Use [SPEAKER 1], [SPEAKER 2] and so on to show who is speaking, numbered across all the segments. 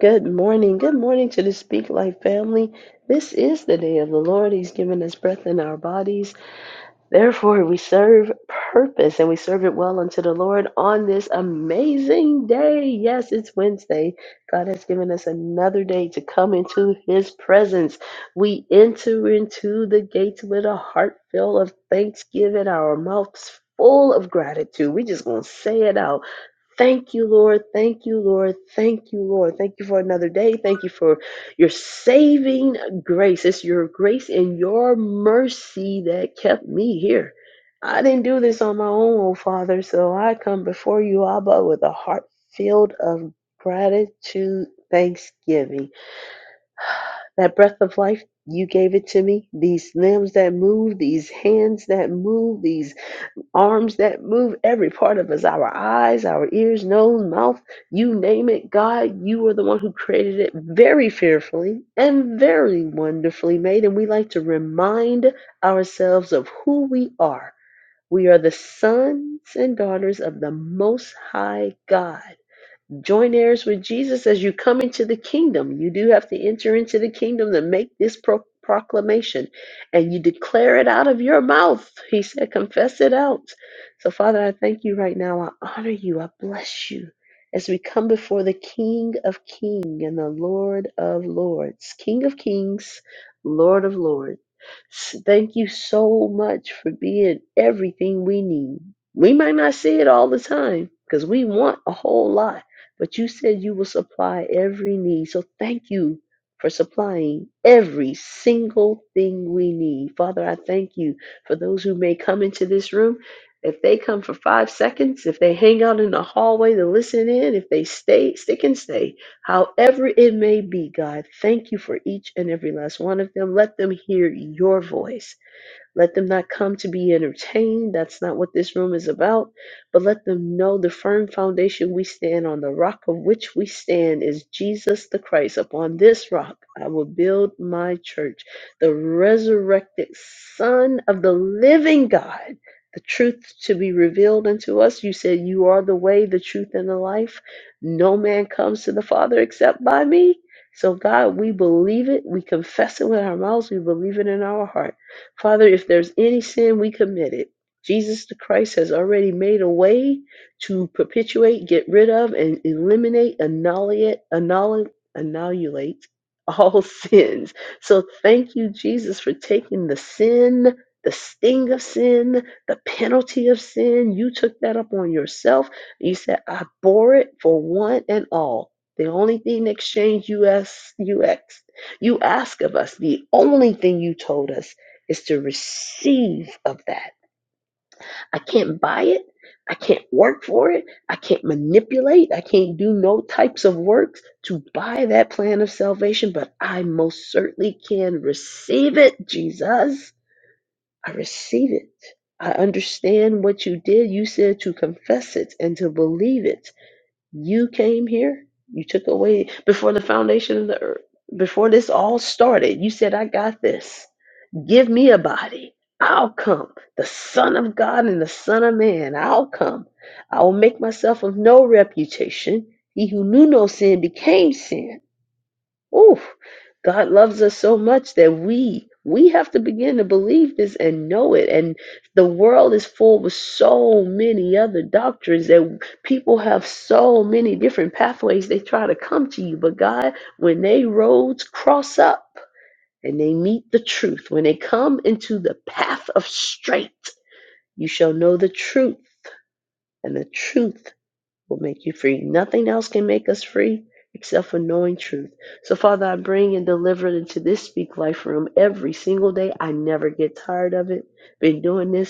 [SPEAKER 1] Good morning. Good morning to the Speak Life family. This is the day of the Lord. He's given us breath in our bodies. Therefore, we serve purpose and we serve it well unto the Lord on this amazing day. Yes, it's Wednesday. God has given us another day to come into his presence. We enter into the gates with a heart full of thanksgiving, our mouths full of gratitude. We just going to say it out Thank you, Lord. Thank you, Lord. Thank you, Lord. Thank you for another day. Thank you for your saving grace. It's your grace and your mercy that kept me here. I didn't do this on my own, oh Father, so I come before you, Abba, with a heart filled of gratitude, thanksgiving. That breath of life, you gave it to me. These limbs that move, these hands that move, These arms that move, every part of us, our eyes, our ears, nose, mouth, you name it, God, you are the one who created it very fearfully and very wonderfully made. And we like to remind ourselves of who we are. We are the sons and daughters of the Most High God. Join heirs with Jesus as you come into the kingdom. You do have to enter into the kingdom to make this pro- proclamation, and you declare it out of your mouth. He said, Confess it out. So, Father, I thank you right now. I honor you. I bless you as we come before the King of Kings and the Lord of Lords, King of Kings, Lord of Lords. S- Thank you so much for being everything we need. We might not see it all the time because we want a whole lot but you said you will supply every need. So thank you for supplying every single thing we need. Father, I thank you for those who may come into this room. If they come for five seconds, if they hang out in the hallway to listen in, if they stay, stick and stay, however it may be, God, thank you for each and every last one of them. Let them hear your voice. Let them not come to be entertained. That's not what this room is about. But let them know the firm foundation we stand on, the rock of which we stand is Jesus the Christ. Upon this rock I will build my church, the resurrected Son of the living God. The truth to be revealed unto us. You said, You are the way, the truth, and the life. No man comes to the Father except by me. So, God, we believe it. We confess it with our mouths. We believe it in our heart Father, if there's any sin we committed, Jesus the Christ has already made a way to perpetuate, get rid of, and eliminate, annihilate, annihilate, annihilate all sins. So thank you, Jesus, for taking the sin, the sting of sin, the penalty of sin. You took that up on yourself. You said, I bore it for one and all. The only thing that exchanged US, UX, you ask you ask of us, the only thing you told us is to receive of that. I can't buy it. I can't work for it. I can't manipulate. I can't do no types of works to buy that plan of salvation, but I most certainly can receive it, Jesus. I receive it. I understand what you did. You said to confess it and to believe it. You came here. You took away before the foundation of the earth. Before this all started, you said, I got this. Give me a body. I'll come. The Son of God and the Son of Man. I'll come. I will make myself of no reputation. He who knew no sin became sin. Oof. God loves us so much that we we have to begin to believe this and know it. And the world is full with so many other doctrines that people have so many different pathways they try to come to you. But God, when they roads cross up, and they meet the truth, when they come into the path of straight, you shall know the truth, and the truth will make you free. Nothing else can make us free except for knowing truth. So, Father, I bring and deliver into this Speak Life room every single day. I never get tired of it. Been doing this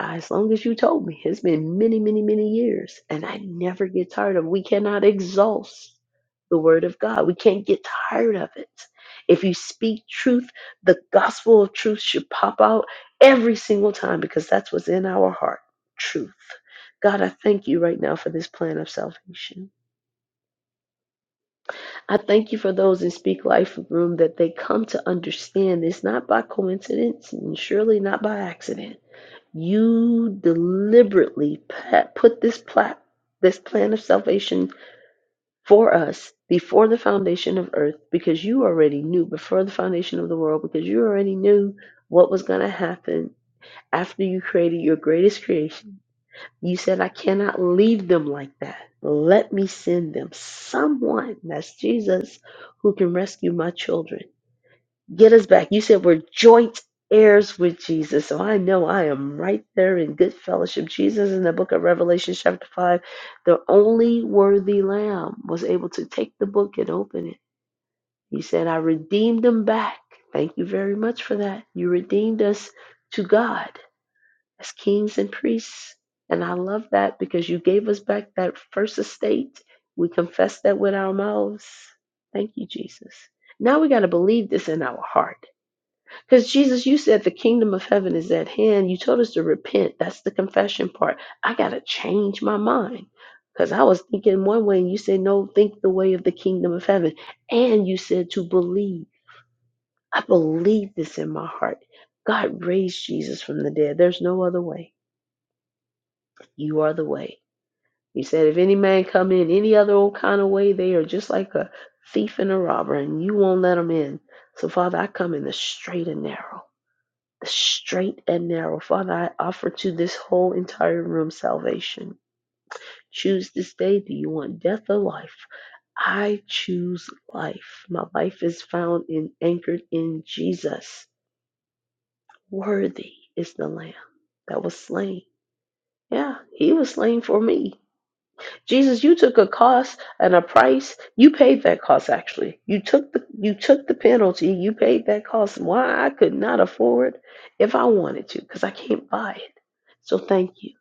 [SPEAKER 1] uh, as long as you told me. It's been many, many, many years, and I never get tired of it. We cannot exhaust the word of God. We can't get tired of it. If you speak truth, the gospel of truth should pop out every single time because that's what's in our heart truth. God, I thank you right now for this plan of salvation. I thank you for those in Speak Life Room that they come to understand it's not by coincidence and surely not by accident you deliberately pa- put this pla- this plan of salvation for us before the foundation of earth because you already knew before the foundation of the world because you already knew what was going to happen after you created your greatest creation you said i cannot leave them like that let me send them someone that's jesus who can rescue my children Get us back. You said we're joint heirs with Jesus. So I know I am right there in good fellowship. Jesus in the book of Revelation, chapter 5, the only worthy lamb was able to take the book and open it. He said, I redeemed them back. Thank you very much for that. You redeemed us to God as kings and priests. And I love that because you gave us back that first estate. We confess that with our mouths. Thank you, Jesus. Now we got to believe this in our heart. Because Jesus, you said the kingdom of heaven is at hand. You told us to repent. That's the confession part. I got to change my mind. Because I was thinking one way, and you said, no, think the way of the kingdom of heaven. And you said to believe. I believe this in my heart. God raised Jesus from the dead. There's no other way. You are the way. You said, if any man come in any other old kind of way, they are just like a thief and a robber, and you won't let them in. So, Father, I come in the straight and narrow. straight and narrow. Father, I offer to this whole entire room salvation. Choose this day. Do you want death or life? I choose life. My life is found and anchored in Jesus. Worthy is the Lamb that was slain. Yeah, he was slain for me. Jesus, you took a cost and a price. You paid that cost actually. You took the you took the penalty. You paid that cost. Why I could not afford if I wanted to, because I can't buy it. So thank you.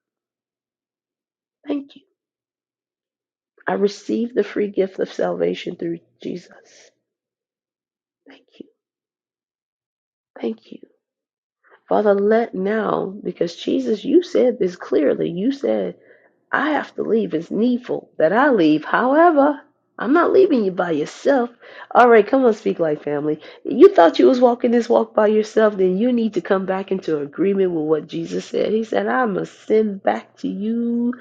[SPEAKER 1] Thank you. I received the free gift of salvation through Jesus. Thank you. Thank you. Father, let now, because Jesus, you said this clearly. You said I have to leave. It's needful that I leave. However, I'm not leaving you by yourself. All right, come on, speak like family. You thought you was walking this walk by yourself, then you need to come back into agreement with what Jesus said. He said, I must send back to you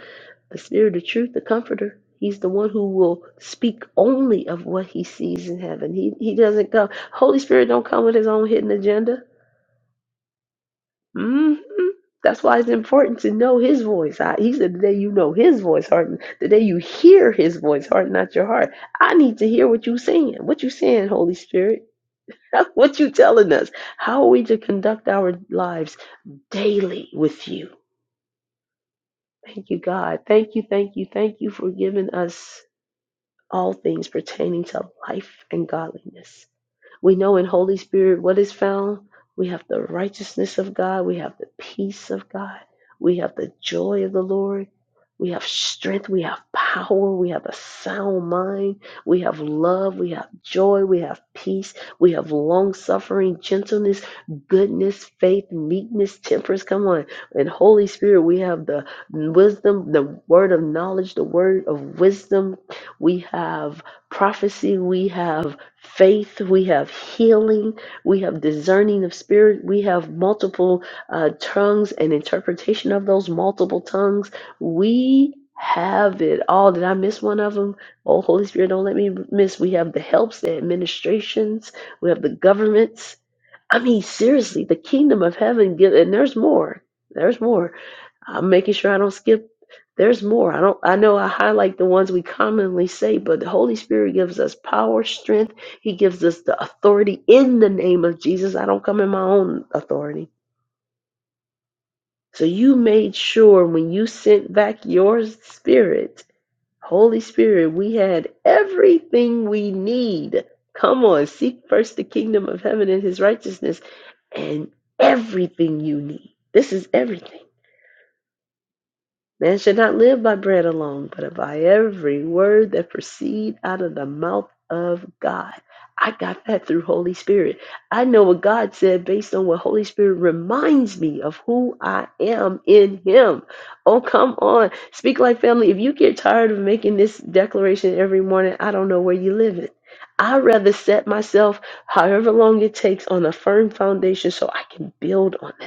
[SPEAKER 1] the spirit of truth, the comforter. He's the one who will speak only of what he sees in heaven. He he doesn't go. Holy Spirit don't come with his own hidden agenda hmm That's why it's important to know his voice. I, he said, the day you know his voice, heart, the day you hear his voice, heart, not your heart. I need to hear what you are saying. What you saying, Holy Spirit? what you telling us? How are we to conduct our lives daily with you? Thank you, God. Thank you, thank you, thank you for giving us all things pertaining to life and godliness. We know in Holy Spirit what is found. We have the righteousness of God. We have the peace of God. We have the joy of the Lord. We have strength. We have power. We have a sound mind. We have love. We have joy. We have peace. We have long suffering, gentleness, goodness, faith, meekness, temperance. Come on. In Holy Spirit, we have the wisdom, the word of knowledge, the word of wisdom. We have prophecy. We have faith, we have healing, we have discerning of spirit, we have multiple uh, tongues and interpretation of those multiple tongues. We have it all. Did I miss one of them? Oh, Holy Spirit, don't let me miss. We have the helps, the administrations, we have the governments. I mean, seriously, the kingdom of heaven, give- and there's more. There's more I'm making sure I don't skip. There's more. I don't I know I highlight the ones we commonly say, but the Holy Spirit gives us power, strength. He gives us the authority in the name of Jesus. I don't come in my own authority. So you made sure when you sent back your spirit, Holy Spirit, we had everything we need. Come on, seek first the kingdom of heaven and his righteousness and everything you need. This is everything. Man should not live by bread alone, but by every word that proceed out of the mouth of God. I got that through Holy Spirit. I know what God said based on what Holy Spirit reminds me of who I am in Him. Oh, come on. Speak like family. If you get tired of making this declaration every morning, I don't know where you live in. I'd rather set myself however long it takes on a firm foundation so I can build on that.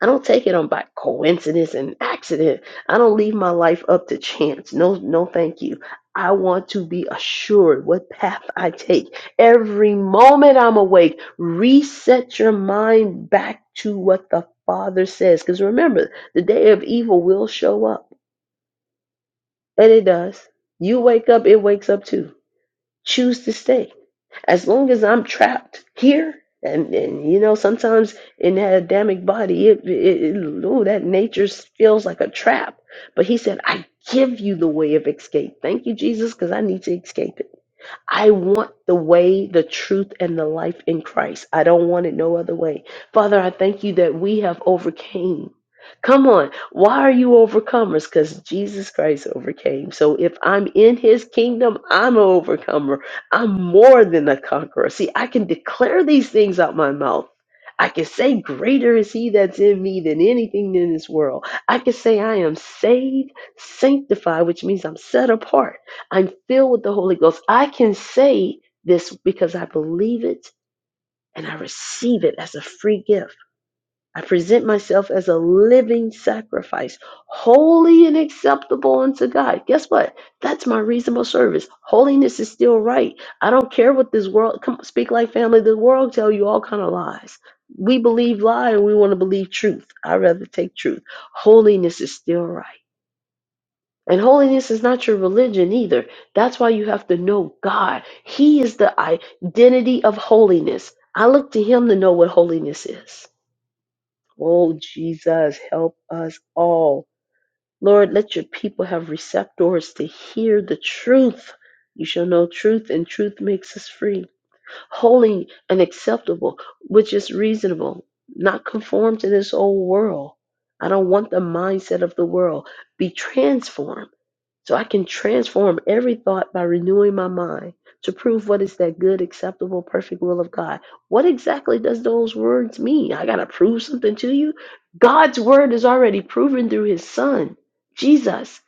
[SPEAKER 1] I don't take it on by coincidence and accident. I don't leave my life up to chance. No, no, thank you. I want to be assured what path I take. Every moment I'm awake, reset your mind back to what the Father says. Because remember, the day of evil will show up, and it does. You wake up, it wakes up too. Choose to stay as long as I'm trapped here, and, and you know, sometimes in that Adamic body, it, it, it- ooh, that nature feels like a trap. But he said, I give you the way of escape. Thank you, Jesus, because I need to escape it. I want the way, the truth, and the life in Christ. I don't want it no other way. Father, I thank you that we have overcame. Come on. Why are you overcomers? Because Jesus Christ overcame. So if I'm in his kingdom, I'm an overcomer. I'm more than a conqueror. See, I can declare these things out my mouth. I can say, Greater is he that's in me than anything in this world. I can say, I am saved, sanctified, which means I'm set apart. I'm filled with the Holy Ghost. I can say this because I believe it and I receive it as a free gift. I present myself as a living sacrifice, holy and acceptable unto God. Guess what? That's my reasonable service. Holiness is still right. I don't care what this world come speak like family. The world tell you all kind of lies. We believe lie and we want to believe truth. I rather take truth. Holiness is still right. And holiness is not your religion either. That's why you have to know God. He is the identity of holiness. I look to Him to know what holiness is. Oh, Jesus, help us all. Lord, let your people have receptors to hear the truth. You shall know truth, and truth makes us free, holy and acceptable, which is reasonable, not conform to this old world. I don't want the mindset of the world. Be transformed so I can transform every thought by renewing my mind to prove what is that good, acceptable, perfect will of God. What exactly does those words mean? I got to prove something to you? God's word is already proven through his son, Jesus.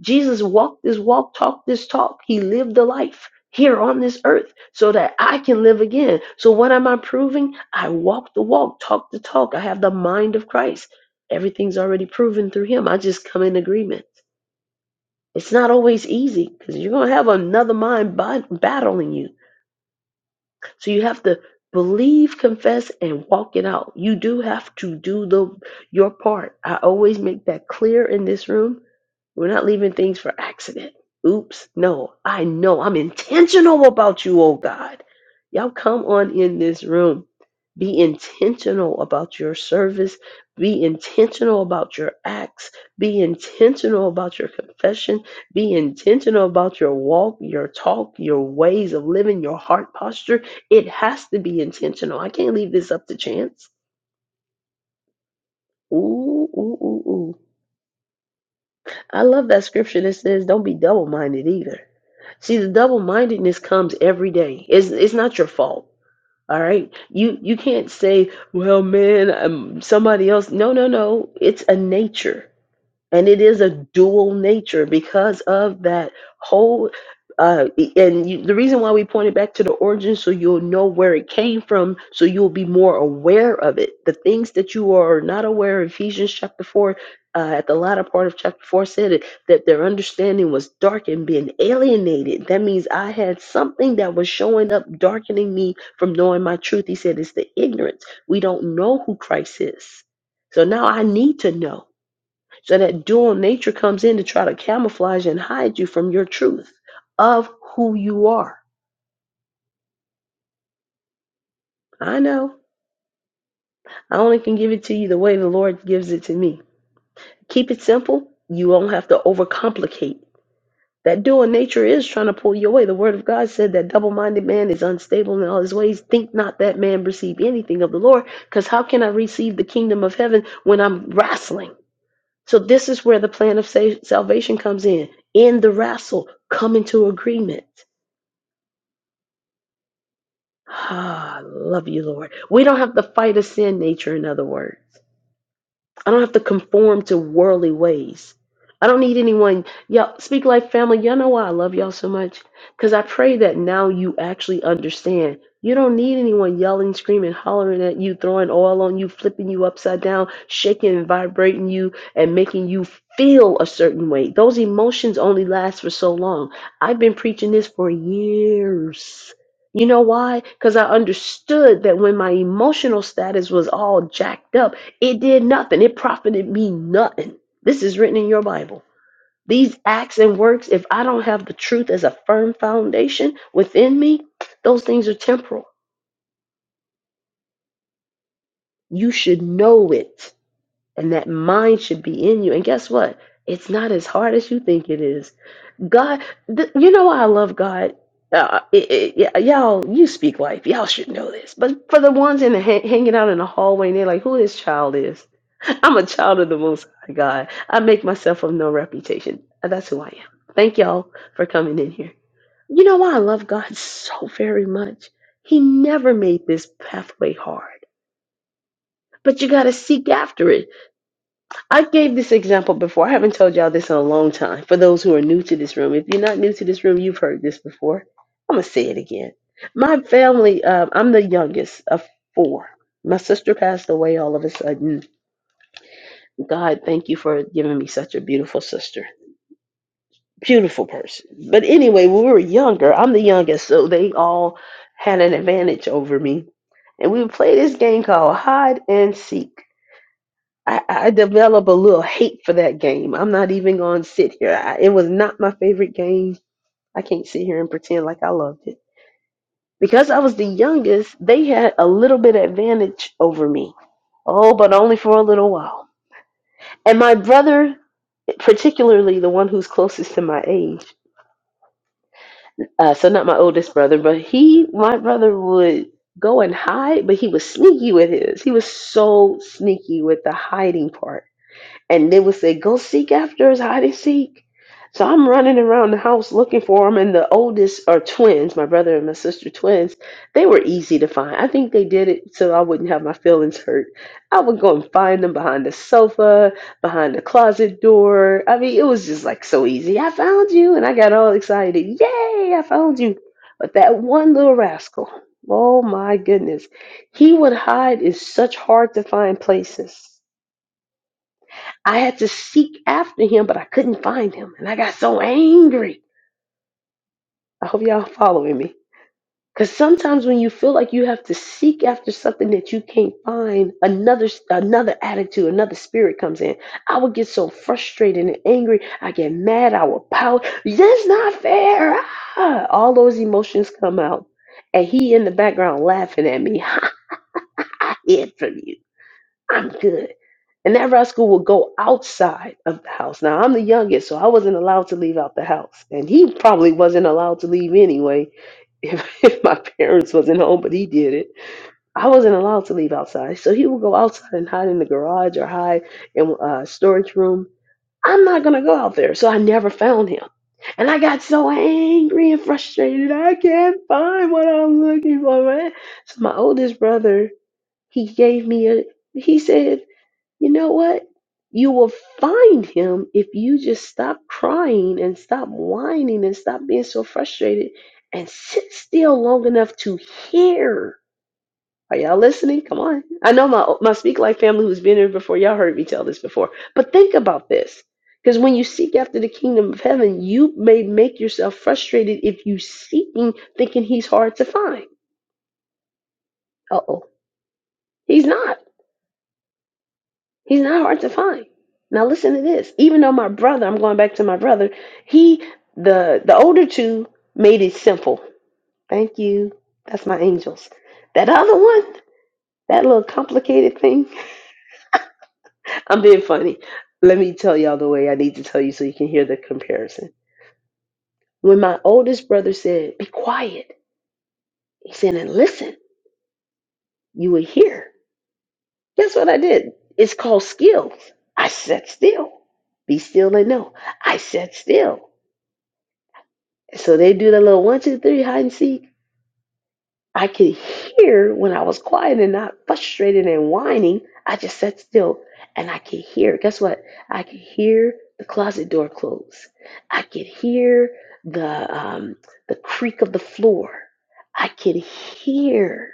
[SPEAKER 1] Jesus walked this walk, talked this talk. He lived the life here on this earth so that I can live again. So what am I proving? I walk the walk, talk the talk. I have the mind of Christ. Everything's already proven through him. I just come in agreement. It's not always easy because you're going to have another mind bat- battling you. So you have to believe, confess, and walk it out. You do have to do the your part. I always make that clear in this room. We're not leaving things for accident. Oops, no, I know. I'm intentional about you, oh God. Y'all come on in this room. Be intentional about your service. Be intentional about your acts. Be intentional about your confession. Be intentional about your walk, your talk, your ways of living, your heart posture it has to be intentional. I can't leave this up to chance. Ooh, ooh, ooh, ooh. I love that scripture that says, don't be double minded either. See, the double mindedness comes every day. It's, it's not your fault. All right. You you can't say, well, man, um, somebody else. No, no, no. It's a nature. and it is a dual nature because of that whole uh, e, and you, the reason why we pointed back to the origin so you'll know where it came from so you'll be more aware of it the things that you are not aware of ephesians chapter 4 uh, at the latter part of chapter 4 said it, that their understanding was darkened, being alienated that means i had something that was showing up darkening me from knowing my truth he said it's the ignorance we don't know who christ is so now i need to know so that dual nature comes in to try to camouflage and hide you from your truth of who you are. I know. I only can give it to you the way the Lord gives it to me. Keep it simple. You won't have to overcomplicate. That dual nature is trying to pull you away. The word of God said that double minded man is unstable in all his ways. Think not that man receive anything of the Lord, because how can I receive the kingdom of heaven when I'm wrestling? So, this is where the plan of sa- salvation comes in. In the wrestle, come into agreement. Ah, I love you, Lord. We don't have to fight a sin nature, in other words. I don't have to conform to worldly ways. I don't need anyone. Y'all speak like family. Y'all know why I love y'all so much? Because I pray that now you actually understand. You don't need anyone yelling, screaming, hollering at you, throwing oil on you, flipping you upside down, shaking and vibrating you, and making you feel a certain way. Those emotions only last for so long. I've been preaching this for years. You know why? Because I understood that when my emotional status was all jacked up, it did nothing. It profited me nothing. This is written in your Bible. These acts and works, if I don't have the truth as a firm foundation within me, those things are temporal. You should know it, and that mind should be in you. And guess what? It's not as hard as you think it is. God, th- you know why I love God. Uh, it, it, yeah, y'all, you speak life. Y'all should know this. But for the ones in the ha- hanging out in the hallway, and they're like, "Who this child is?" I'm a child of the Most High God. I make myself of no reputation. That's who I am. Thank y'all for coming in here. You know why I love God so very much? He never made this pathway hard, but you got to seek after it. I gave this example before. I haven't told y'all this in a long time. For those who are new to this room, if you're not new to this room, you've heard this before. I'm going to say it again. My family, uh, I'm the youngest of four. My sister passed away all of a sudden. God, thank you for giving me such a beautiful sister. beautiful person. But anyway, when we were younger, I'm the youngest, so they all had an advantage over me. And we would play this game called Hide and Seek. I, I develop a little hate for that game. I'm not even going to sit here. I, it was not my favorite game. I can't sit here and pretend like I loved it. Because I was the youngest, they had a little bit of advantage over me. Oh, but only for a little while. And my brother, particularly the one who's closest to my age, uh, so not my oldest brother, but he, my brother would go and hide, but he was sneaky with his. He was so sneaky with the hiding part and they would say, "Go seek after his hide and seek." So I'm running around the house looking for them, and the oldest are twins, my brother and my sister twins. They were easy to find. I think they did it so I wouldn't have my feelings hurt. I would go and find them behind the sofa, behind the closet door. I mean, it was just like so easy. I found you, and I got all excited. Yay, I found you! But that one little rascal, oh my goodness, he would hide in such hard to find places I had to seek after him, but I couldn't find him. And I got so angry. I hope y'all following me. Because sometimes when you feel like you have to seek after something that you can't find, another another attitude, another spirit comes in. I would get so frustrated and angry. I get mad. I would pout. That's not fair. Ah! All those emotions come out. And he in the background laughing at me. I hid from you. I'm good. And that rascal would go outside of the house. Now, I'm the youngest, so I wasn't allowed to leave out the house. And he probably wasn't allowed to leave anyway if, if my parents wasn't home, but he did it. I wasn't allowed to leave outside. So he would go outside and hide in the garage or hide in a storage room. I'm not going to go out there. So I never found him. And I got so angry and frustrated. I can't find what I'm looking for, man. So my oldest brother, he gave me a, he said, you know what? You will find him if you just stop crying and stop whining and stop being so frustrated and sit still long enough to hear. Are y'all listening? Come on. I know my my Speak Life family who's been here before, y'all heard me tell this before. But think about this. Because when you seek after the kingdom of heaven, you may make yourself frustrated if you seek him thinking he's hard to find. Uh oh. He's not. He's not hard to find. Now listen to this. Even though my brother, I'm going back to my brother, he the the older two made it simple. Thank you. That's my angels. That other one, that little complicated thing. I'm being funny. Let me tell y'all the way I need to tell you so you can hear the comparison. When my oldest brother said, Be quiet, he said, and listen, you will hear. Guess what I did? It's called skills. I sat still. Be still and know. I sat still. So they do the little one, two, three hide and seek. I could hear when I was quiet and not frustrated and whining. I just sat still and I could hear. Guess what? I could hear the closet door close. I could hear the um, the creak of the floor. I could hear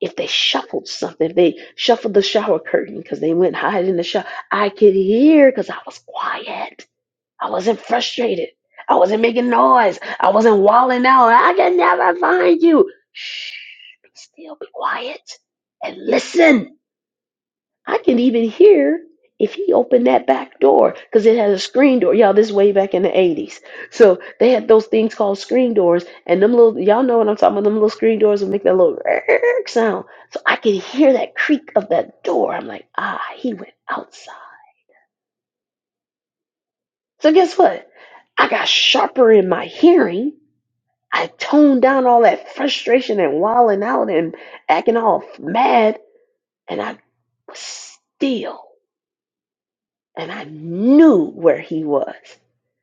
[SPEAKER 1] if they shuffled something, if they shuffled the shower curtain because they went hide in the shower. I could hear because I was quiet. I wasn't frustrated. I wasn't making noise. I wasn't walling out. I can never find you. Shh, still, be quiet, and listen. I can even hear if he opened that back door because it had a screen door. Y'all, this way back in the 80s. So they had those things called screen doors, and them little, y'all know what I'm talking about, them little screen doors would make that little sound. So I could hear that creak of that door. I'm like, ah, he went outside. So guess what? I got sharper in my hearing I toned down all that frustration and wilding out and acting all mad, and I was still, and I knew where he was.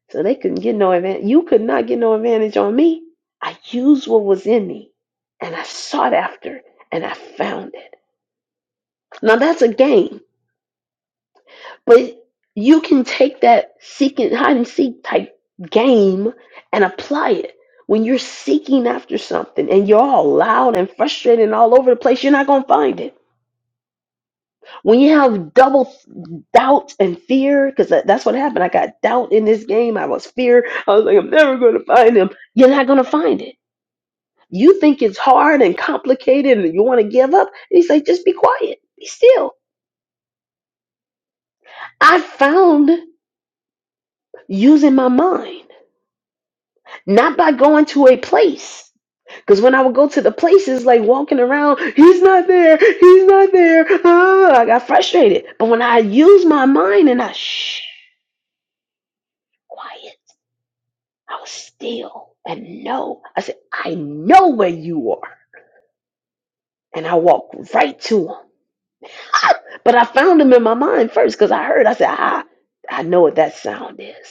[SPEAKER 1] So they couldn't get no advantage. You could not get no advantage on me. I used what was in me, and I sought after, and I found it. Now that's a game. But you can take that seek and hide and seek type game and apply it. When you're seeking after something and you're all loud and frustrated and all over the place, you're not going to find it. When you have double doubt and fear, because that's what happened. I got doubt in this game. I was fear. I was like, I'm never going to find him. You're not going to find it. You think it's hard and complicated and you want to give up. He's like, just be quiet. Be still. I found using my mind. not by going to a place. Because when I would go to the places, like walking around, he's not there, he's not there. ah," I got frustrated. But when I used my mind and I shh, quiet, I was still and know. I said, I know where you are. And I walked right to him. But I found them in my mind first because I heard, I said, ah, I know what that sound is.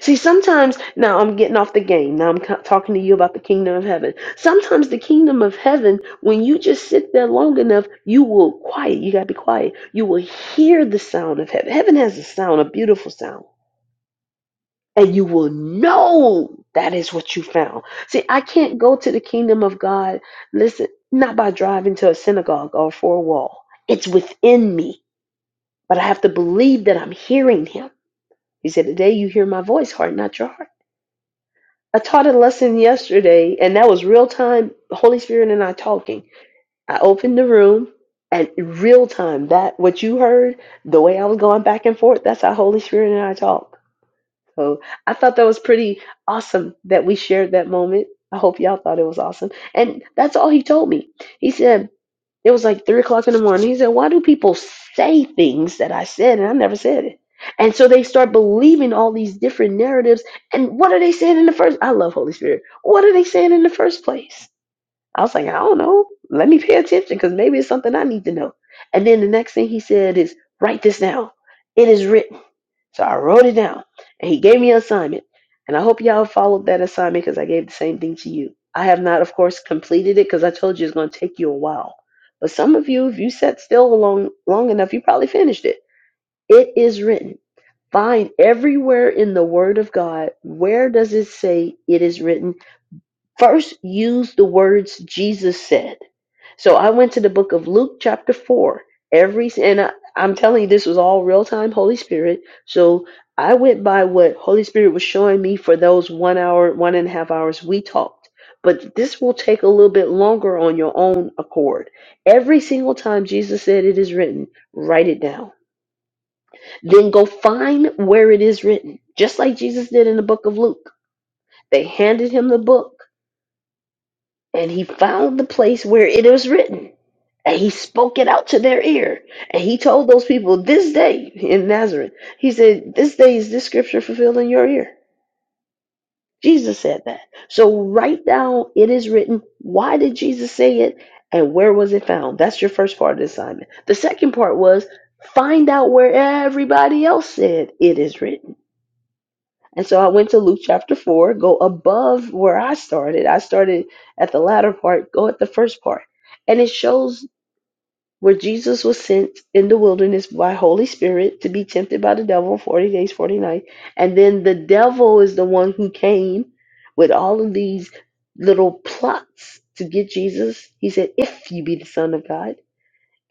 [SPEAKER 1] See, sometimes, now I'm getting off the game. Now I'm co- talking to you about the kingdom of heaven. Sometimes the kingdom of heaven, when you just sit there long enough, you will quiet. You got to be quiet. You will hear the sound of heaven. Heaven has a sound, a beautiful sound. And you will know that is what you found. See, I can't go to the kingdom of God, listen, not by driving to a synagogue or for a wall. It's within me but I have to believe that I'm hearing him. He said, Today you hear my voice, heart, not your heart. I taught a lesson yesterday, and that was real time, Holy Spirit and I talking. I opened the room, and real time, that what you heard, the way I was going back and forth, that's how Holy Spirit and I talk. So I thought that was pretty awesome that we shared that moment. I hope y'all thought it was awesome. And that's all he told me. He said, it was like three o'clock in the morning. He said, Why do people say things that I said and I never said it? And so they start believing all these different narratives. And what are they saying in the first? I love Holy Spirit. What are they saying in the first place? I was like, I don't know. Let me pay attention because maybe it's something I need to know. And then the next thing he said is, Write this down. It is written. So I wrote it down and he gave me an assignment. And I hope y'all followed that assignment because I gave the same thing to you. I have not, of course, completed it because I told you it's going to take you a while. But some of you, if you sat still long, long enough, you probably finished it. It is written. Find everywhere in the Word of God where does it say it is written First, use the words Jesus said. So I went to the book of Luke, chapter 4. Every and I, I'm telling you, this was all real time Holy Spirit. So I went by what Holy Spirit was showing me for those one hour, one and a half hours we talked. But this will take a little bit longer on your own accord. Every single time Jesus said it is written, write it down. Then go find where it is written, just like Jesus did in the book of Luke. They handed him the book and he found the place where it was written and he spoke it out to their ear and he told those people this day in nazareth he said this day is this scripture fulfilled in your ear jesus said that so write down it is written why did jesus say it and where was it found that's your first part of the assignment the second part was find out where everybody else said it is written and so I went to Luke chapter 4, go above where I started. I started at the latter part, go at the first part. And it shows where Jesus was sent in the wilderness by Holy Spirit to be tempted by the devil 40 days, 40 nights. And then the devil is the one who came with all of these little plots to get Jesus. He said, If you be the Son of God.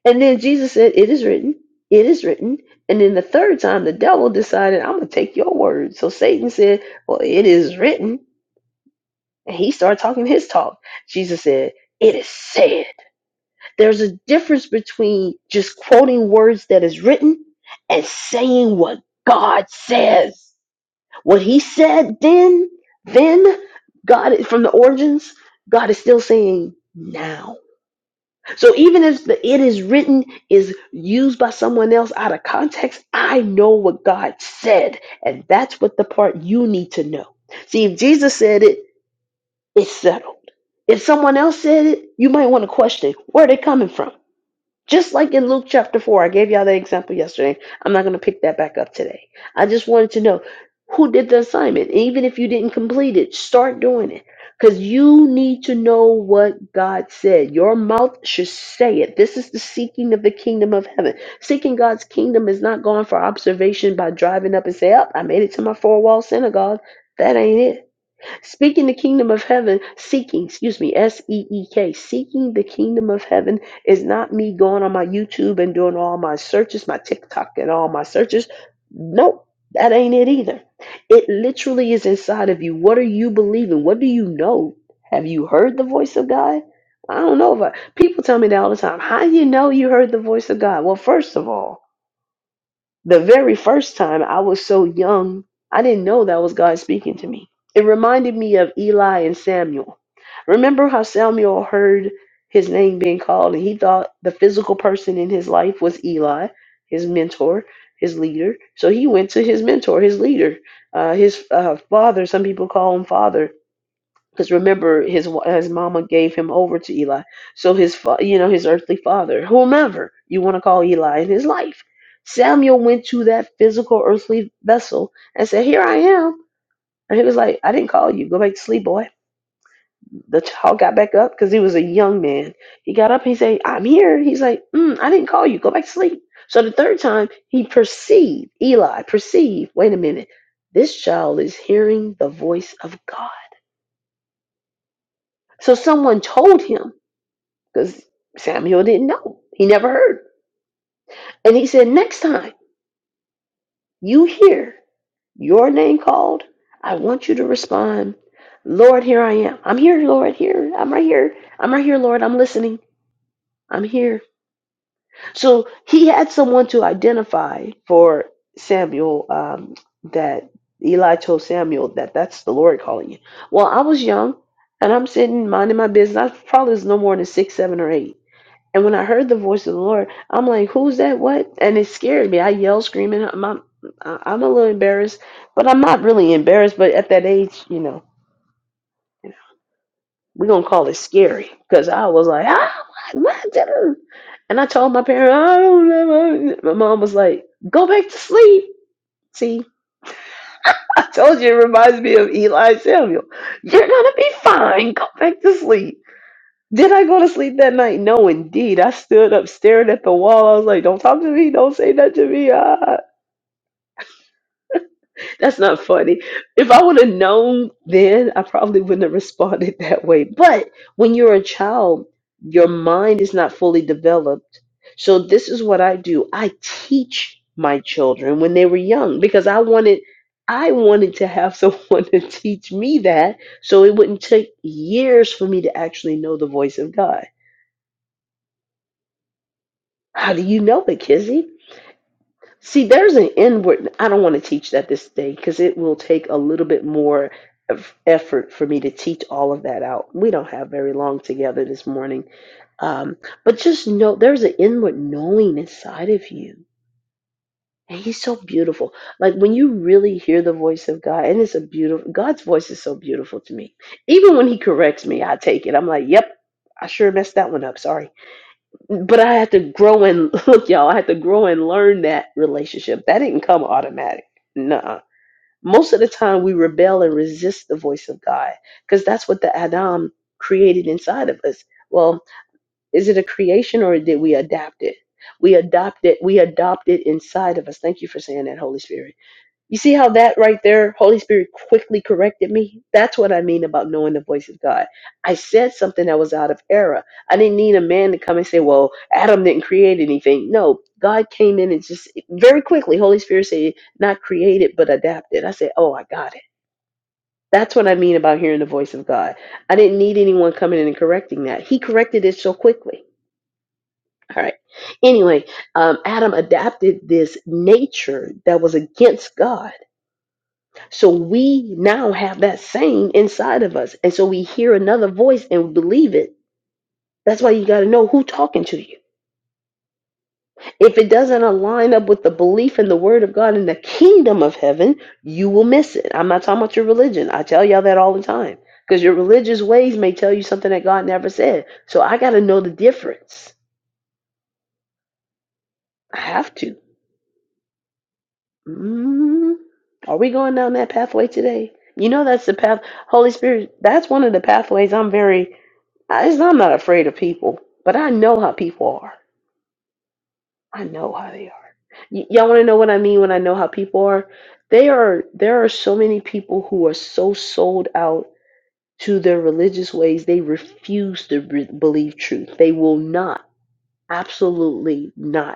[SPEAKER 1] And then Jesus said, It is written, it is written. And then the third time, the devil decided, I'm going to take your word. So Satan said, Well, it is written. And he started talking his talk. Jesus said, It is said. There's a difference between just quoting words that is written and saying what God says. What he said then, then, God, from the origins, God is still saying now so even if the it is written is used by someone else out of context, I know what God said. And that's what the part you need to know. See, if Jesus said it, it's settled. If someone else said it, you might want to question where they are coming from. Just like in Luke chapter 4, I gave y'all that example yesterday. I'm not going to pick that back up today. I just wanted to know who did the assignment. And even if you didn't complete it, start doing it. Because you need to know what God said. Your mouth should say it. This is the seeking of the kingdom of heaven. Seeking God's kingdom is not going for observation by driving up and say, Up, I made it to my four wall synagogue. That ain't it. Speaking the kingdom of heaven, seeking, excuse me, S E E K, seeking the kingdom of heaven is not me going on my YouTube and doing all my searches, my TikTok and all my searches. Nope, that ain't it either. It literally is inside of you. What are you believing? What do you know? Have you heard the voice of God? I don't know if I, people tell me that all the time. How do you know you heard the voice of God? Well, first of all, the very first time I was so young, I didn't know that was God speaking to me. It reminded me of Eli and Samuel. Remember how Samuel heard his name being called and he thought the physical person in his life was Eli, his mentor, his leader. So he went to his mentor, his leader, uh, his uh, father. Some people call him father because remember his wa- his mama gave him over to Eli. So his fa- you know his earthly father, whomever you want to call Eli in his life, Samuel went to that physical earthly vessel and said, "Here I am." And he was like, "I didn't call you. Go back to sleep, boy." The child got back up because he was a young man. He got up. He said, "I'm here." He's like, mm, "I didn't call you. Go back to sleep." So the third time, he perceived Eli perceived. Wait a minute, this child is hearing the voice of God. So someone told him. because Samuel didn't know. He never heard. And he said, Next time you hear your name called, I want you to respond, Lord, here I am. I'm here, Lord, here. I'm right here. I'm right here, Lord. I'm listening. I'm here. So he had someone to identify for Samuel um, that Eli told Samuel that that's the Lord calling you. Well, I was young and I'm sitting minding my business. I probably was no more than six, seven, or eight And when I heard the voice of the Lord, I'm like, "Who's that? What?" And it scared me. I yelled, screaming. I'm, I'm, I'm a little embarrassed, but I'm not really embarrassed. But at that age, you know, we're gonna call it scary because I was like, "Ah, what? what And I told my parents, "I don't know." My mom was like, "Go back to sleep." See, I told you it reminds me of Eli Samuel. You're gonna be fine. Go back to sleep. Did I go to sleep that night? No, indeed. I stood up staring at the wall. I was like, don't talk to me. Don't say that to me. Ah, that's not funny. If I would have known then, I probably wouldn't have responded that way. But when you're a child, your mind is not fully developed. So this is what I do. I teach my children when they were young because I wanted I wanted to have someone to teach me that so it wouldn't take years for me to actually know the voice of God. How do you know it, Kizzy? See, there's an inward. I don't want to teach that this day because it will take a little bit more of effort for me to teach all of that out. We don't have very long together this morning. Um, but just know there's an inward knowing inside of you. And he's so beautiful. Like when you really hear the voice of God, and it's a beautiful, God's voice is so beautiful to me. Even when he corrects me, I take it. I'm like, yep, I sure messed that one up. Sorry. But I had to grow and look, y'all, I had to grow and learn that relationship. That didn't come automatic. Nah. Most of the time we rebel and resist the voice of God because that's what the Adam created inside of us. Well, is it a creation or did we adapt it? We adopt it. We adopt it inside of us. Thank you for saying that, Holy Spirit you see how that right there, Holy Spirit quickly corrected me? That's what I mean about knowing the voice of God. I said something that was out of error. I didn't need a man to come and say, well, Adam didn't create anything. No, God came in and just very quickly, Holy Spirit said, not created, but adapted. I said, oh, I got it. That's what I mean about hearing the voice of God. I didn't need anyone coming in and correcting that. He corrected it so quickly. All right. Anyway, um, Adam adapted this nature that was against God so we now have that same inside of us. And so we hear another voice and believe it. That's why you got to know who talking to you. If it doesn't align up with the belief in the word of God in the kingdom of heaven, you will miss it. I'm not talking about your religion. I tell y'all that all the time because your religious ways may tell you something that God never said. So I got to know the difference. I have to. Mhm. Are we going down that pathway today? You know, that's the path. Holy Spirit, that's one of the pathways I'm very, I, it's- I'm not afraid of people, but I know how people are. I know how they are. Y- y'all want to know what I mean when I know how people are? They are, there are so many people who are so sold out to their religious ways, they refuse to re- believe truth. They will not, absolutely not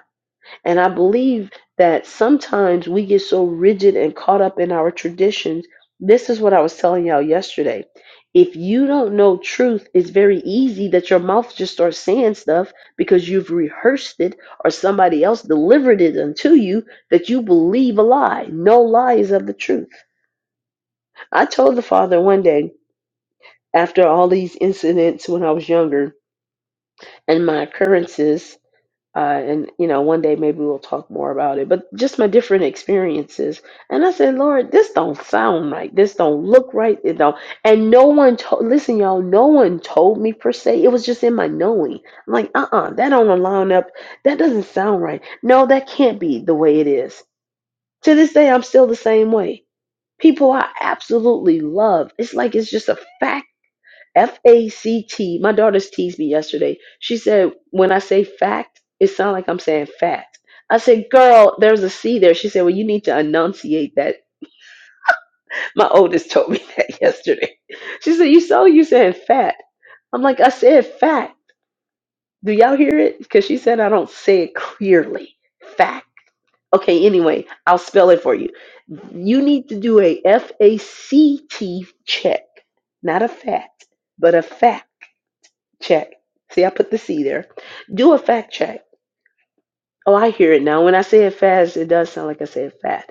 [SPEAKER 1] and I believe that sometimes we get so rigid and caught up in our traditions. This is what I was telling y'all yesterday. If you don't know truth, it's very easy that your mouth just starts saying stuff because you've rehearsed it or somebody else delivered it unto you that you believe a lie. No lie is of the truth. I told the father one day after all these incidents when I was younger and my occurrences uh, and you know one day maybe we'll talk more about it but just my different experiences and i said lord this don't sound right this don't look right it don't and no one told listen y'all no one told me per se it was just in my knowing i'm like uh-uh that don't align up that doesn't sound right no that can't be the way it is to this day i'm still the same way people i absolutely love it's like it's just a fact F A C T. My daughters teased me yesterday. She said, when I say fact, it sounds like I'm saying fat. I said, girl, there's a C there. She said, well, you need to enunciate that. My oldest told me that yesterday. She said, you saw you saying fat. I'm like, I said fat. Do y'all hear it? Because she said I don't say it clearly. Fact. Okay, anyway, I'll spell it for you. You need to do a F A C T check, not a fat, but a fact check. See, I put the C there. Do a fact check. Oh, I hear it now. When I say it fast, it does sound like I said fat.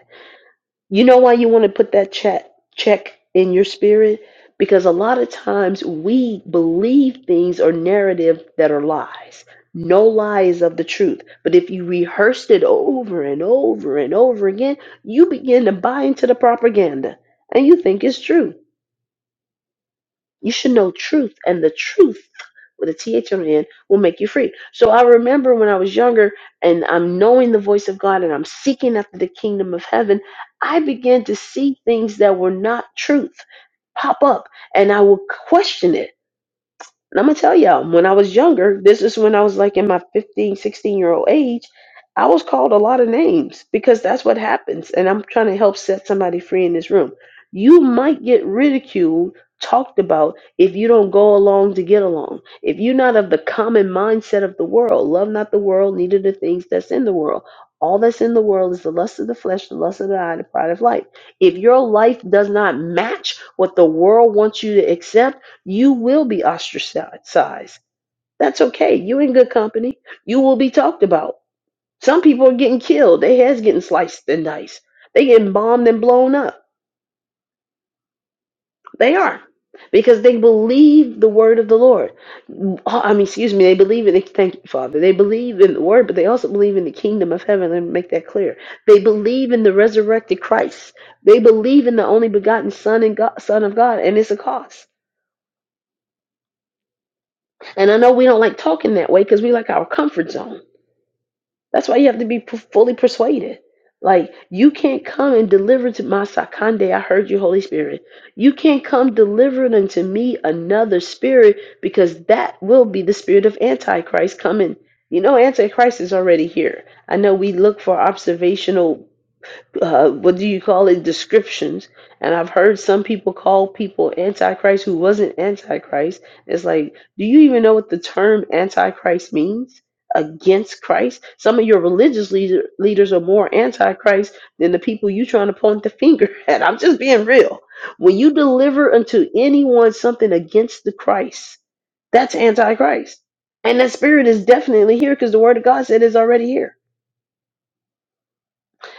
[SPEAKER 1] You know why you want to put that check check in your spirit? Because a lot of times we believe things or narrative that are lies. No lie is of the truth. But if you rehearsed it over and over and over again, you begin to buy into the propaganda and you think it's true. You should know truth, and the truth with a T H on the end will make you free. So I remember when I was younger, and I'm knowing the voice of God, and I'm seeking after the kingdom of heaven. I began to see things that were not truth pop up, and I would question it. And I'm going to tell y'all, when I was younger, this is when I was like in my 15, 16 year old age, I was called a lot of names because that's what happens. And I'm trying to help set somebody free in this room. You might get ridiculed, talked about if you don't go along to get along. If you're not of the common mindset of the world, love not the world, neither the things that's in the world. All that's in the world is the lust of the flesh, the lust of the eye, the pride of life. If your life does not match what the world wants you to accept, you will be ostracized. That's okay. You in good company. You will be talked about. Some people are getting killed. Their heads getting sliced and diced. They getting bombed and blown up. They are. Because they believe the word of the Lord. Uh, I mean, excuse me, they believe in the thank you, Father. They believe in the word, but they also believe in the kingdom of heaven. Let me make that clear. They believe in the resurrected Christ. They believe in the only begotten Son and God, Son of God, and it's a cost. And I know we don't like talking that way because we like our comfort zone. That's why you have to be p- fully persuaded. Like you can't come and deliver to my sakande. I heard you, Holy Spirit. You can't come delivering unto me another spirit because that will be the spirit of Antichrist coming. You know, Antichrist is already here. I know we look for observational uh, what do you call it descriptions and i've heard some people call people antichrist who wasn't antichrist it's like do you even know what the term antichrist means against christ some of your religious leader, leaders are more antichrist than the people you trying to point the finger at i'm just being real when you deliver unto anyone something against the christ that's antichrist and that spirit is definitely here because the word of god said it's already here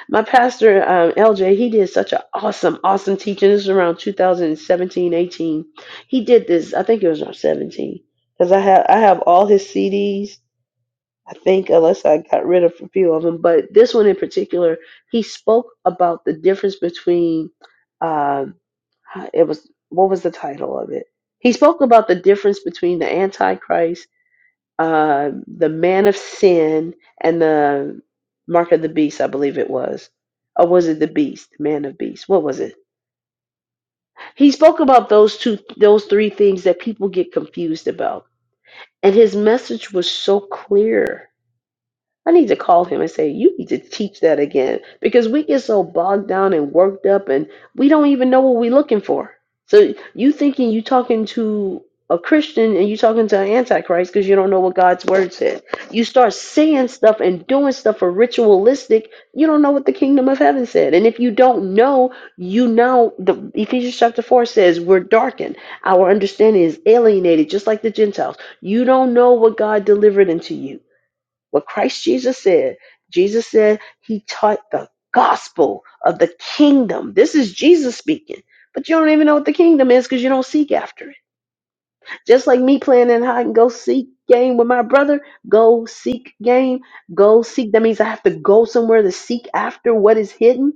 [SPEAKER 1] my pastor, um, LJ, he did such an awesome, awesome teaching. This was around 2017, 18. He did this, I think it was around 17, because I have I have all his CDs. I think unless I got rid of a few of them, but this one in particular, he spoke about the difference between, um, it was what was the title of it? He spoke about the difference between the Antichrist uh, the man of sin and the mark of the beast, I believe it was. Or was it the beast, man of beast? What was it? He spoke about those two, those three things that people get confused about. And his message was so clear I need to call him and say, you need to teach that again because we get so bogged down and worked up and we don't even know what we're looking for. So you thinking you talking to a Christian and you talking to an antichrist because you don't know what God's word said. You start saying stuff and doing stuff for ritualistic. You don't know what the kingdom of heaven said. And if you don't know, you know the Ephesians chapter four says we're darkened. Our understanding is alienated, just like the Gentiles. You don't know what God delivered into you what Christ Jesus said. Jesus said he taught the gospel of the kingdom. This is Jesus speaking, but you don't even know what the kingdom is because you don't seek after it. Just like me playing in hide and go seek game with my brother, go seek game, go seek. That means I have to go somewhere to seek after what is hidden.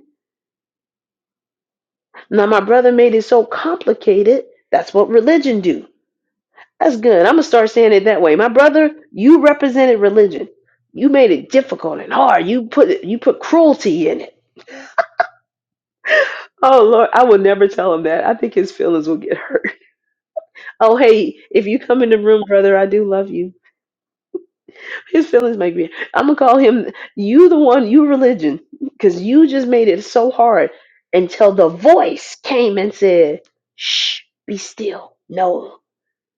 [SPEAKER 1] Now my brother made it so complicated. That's what religion do That's good. I'm gonna start saying it that way. My brother, you represented religion. You made it difficult and hard. You put you put cruelty in it. Oh Lord, I will never tell him that. I think his feelings will get hurt. Oh hey, if you come in the room, brother, I do love you. His feelings might be. I'm gonna call him. You the one. You religion, because you just made it so hard until the voice came and said, "Shh, be still. No,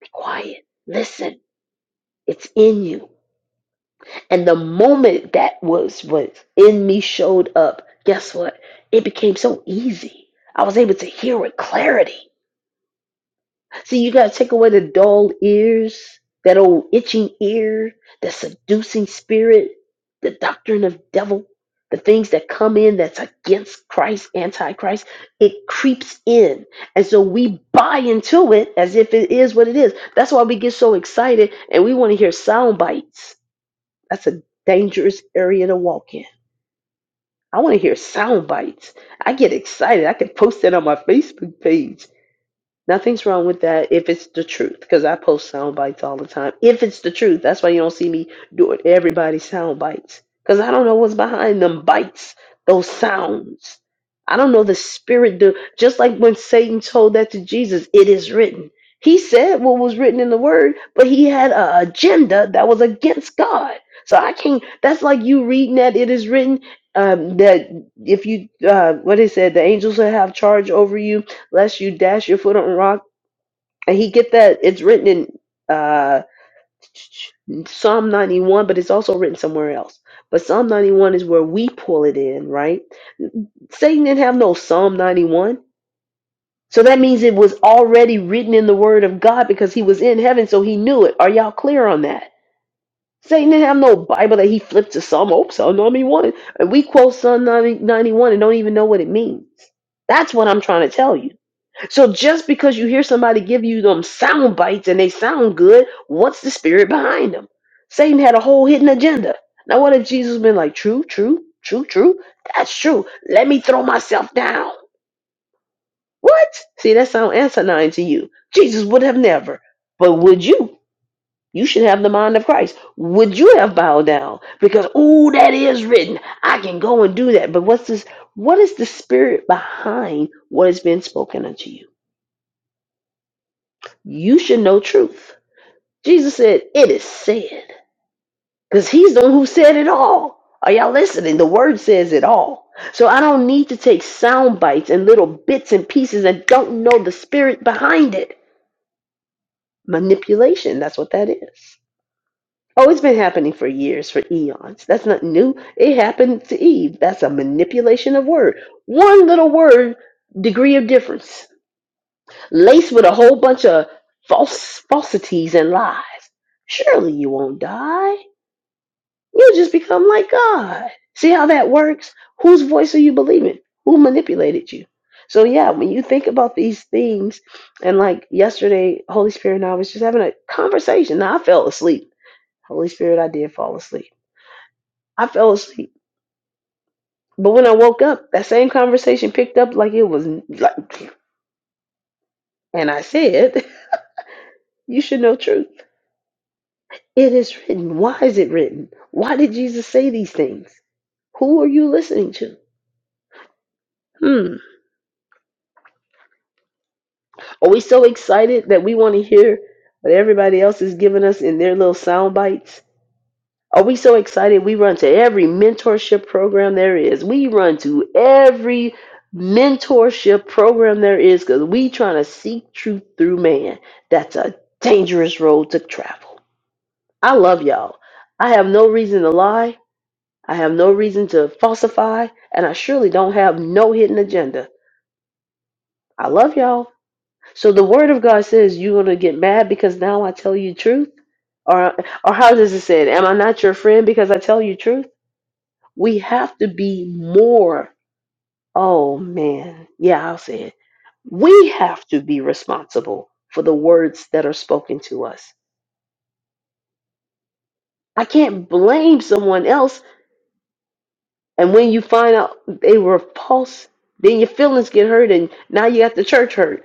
[SPEAKER 1] be quiet. Listen. It's in you." And the moment that was was in me showed up, guess what? It became so easy. I was able to hear with clarity. See, you gotta take away the dull ears, that old itching ear, that seducing spirit, the doctrine of devil, the things that come in that's against Christ, antichrist. It creeps in, and so we buy into it as if it is what it is. That's why we get so excited and we want to hear sound bites that's a dangerous area to walk in. I want to hear sound bites. I get excited. I can post that on my Facebook page. Nothing's wrong with that if it's the truth, because I post sound bites all the time. If it's the truth, that's why you don't see me doing everybody's sound bites, because I don't know what's behind them bites, those sounds. I don't know the spirit. Do just like when Satan told that to Jesus, it is written. He said what was written in the word, but he had an agenda that was against God. So I can't. That's like you reading that it is written um, that if you uh, what it said, the angels will have charge over you lest you dash your foot on a rock. And he get that it's written in uh, Psalm 91, but it's also written somewhere else. But Psalm 91 is where we pull it in, right? Satan didn't have no Psalm 91. So that means it was already written in the word of God because he was in heaven, so he knew it. Are y'all clear on that? Satan didn't have no Bible that he flipped to Psalm, oh, Psalm 91. And we quote Psalm 91 and don't even know what it means. That's what I'm trying to tell you. So just because you hear somebody give you them sound bites and they sound good, what's the spirit behind them? Satan had a whole hidden agenda. Now what if Jesus been like, true, true, true, true? That's true. Let me throw myself down. What? See, that sound asinine to you. Jesus would have never. But would you? You should have the mind of Christ. Would you have bowed down? Because oh, that is written. I can go and do that. But what's this? What is the spirit behind what has been spoken unto you? You should know truth. Jesus said, It is said. Because he's the one who said it all. Are y'all listening? The word says it all. So I don't need to take sound bites and little bits and pieces and don't know the spirit behind it. Manipulation, that's what that is. Oh, it's been happening for years, for eons. That's not new. It happened to Eve. That's a manipulation of word. One little word, degree of difference, laced with a whole bunch of false falsities and lies. Surely you won't die. You just become like God. See how that works? Whose voice are you believing? Who manipulated you? So, yeah, when you think about these things, and like yesterday, Holy Spirit and I was just having a conversation. Now, I fell asleep. Holy Spirit, I did fall asleep. I fell asleep. But when I woke up, that same conversation picked up like it was like, and I said, You should know truth. It is written. Why is it written? Why did Jesus say these things? Who are you listening to? Hmm. Are we so excited that we want to hear what everybody else is giving us in their little sound bites? Are we so excited we run to every mentorship program there is? We run to every mentorship program there is because we trying to seek truth through man. That's a dangerous road to travel. I love y'all. I have no reason to lie. I have no reason to falsify, and I surely don't have no hidden agenda. I love y'all. So the word of God says you're gonna get mad because now I tell you truth, or or how does it say? it? Am I not your friend because I tell you truth? We have to be more. Oh man, yeah, I'll say it. We have to be responsible for the words that are spoken to us. I can't blame someone else. And when you find out they were false, then your feelings get hurt, and now you got the church hurt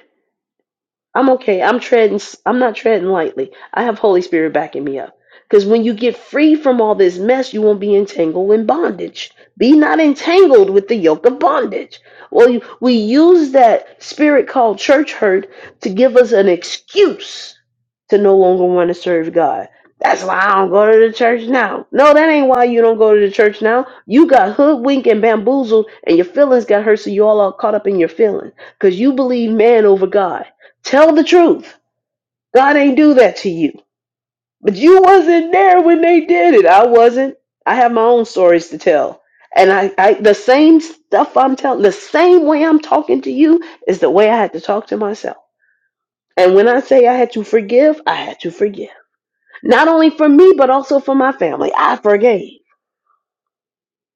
[SPEAKER 1] I'm okay. I'm treading. s- I'm not treading lightly. I have Holy Spirit backing me up. Because when you get free from all this mess, you won't be entangled in bondage. Be not entangled with the yoke of bondage. Well, you- we use that spirit called church hurt to give us an excuse to no longer want to serve God. That's why I don't go to the church now. No, that ain't why you don't go to the church now. You got hoodwinked and bamboozled, and your feelings got hurt, so you all are caught up in your feelings because you believe man over God. Tell the truth. God ain't do that to you. But you wasn't there when they did it. I wasn't. I have my own stories to tell. And I, I the same stuff I'm telling, the same way I'm talking to you is the way I had to talk to myself. And when I say I had to forgive, I had to forgive. Not only for me, but also for my family. I forgave.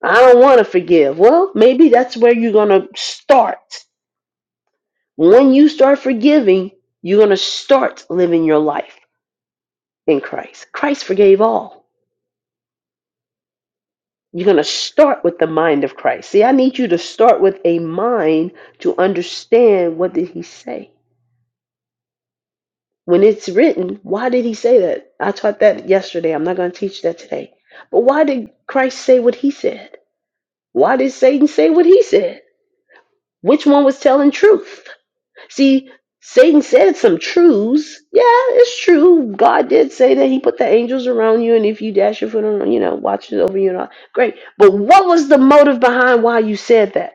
[SPEAKER 1] I don't want to forgive. Well, maybe that's where you're going to start. When you start forgiving, you're going to start living your life in Christ. Christ forgave all. You're going to start with the mind of Christ. See, I need you to start with a mind to understand what did he say. When it's written, why did he say that? I taught that yesterday. I'm not going to teach that today. But why did Christ say what he said? Why did Satan say what he said? Which one was telling truth? See, Satan said some truths. Yeah, it's true. God did say that he put the angels around you, and if you dash your foot on, you know, watches over you and all. Great. But what was the motive behind why you said that?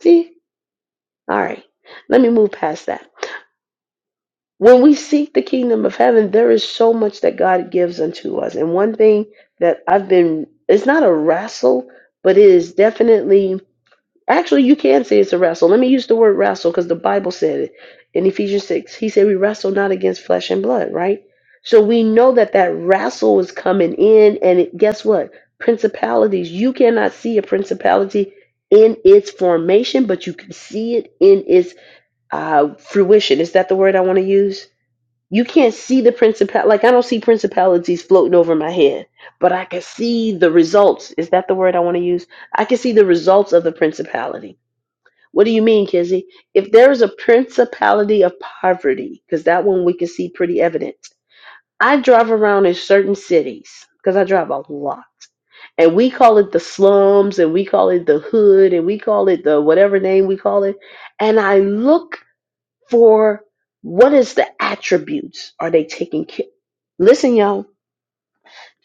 [SPEAKER 1] See? All right. Let me move past that. When we seek the kingdom of heaven, there is so much that God gives unto us. And one thing that I've been, it's not a wrestle, but it is definitely, actually, you can say it's a wrestle. Let me use the word wrestle because the Bible said it in Ephesians 6. He said, We wrestle not against flesh and blood, right? So we know that that wrestle is coming in. And it, guess what? Principalities, you cannot see a principality in its formation, but you can see it in its uh, fruition. Is that the word I want to use? You can't see the principal. Like I don't see principalities floating over my head, but I can see the results. Is that the word I want to use? I can see the results of the principality. What do you mean, Kizzy? If there is a principality of poverty, because that one we can see pretty evident. I drive around in certain cities because I drive a lot, and we call it the slums, and we call it the hood, and we call it the whatever name we call it. And I look for what is the attributes are they taking care listen y'all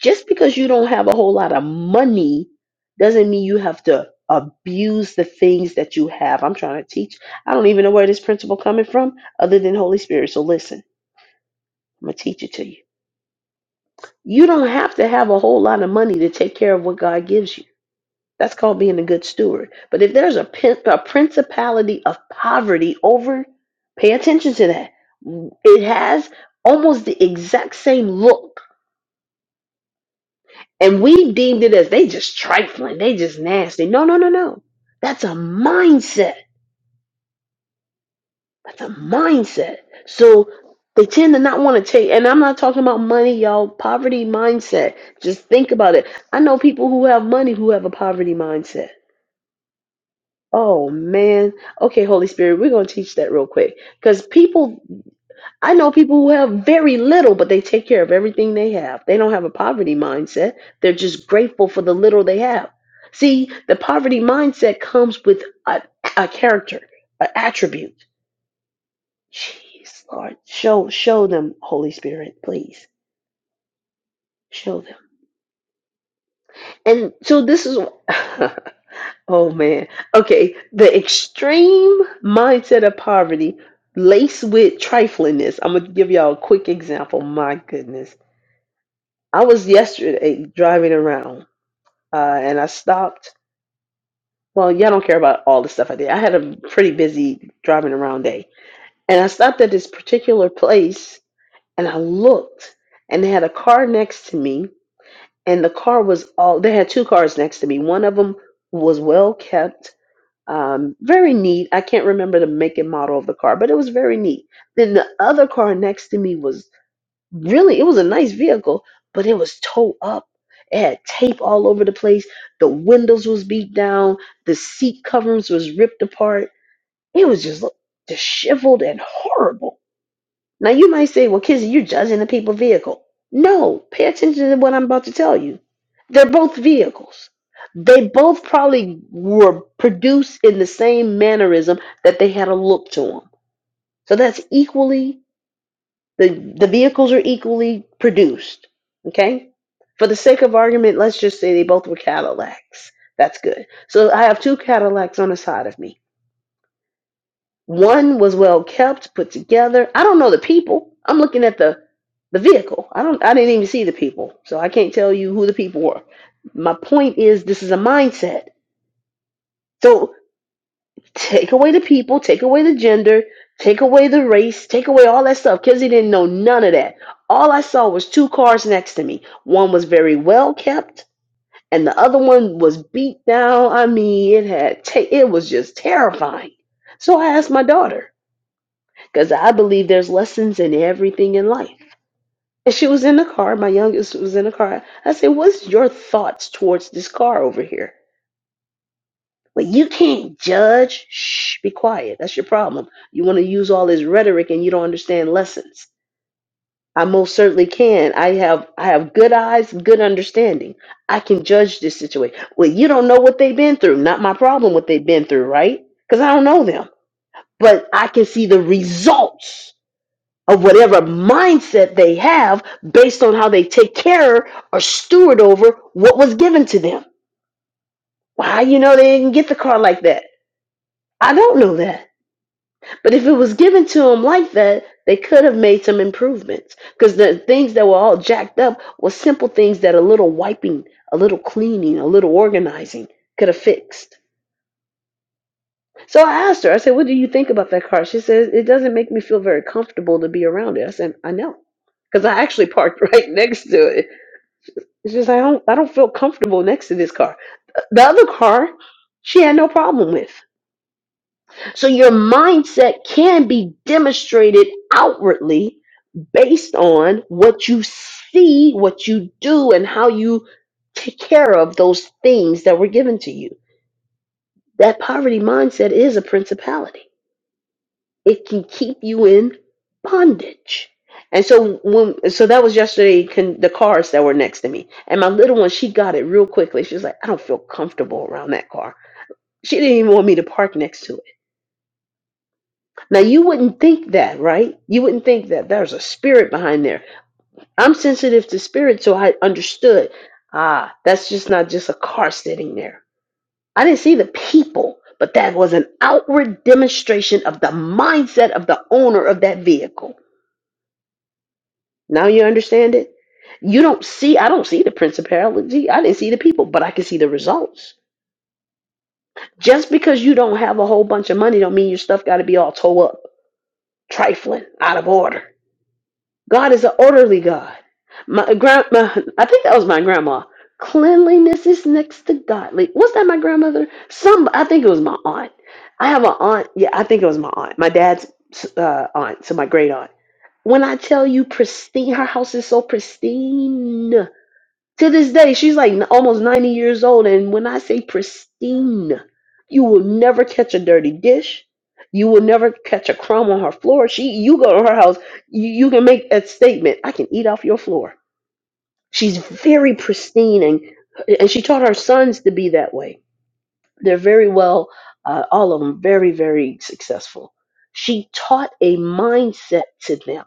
[SPEAKER 1] just because you don't have a whole lot of money doesn't mean you have to abuse the things that you have i'm trying to teach i don't even know where this principle coming from other than holy spirit so listen i'm gonna teach it to you you don't have to have a whole lot of money to take care of what god gives you That's called being a good steward. But if there's a, pin, a principality of poverty over, pay attention to that. It has almost the exact same look. And we deemed it as they just trifling, they just nasty. No, no, no, no. That's a mindset. That's a mindset. So they tend to not want to take, and I'm not talking about money, y'all. Poverty mindset. Just think about it. I know people who have money who have a poverty mindset Oh man. Okay, Holy Spirit, we're going to teach that real quick. Because people, I know people who have very little, but they take care of everything they have. They don't have a poverty mindset. They're just grateful for the little they have. See, the poverty mindset comes with a, a character, an attribute. Jeez, Lord, show show them, Holy Spirit, please show them. And so this is Oh man. Okay. The extreme mindset of poverty laced with triflingness. I'm gonna give y'all a quick example. My goodness. I was yesterday driving around uh, and I stopped. Well, y'all don't care about all the stuff I did. I had a pretty busy driving around day. And I stopped at this particular place and I looked and they had a car next to me and the car was all they had two cars next to me. One of them was well kept Um, very neat. I can't remember the make and model of the car, but it was very neat. Then the other car next to me was really, it was a nice vehicle, but it was towed up. It had tape all over the place. The windows was beat down. The seat coverings was ripped apart. It was just look, disheveled and horrible now you might say, well, Kizzy, you're judging the people vehicle. No, pay attention to what I'm about to tell you. They're both vehicles. They both probably were produced in the same mannerism that they had a look to them. So that's equally the the vehicles are equally produced. Okay? For the sake of argument, let's just say they both were Cadillacs. That's good. So I have two Cadillacs on the side of me. One was well kept, put together. I don't know the people. I'm looking at the the vehicle. I don't I didn't even see the people. So I can't tell you who the people were. My point is this is a mindset. So take away the people, take away the gender, take away the race, take away all that stuff. Kizzy didn't know none of that. All I saw was two cars next to me. One was very well kept and the other one was beat down. I mean, it had ta- it was just terrifying. So I asked my daughter, because I believe there's lessons in everything in life. And she was in the car. My youngest was in the car. I said, "What's your thoughts towards this car over here?" Well, you can't judge. Shh, be quiet. That's your problem. You want to use all this rhetoric and you don't understand lessons. I most certainly can. I have I have good eyes, good understanding. I can judge this situation. Well, you don't know what they've been through. Not my problem what they've been through, right? Because I don't know them. But I can see the results of whatever mindset they have based on how they take care or steward over what was given to them. Why you know they didn't get the car like that? I don't know that. But if it was given to them like that, they could have made some improvements because the things that were all jacked up were simple things that a little wiping, a little cleaning, a little organizing could have fixed. So I asked her, I said, What do you think about that car? She says, It doesn't make me feel very comfortable to be around it. I said, I know because I actually parked right next to it It's just I don't I don't feel comfortable next to this car. The other car, she had no problem with. So your mindset can be demonstrated outwardly based on what you see, what you do, and how you take care of those things that were given to you. That poverty mindset is a principality. it can keep you in bondage. And so when so that was yesterday con, the cars that were next to me. And my little one, she got it real quickly. She was like, I don't feel comfortable around that car. She didn't even want me to park next to it. Now you wouldn't think that, right? You wouldn't think that there's a spirit behind there. I'm sensitive to spirit, so I understood. Ah, that's just not just a car sitting there. I didn't see the people, but that was an outward demonstration of the mindset of the owner of that vehicle Now you understand it? You don't see, I don't see the principality. I didn't see the people, but I can see the results. Just because you don't have a whole bunch of money don't mean your stuff got to be all toe up, trifling, out of order. God is an orderly God. My grandma, I think that was my grandma. Cleanliness is next to godly. Was that my grandmother? Some, I think it was my aunt. I have an aunt. Yeah, I think it was my aunt. My dad's uh, aunt, so my great aunt. When I tell you pristine, her house is so pristine. To this day, she's like n- almost 90 years old. And when I say pristine, you will never catch a dirty dish. You will never catch a crumb on her floor. She, you go to her house, you, you can make a statement. I can eat off your floor. She's very pristine, and and she taught her sons to be that way. They're very well, uh, all of them, very very successful. She taught a mindset to them,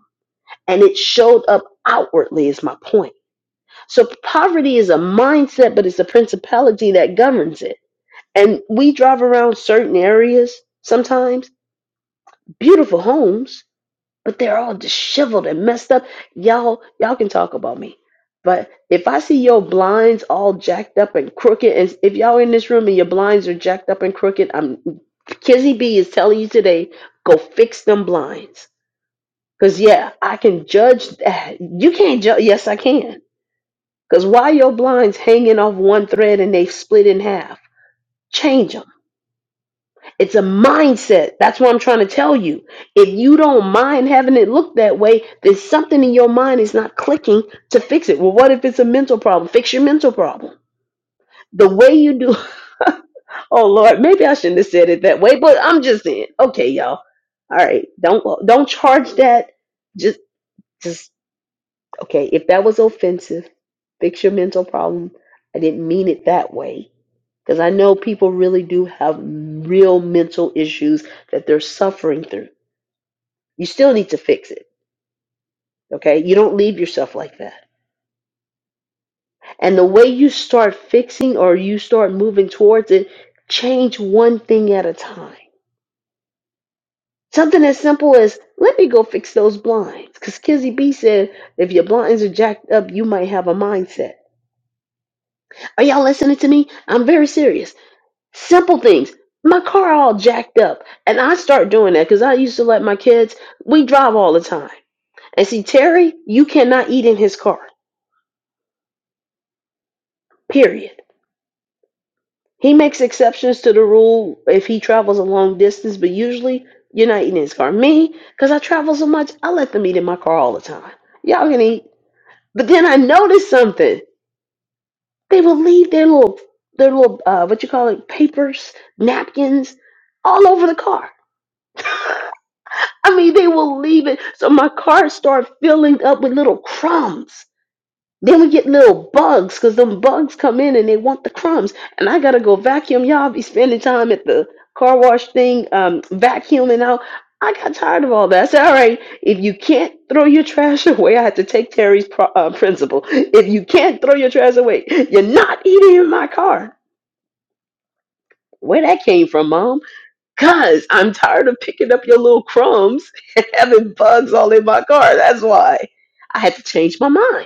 [SPEAKER 1] and it showed up outwardly. Is my point so poverty is a mindset, but it's a principality that governs it. And we drive around certain areas sometimes, beautiful homes, but they're all disheveled and messed up. Y'all, y'all can talk about me. But if I see your blinds all jacked up and crooked, and if y'all in this room and your blinds are jacked up and crooked, I'm Kizzy B is telling you today, go fix them blinds. Cause yeah, I can judge that. You can't judge. Yes, I can because why your blinds hanging off one thread and they split in half? Change them. It's a mindset. That's what I'm trying to tell you. If you don't mind having it look that way, then something in your mind is not clicking to fix it. Well, what if it's a mental problem? Fix your mental problem. The way you do. oh Lord, maybe I shouldn't have said it that way, but I'm just saying. Okay, y'all. All right, don't don't charge that. Just just okay. If that was offensive, fix your mental problem. I didn't mean it that way Because I know people really do have real mental issues that they're suffering through. You still need to fix it. Okay. You don't leave yourself like that. And the way you start fixing or you start moving towards it, change one thing at a time. Something as simple as, let me go fix those blinds. Because Kizzy B said, if your blinds are jacked up, you might have a mindset. Are y'all listening to me? I'm very serious. Simple things. My car all jacked up. And I start doing that because I used to let my kids, we drive all the time. And see, Terry, you cannot eat in his car, period. He makes exceptions to the rule if he travels a long distance, but usually you're not eating in his car. Me, because I travel so much, I let them eat in my car all the time. Y'all can eat. But then I noticed something. They would leave their little, their little, uh, what you call it, papers, napkins all over the car. I mean, they will leave it. So my car start filling up with little crumbs. Then we get little bugs because them bugs come in and they want the crumbs. And I gotta go vacuum. Y'all be spending time at the car wash thing, um, vacuuming out. I got tired of all that. I said, all right, if you can't throw your trash away, I had to take Terry's pro- uh, principle. If you can't throw your trash away, you're not eating in my car. Where that came from, Mom? Cause I'm tired of picking up your little crumbs and having bugs all in my car. That's why I had to change my mind.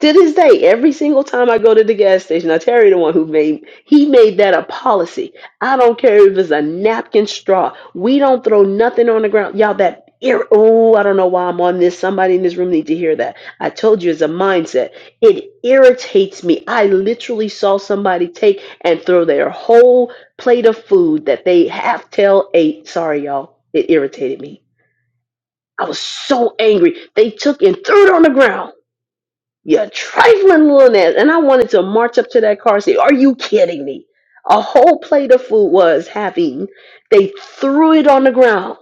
[SPEAKER 1] To this day, every single time I go to the gas station, I Terry the one who made he made that a policy. I don't care if it's a napkin straw. We don't throw nothing on the ground. Y'all that ir- oh, I don't know why I'm on this. Somebody in this room need to hear that. I told you it's a mindset. It irritates me. I literally saw somebody take and throw their whole plate of food that they half tail ate. Sorry, y'all. It irritated me. I was so angry. They took and threw it on the ground you trifling little ass. And I wanted to march up to that car and say, Are you kidding me? A whole plate of food was having. They threw it on the ground.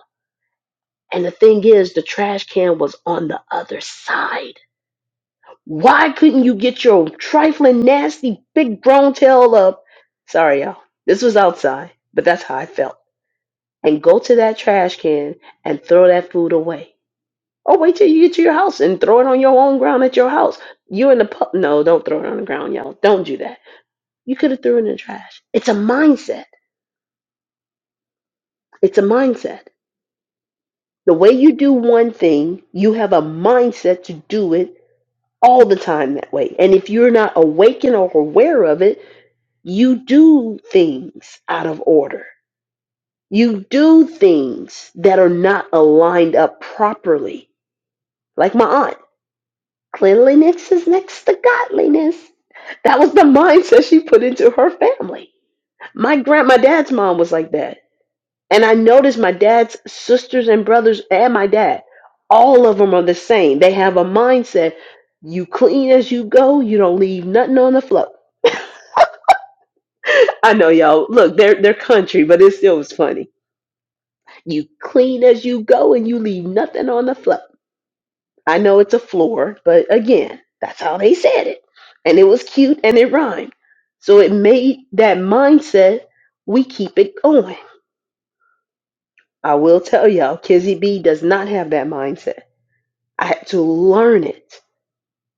[SPEAKER 1] And the thing is, the trash can was on the other side. Why couldn't you get your trifling, nasty, big grown tail up? Sorry, y'all. This was outside, but that's how I felt. And go to that trash can and throw that food away. Oh, wait till you get to your house and throw it on your own ground at your house. You in the pub? No, don't throw it on the ground, y'all. Don't do that. You could have threw it in the trash. It's a mindset. It's a mindset. The way you do one thing, you have a mindset to do it all the time that way. And if you're not awakened or aware of it, you do things out of order. You do things that are not aligned up properly. Like my aunt, cleanliness is next to godliness. That was the mindset she put into her family. My grand my dad's mom was like that. And I noticed my dad's sisters and brothers and my dad, all of them are the same. They have a mindset. You clean as you go, you don't leave nothing on the floor. I know y'all. Look, they're they're country, but it still was funny. You clean as you go and you leave nothing on the floor. I know it's a floor, but again, that's how they said it. And it was cute and it rhymed. So it made that mindset, we keep it going. I will tell y'all, Kizzy B does not have that mindset. I had to learn it.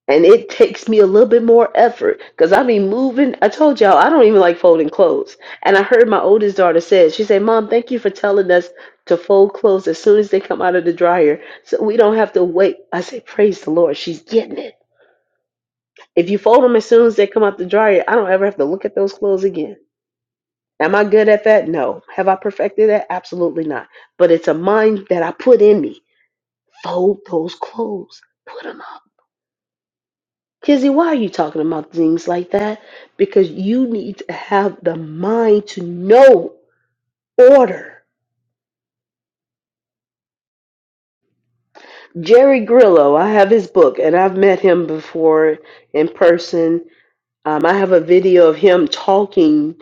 [SPEAKER 1] And it takes me a little bit more effort because I be moving. I told y'all I don't even like folding clothes. And I heard my oldest daughter say she said, Mom, thank you for telling us to fold clothes as soon as they come out of the dryer so we don't have to wait. I say, Praise the Lord, she's getting it If you fold them as soon as they come out the dryer, I don't ever have to look at those clothes again. Am I good at that? No. Have I perfected that? Absolutely not. But it's a mind that I put in me. Fold those clothes. Put them up. Kizzy, why are you talking about things like that? Because you need to have the mind to know order. Jerry Grillo, I have his book and I've met him before in person Um, I have a video of him talking.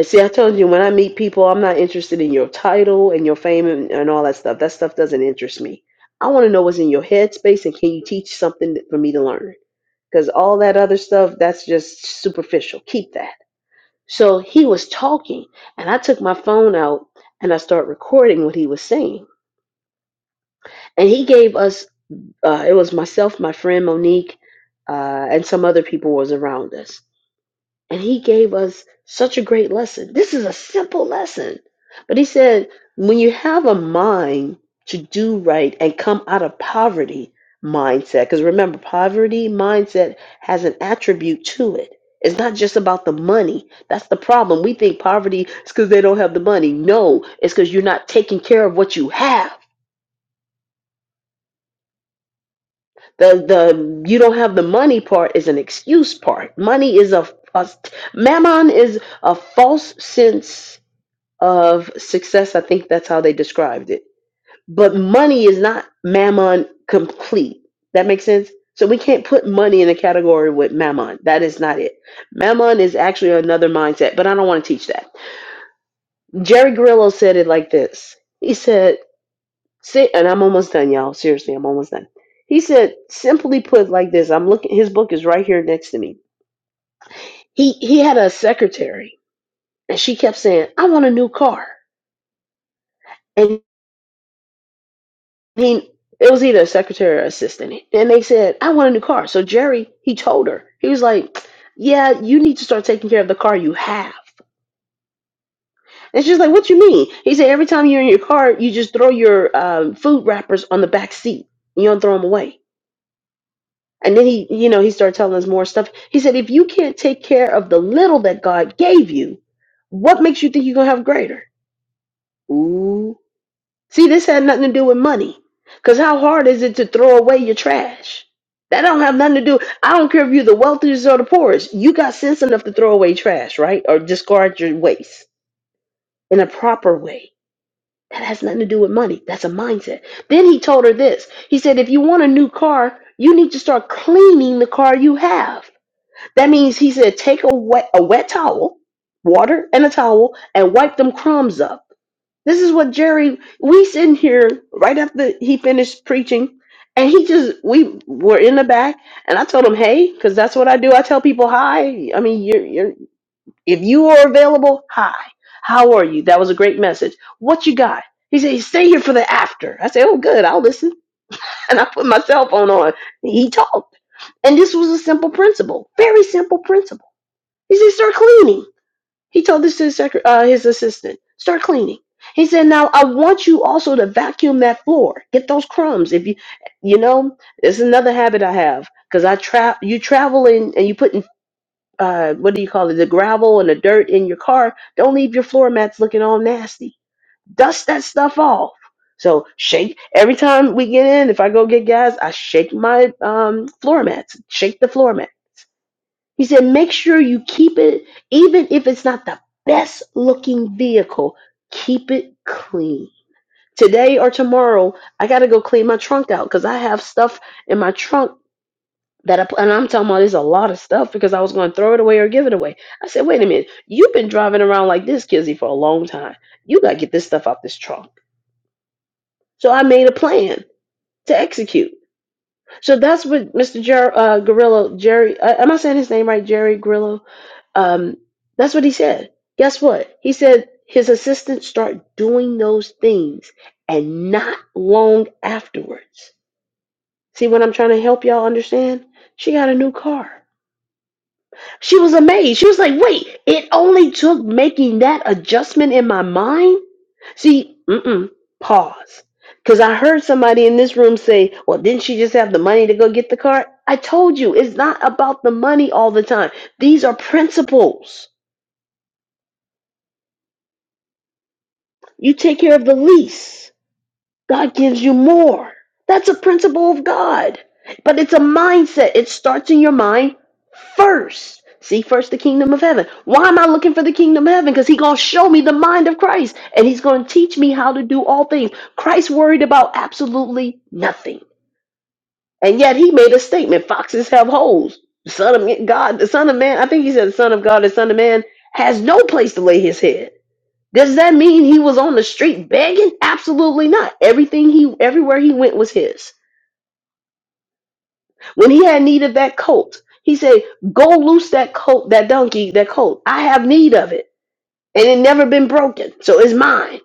[SPEAKER 1] See, I told you when I meet people, I'm not interested in your title and your fame and, and all that stuff. That stuff doesn't interest me. I want to know what's in your headspace and can you teach something that- for me to learn? Because all that other stuff, that's just superficial. Keep that. So he was talking, and I took my phone out and I started recording what he was saying. And he gave us, uh, it was myself, my friend Monique, uh, and some other people was around us And he gave us such a great lesson. This is a simple lesson. But he said, when you have a mind to do right and come out of poverty mindset, because remember, poverty mindset has an attribute to it. It's not just about the money. That's the problem. We think poverty is because they don't have the money. No, it's because you're not taking care of what you have. The the you don't have the money part is an excuse part. Money is a, a mammon is a false sense of success. I think that's how they described it. But money is not mammon complete. That makes sense? So we can't put money in a category with mammon. That is not it. Mammon is actually another mindset, but I don't want to teach that. Jerry Grillo said it like this. He said, "Sit," and I'm almost done, y'all. Seriously, I'm almost done. He said, simply put like this. I'm looking his book is right here next to me. He he had a secretary and she kept saying, "I want a new car." And he it was either a secretary or assistant and they said i want a new car so jerry he told her he was like yeah you need to start taking care of the car you have and she's like what you mean he said every time you're in your car you just throw your um, food wrappers on the back seat you don't throw them away and then he you know he started telling us more stuff he said if you can't take care of the little that god gave you what makes you think you're going to have greater ooh See, this had nothing to do with money. Cause how hard is it to throw away your trash? That don't have nothing to do. I don't care if you're the wealthiest or the poorest. You got sense enough to throw away trash, right? Or discard your waste in a proper way. That has nothing to do with money. That's a mindset. Then he told her this. He said, if you want a new car, you need to start cleaning the car you have. That means he said, take a wet a wet towel, water, and a towel, and wipe them crumbs up. This is what Jerry, we sitting here right after he finished preaching, and he just, we were in the back, and I told him, hey, because that's what I do. I tell people, hi. I mean, you're, you're, if you are available, hi. How are you? That was a great message. What you got? He said, stay here for the after. I said, oh, good, I'll listen. And I put my cell phone on. He talked. And this was a simple principle, very simple principle. He said, start cleaning. He told this to his, secre- uh, his assistant. Start cleaning. He said, "Now I want you also to vacuum that floor. Get those crumbs. If you, you know, it's another habit I have because I trap. You traveling and you putting uh, what do you call it? The gravel and the dirt in your car. Don't leave your floor mats looking all nasty. Dust that stuff off. So shake every time we get in. If I go get gas, I shake my um, floor mats. Shake the floor mats he said, make sure you keep it, even if it's not the best looking vehicle, keep it clean. Today or tomorrow, I got to go clean my trunk out because I have stuff in my trunk that I, and I'm talking about there's a lot of stuff because I was going to throw it away or give it away. I said, wait a minute, you've been driving around like this, Kizzy, for a long time. You got to get this stuff out this trunk. So I made a plan to execute. So that's what Mr. Jer- uh, Grillo, Jerry, uh, am I saying his name right? Jerry Grillo. Um, that's what he said. Guess what? He said his assistants start doing those things and not long afterwards. See what I'm trying to help y'all understand? She got a new car. She was amazed. She was like, wait, it only took making that adjustment in my mind See, mm-mm, pause. Because I heard somebody in this room say, well, didn't she just have the money to go get the car? I told you, it's not about the money all the time. These are principles. You take care of the lease. God gives you more. That's a principle of God. But it's a mindset. It starts in your mind first. See first the kingdom of heaven. Why am I looking for the kingdom of heaven? Because he's going to show me the mind of Christ and he's going to teach me how to do all things. Christ worried about absolutely nothing. And yet he made a statement foxes have holes. The son of God, the son of man, I think he said the son of God, the son of man has no place to lay his head. Does that mean he was on the street begging? Absolutely not. Everything he everywhere he went was his. When he had need of that colt, he said, Go loose that colt, that donkey, that colt. I have need of it. And it never been broken. So it's mine.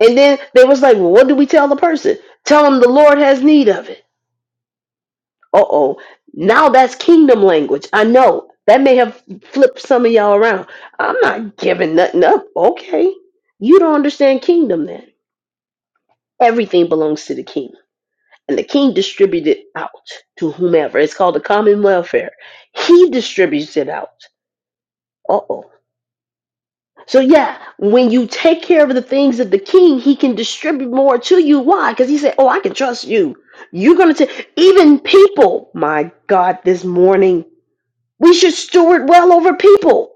[SPEAKER 1] And then they was like, Well, what do we tell the person? Tell him the Lord has need of it. Uh oh. Now that's kingdom language. I know. That may have flipped some of y'all around. I'm not giving nothing up. Okay. You don't understand kingdom then. Everything belongs to the king. and the king distributed out to whomever. It's called the common welfare. He distributes it out. Uh oh. So yeah, when you take care of the things of the king, he can distribute more to you. Why? Because he said, "Oh, I can trust you. You're gonna take even people." My God, this morning we should steward well over people.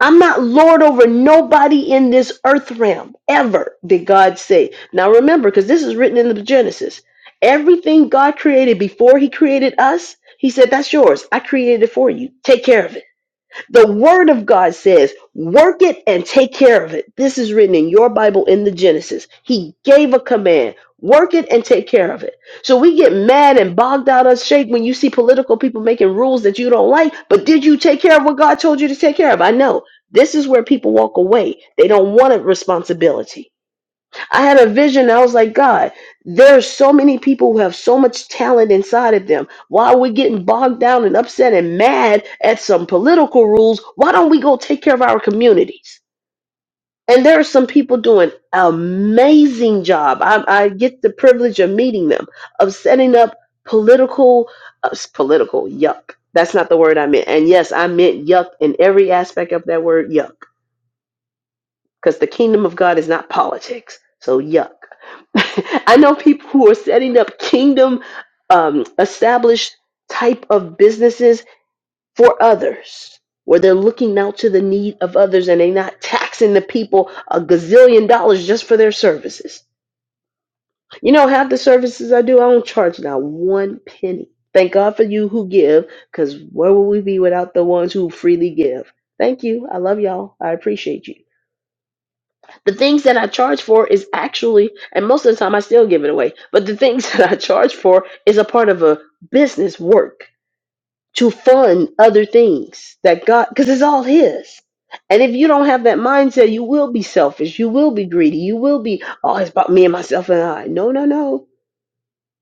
[SPEAKER 1] I'm not Lord over nobody in this earth realm ever, did God say. Now remember, because this is written in the Genesis. Everything God created before He created us, He said, That's yours. I created it for you. Take care of it. The word of God says, work it and take care of it. This is written in your Bible in the Genesis. He gave a command. Work it and take care of it. So we get mad and bogged out of shape when you see political people making rules that you don't like. But did you take care of what God told you to take care of? I know this is where people walk away. They don't want a responsibility I had a vision. I was like, God, there's so many people who have so much talent inside of them. Why are we getting bogged down and upset and mad at some political rules? Why don't we go take care of our communities? And there are some people doing an amazing job. I, I get the privilege of meeting them, of setting up political, uh, s- political yuck. That's not the word I meant. And yes, I meant yuck in every aspect of that word yuck because the kingdom of God is not politics. So yuck. I know people who are setting up kingdom um, established type of businesses for others, where they're looking out to the need of others and they're not taxing the people a gazillion dollars just for their services. You know, half the services I do, I don't charge not one penny. Thank God for you who give, because where would we be without the ones who freely give? Thank you. I love y'all. I appreciate you the things that I charge for is actually, and most of the time I still give it away, but the things that I charge for is a part of a business work to fund other things that God, because it's all His. And if you don't have that mindset, you will be selfish. You will be greedy. You will be, oh, it's about me and myself and I. No, no, no.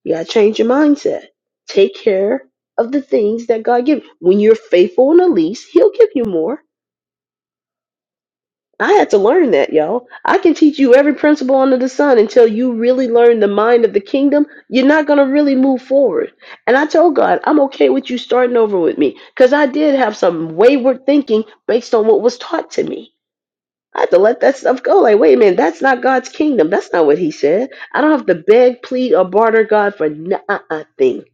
[SPEAKER 1] You got to change your mindset. Take care of the things that God gives. When you're faithful in the least, He'll give you more I had to learn that, y'all. I can teach you every principle under the sun until you really learn the mind of the kingdom. You're not going to really move forward. And I told God, I'm okay with you starting over with me because I did have some wayward thinking based on what was taught to me. I had to let that stuff go. Like, wait a minute, that's not God's kingdom. That's not what He said. I don't have to beg, plead, or barter God for not a thing.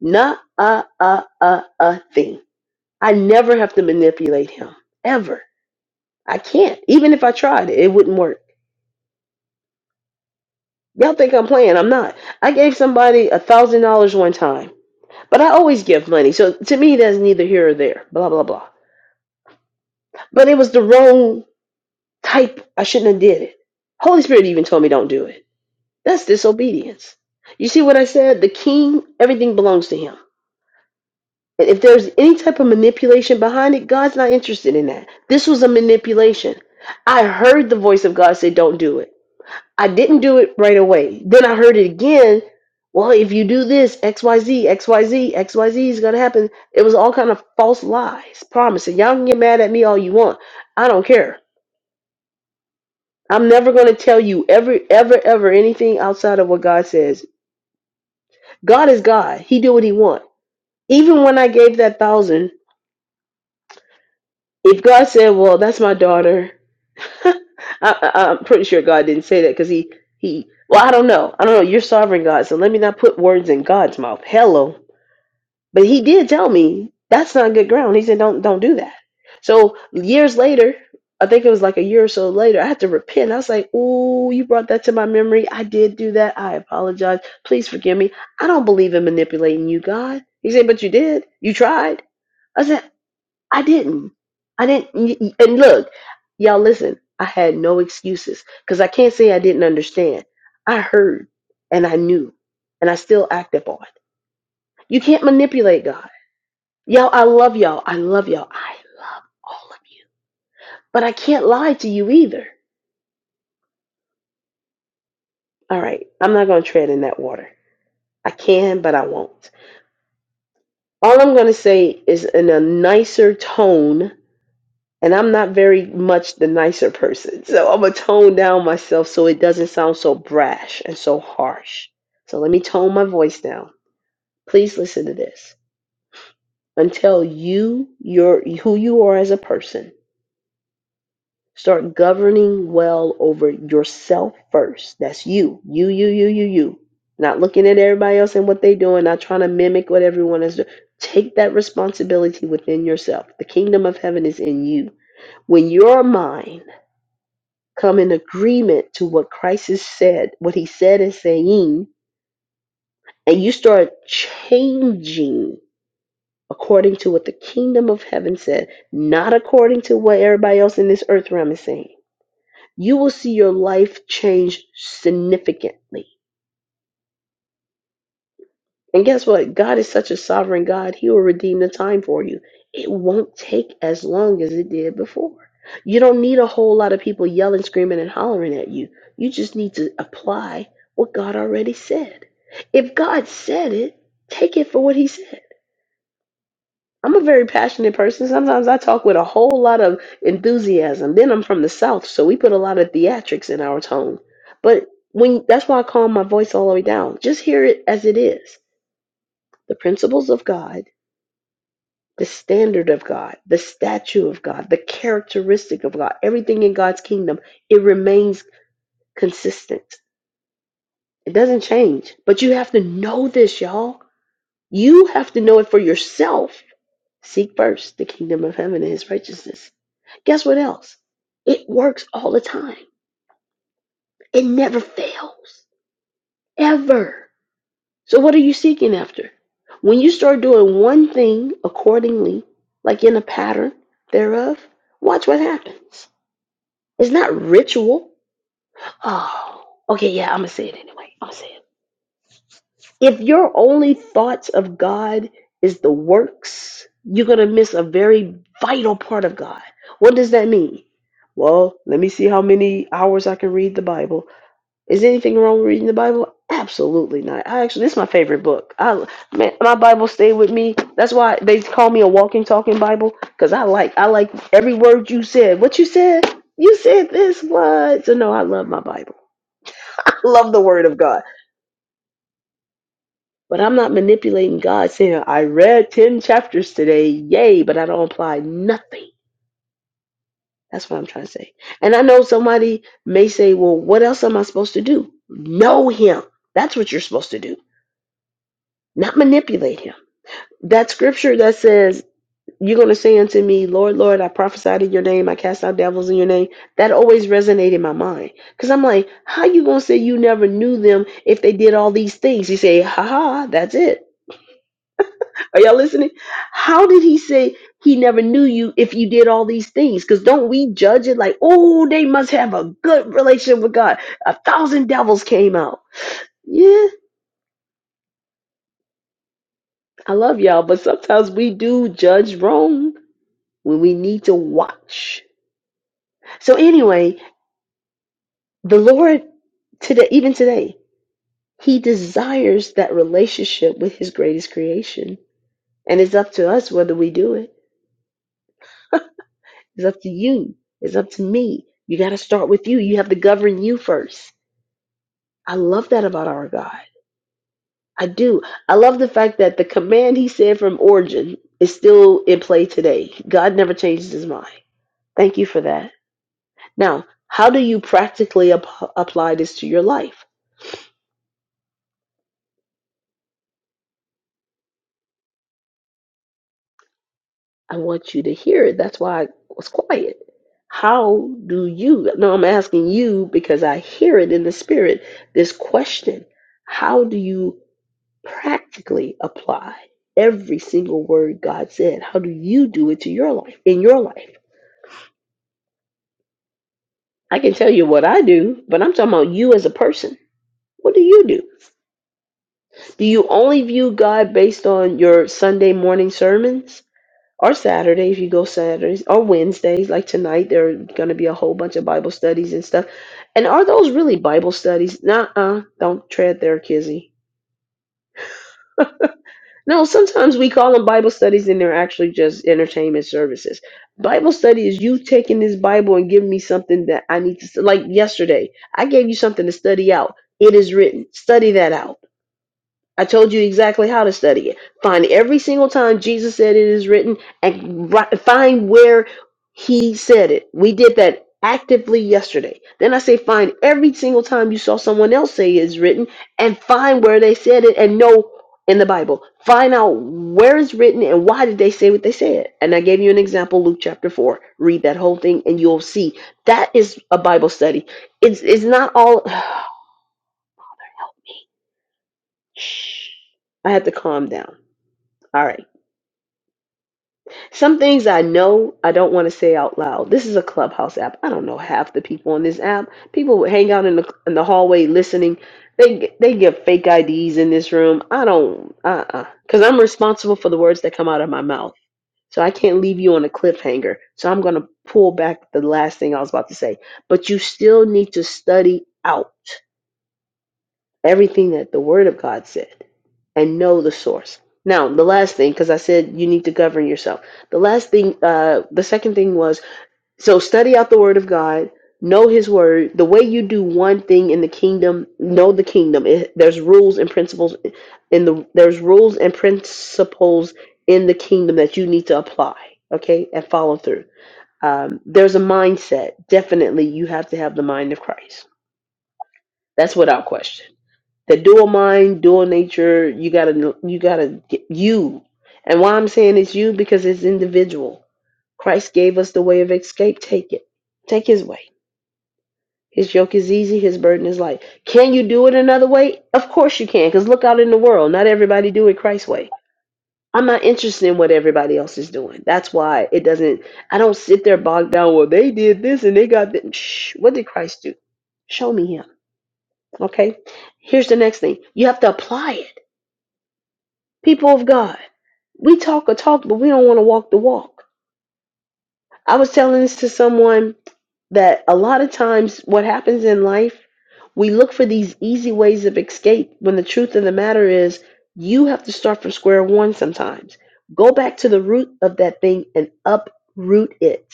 [SPEAKER 1] Not a a a a thing. I never have to manipulate Him ever. I can't. Even if I tried, it wouldn't work. Y'all think I'm playing. I'm not. I gave somebody a thousand dollars one time. But I always give money. So to me that's neither here or there. Blah blah blah. But it was the wrong type. I shouldn't have did it. Holy Spirit even told me don't do it. That's disobedience. You see what I said? The king, everything belongs to him. And if there's any type of manipulation behind it, God's not interested in that. This was a manipulation. I heard the voice of God say, Don't do it. I didn't do it right away. Then I heard it again. Well, if you do this, X Y Z, X Y Z, X Y Z is going to happen. It was all kind of false lies, promises. Y'all can get mad at me all you want. I don't care. I'm never going to tell you ever, ever, ever anything outside of what God says. God is God. He do what he want. Even when I gave that thousand, if God said, well, that's my daughter, I, I, I'm pretty sure God didn't say that because he, he, well, I don't know. I don't know. You're sovereign God, so let me not put words in God's mouth. Hello. But he did tell me that's not good ground. He said, "Don't don't do that." So years later, I think it was like a year or so later, I had to repent. I was like, "Ooh, you brought that to my memory. I did do that. I apologize. Please forgive me. I don't believe in manipulating you, God." He said, "But you did. You tried." I said, "I didn't. I didn't." y- y- And look, y'all, listen. I had no excuses because I can't say I didn't understand. I heard and I knew, and I still acted upon it. You can't manipulate God. Y'all, I love y'all. I love y'all. I love all of you. But I can't lie to you either. All right. I'm not going to tread in that water. I can, but I won't. All I'm going to say is in a nicer tone, and I'm not very much the nicer person. So I'm going to tone down myself so it doesn't sound so brash and so harsh. So let me tone my voice down. Please listen to this. Until you, your, who you are as a person, Start governing well over yourself first. That's you. You, you, you, you, you. Not looking at everybody else and what they're doing, not trying to mimic what everyone is doing. Take that responsibility within yourself. The kingdom of heaven is in you. When your mind come in agreement to what Christ has said, what he said and saying, and you start changing according to what the kingdom of heaven said, not according to what everybody else in this earth realm is saying you will see your life change significantly. And guess what? God is such a sovereign God, He will redeem the time for you. It won't take as long as it did before. You don't need a whole lot of people yelling, screaming, and hollering at you. You just need to apply what God already said. If God said it, take it for what He said. I'm a very passionate person. Sometimes I talk with a whole lot of enthusiasm. Then I'm from the South, so we put a lot of theatrics in our tone. But when that's why I calm my voice all the way down. Just hear it as it is. The principles of God, the standard of God, the statue of God, the characteristic of God, everything in God's kingdom, it remains consistent. It doesn't change. But you have to know this, y'all. You have to know it for yourself. Seek first the kingdom of heaven and his righteousness Guess what else? It works all the time. It never fails, ever. So, what are you seeking after? When you start doing one thing accordingly, like in a pattern thereof, watch what happens. It's not ritual. Oh, okay, yeah, I'm going to say it anyway. I'm going to say it. If your only thoughts of God is the works, you're going to miss a very vital part of God. What does that mean? Well, let me see how many hours I can read the Bible. Is anything wrong with reading the Bible? Absolutely not. I actually, this is my favorite book. I man, my Bible stayed with me. That's why they call me a walking, talking Bible because I like, I like every word you said. What you said, you said this. What? So no, I love my Bible. I love the Word of God. But I'm not manipulating God, saying I read ten chapters today, yay! But I don't apply nothing. That's what I'm trying to say. And I know somebody may say, well, what else am I supposed to do? Know Him. That's what you're supposed to do. Not manipulate Him That scripture that says, You're going to say unto me, Lord, Lord, I prophesied in your name, I cast out devils in your name, that always resonated in my mind. Because I'm like, How you going to say you never knew them if they did all these things? You say, Ha ha, that's it. Are y'all listening? How did he say he never knew you if you did all these things? Because don't we judge it like, Oh, they must have a good relationship with God? A thousand devils came out. Yeah, I love y'all, but sometimes we do judge wrong when we need to watch So anyway, the Lord today, even today, He desires that relationship with His greatest creation, and it's up to us whether we do it. It's up to you. It's up to me. You got to start with you. You have to govern you first. I love that about our God. I do. I love the fact that the command He said from origin is still in play today. God never changes His mind. Thank you for that. Now, how do you practically ap- apply this to your life? I want you to hear it. That's why I was quiet. How do you? No, I'm asking you because I hear it in the spirit. This question How do you practically apply every single word God said? How do you do it to your life, in your life? I can tell you what I do, but I'm talking about you as a person. What do you do? Do you only view God based on your Sunday morning sermons? or Saturday if you go Saturdays or Wednesdays like tonight there are going to be a whole bunch of Bible studies and stuff. And are those really Bible studies? Nuh-uh, don't tread there, Kizzy. No, sometimes we call them Bible studies and they're actually just entertainment services. Bible study is you taking this Bible and giving me something that I need to like yesterday. I gave you something to study out. It is written. Study that out. I told you exactly how to study it. Find every single time Jesus said it is written and ri- find where he said it. We did that actively yesterday. Then I say find every single time you saw someone else say it is written and find where they said it and know in the Bible. Find out where it's written and why did they say what they said. And I gave you an example, Luke chapter 4. Read that whole thing and you'll see. That is a Bible study. It's it's not all I have to calm down. All right. Some things I know I don't want to say out loud. This is a clubhouse app. I don't know half the people on this app. People would hang out in the in the hallway listening. They they give fake IDs in this room. I don't uh uh because I'm responsible for the words that come out of my mouth. So I can't leave you on a cliffhanger. So I'm gonna pull back the last thing I was about to say. But you still need to study out everything that the Word of God said and know the source. Now, the last thing, because I said you need to govern yourself. The last thing, uh, the second thing was so study out the Word of God, know His Word. The way you do one thing in the kingdom, know the kingdom. It, there's rules and principles in the there's rules and principles in the kingdom that you need to apply, okay, and follow through. Um, there's a mindset. Definitely, you have to have the mind of Christ. That's without question the dual mind, dual nature, you gotta know- you gotta get you. And why I'm saying it's you because it's individual. Christ gave us the way of escape. Take it. Take his way. His yoke is easy, his burden is light. Can you do it another way? Of course you can, because look out in the world. Not everybody do it Christ's way. I'm not interested in what everybody else is doing. That's why it doesn't I don't sit there bogged down, well, they did this and they got that. Shh, what did Christ do? Show me him. Okay? Here's the next thing. You have to apply it. people of God, we talk a talk, but we don't want to walk the walk. I was telling this to someone that a lot of times what happens in life, we look for these easy ways of escape when the truth of the matter is you have to start from square one sometimes. Go back to the root of that thing and uproot it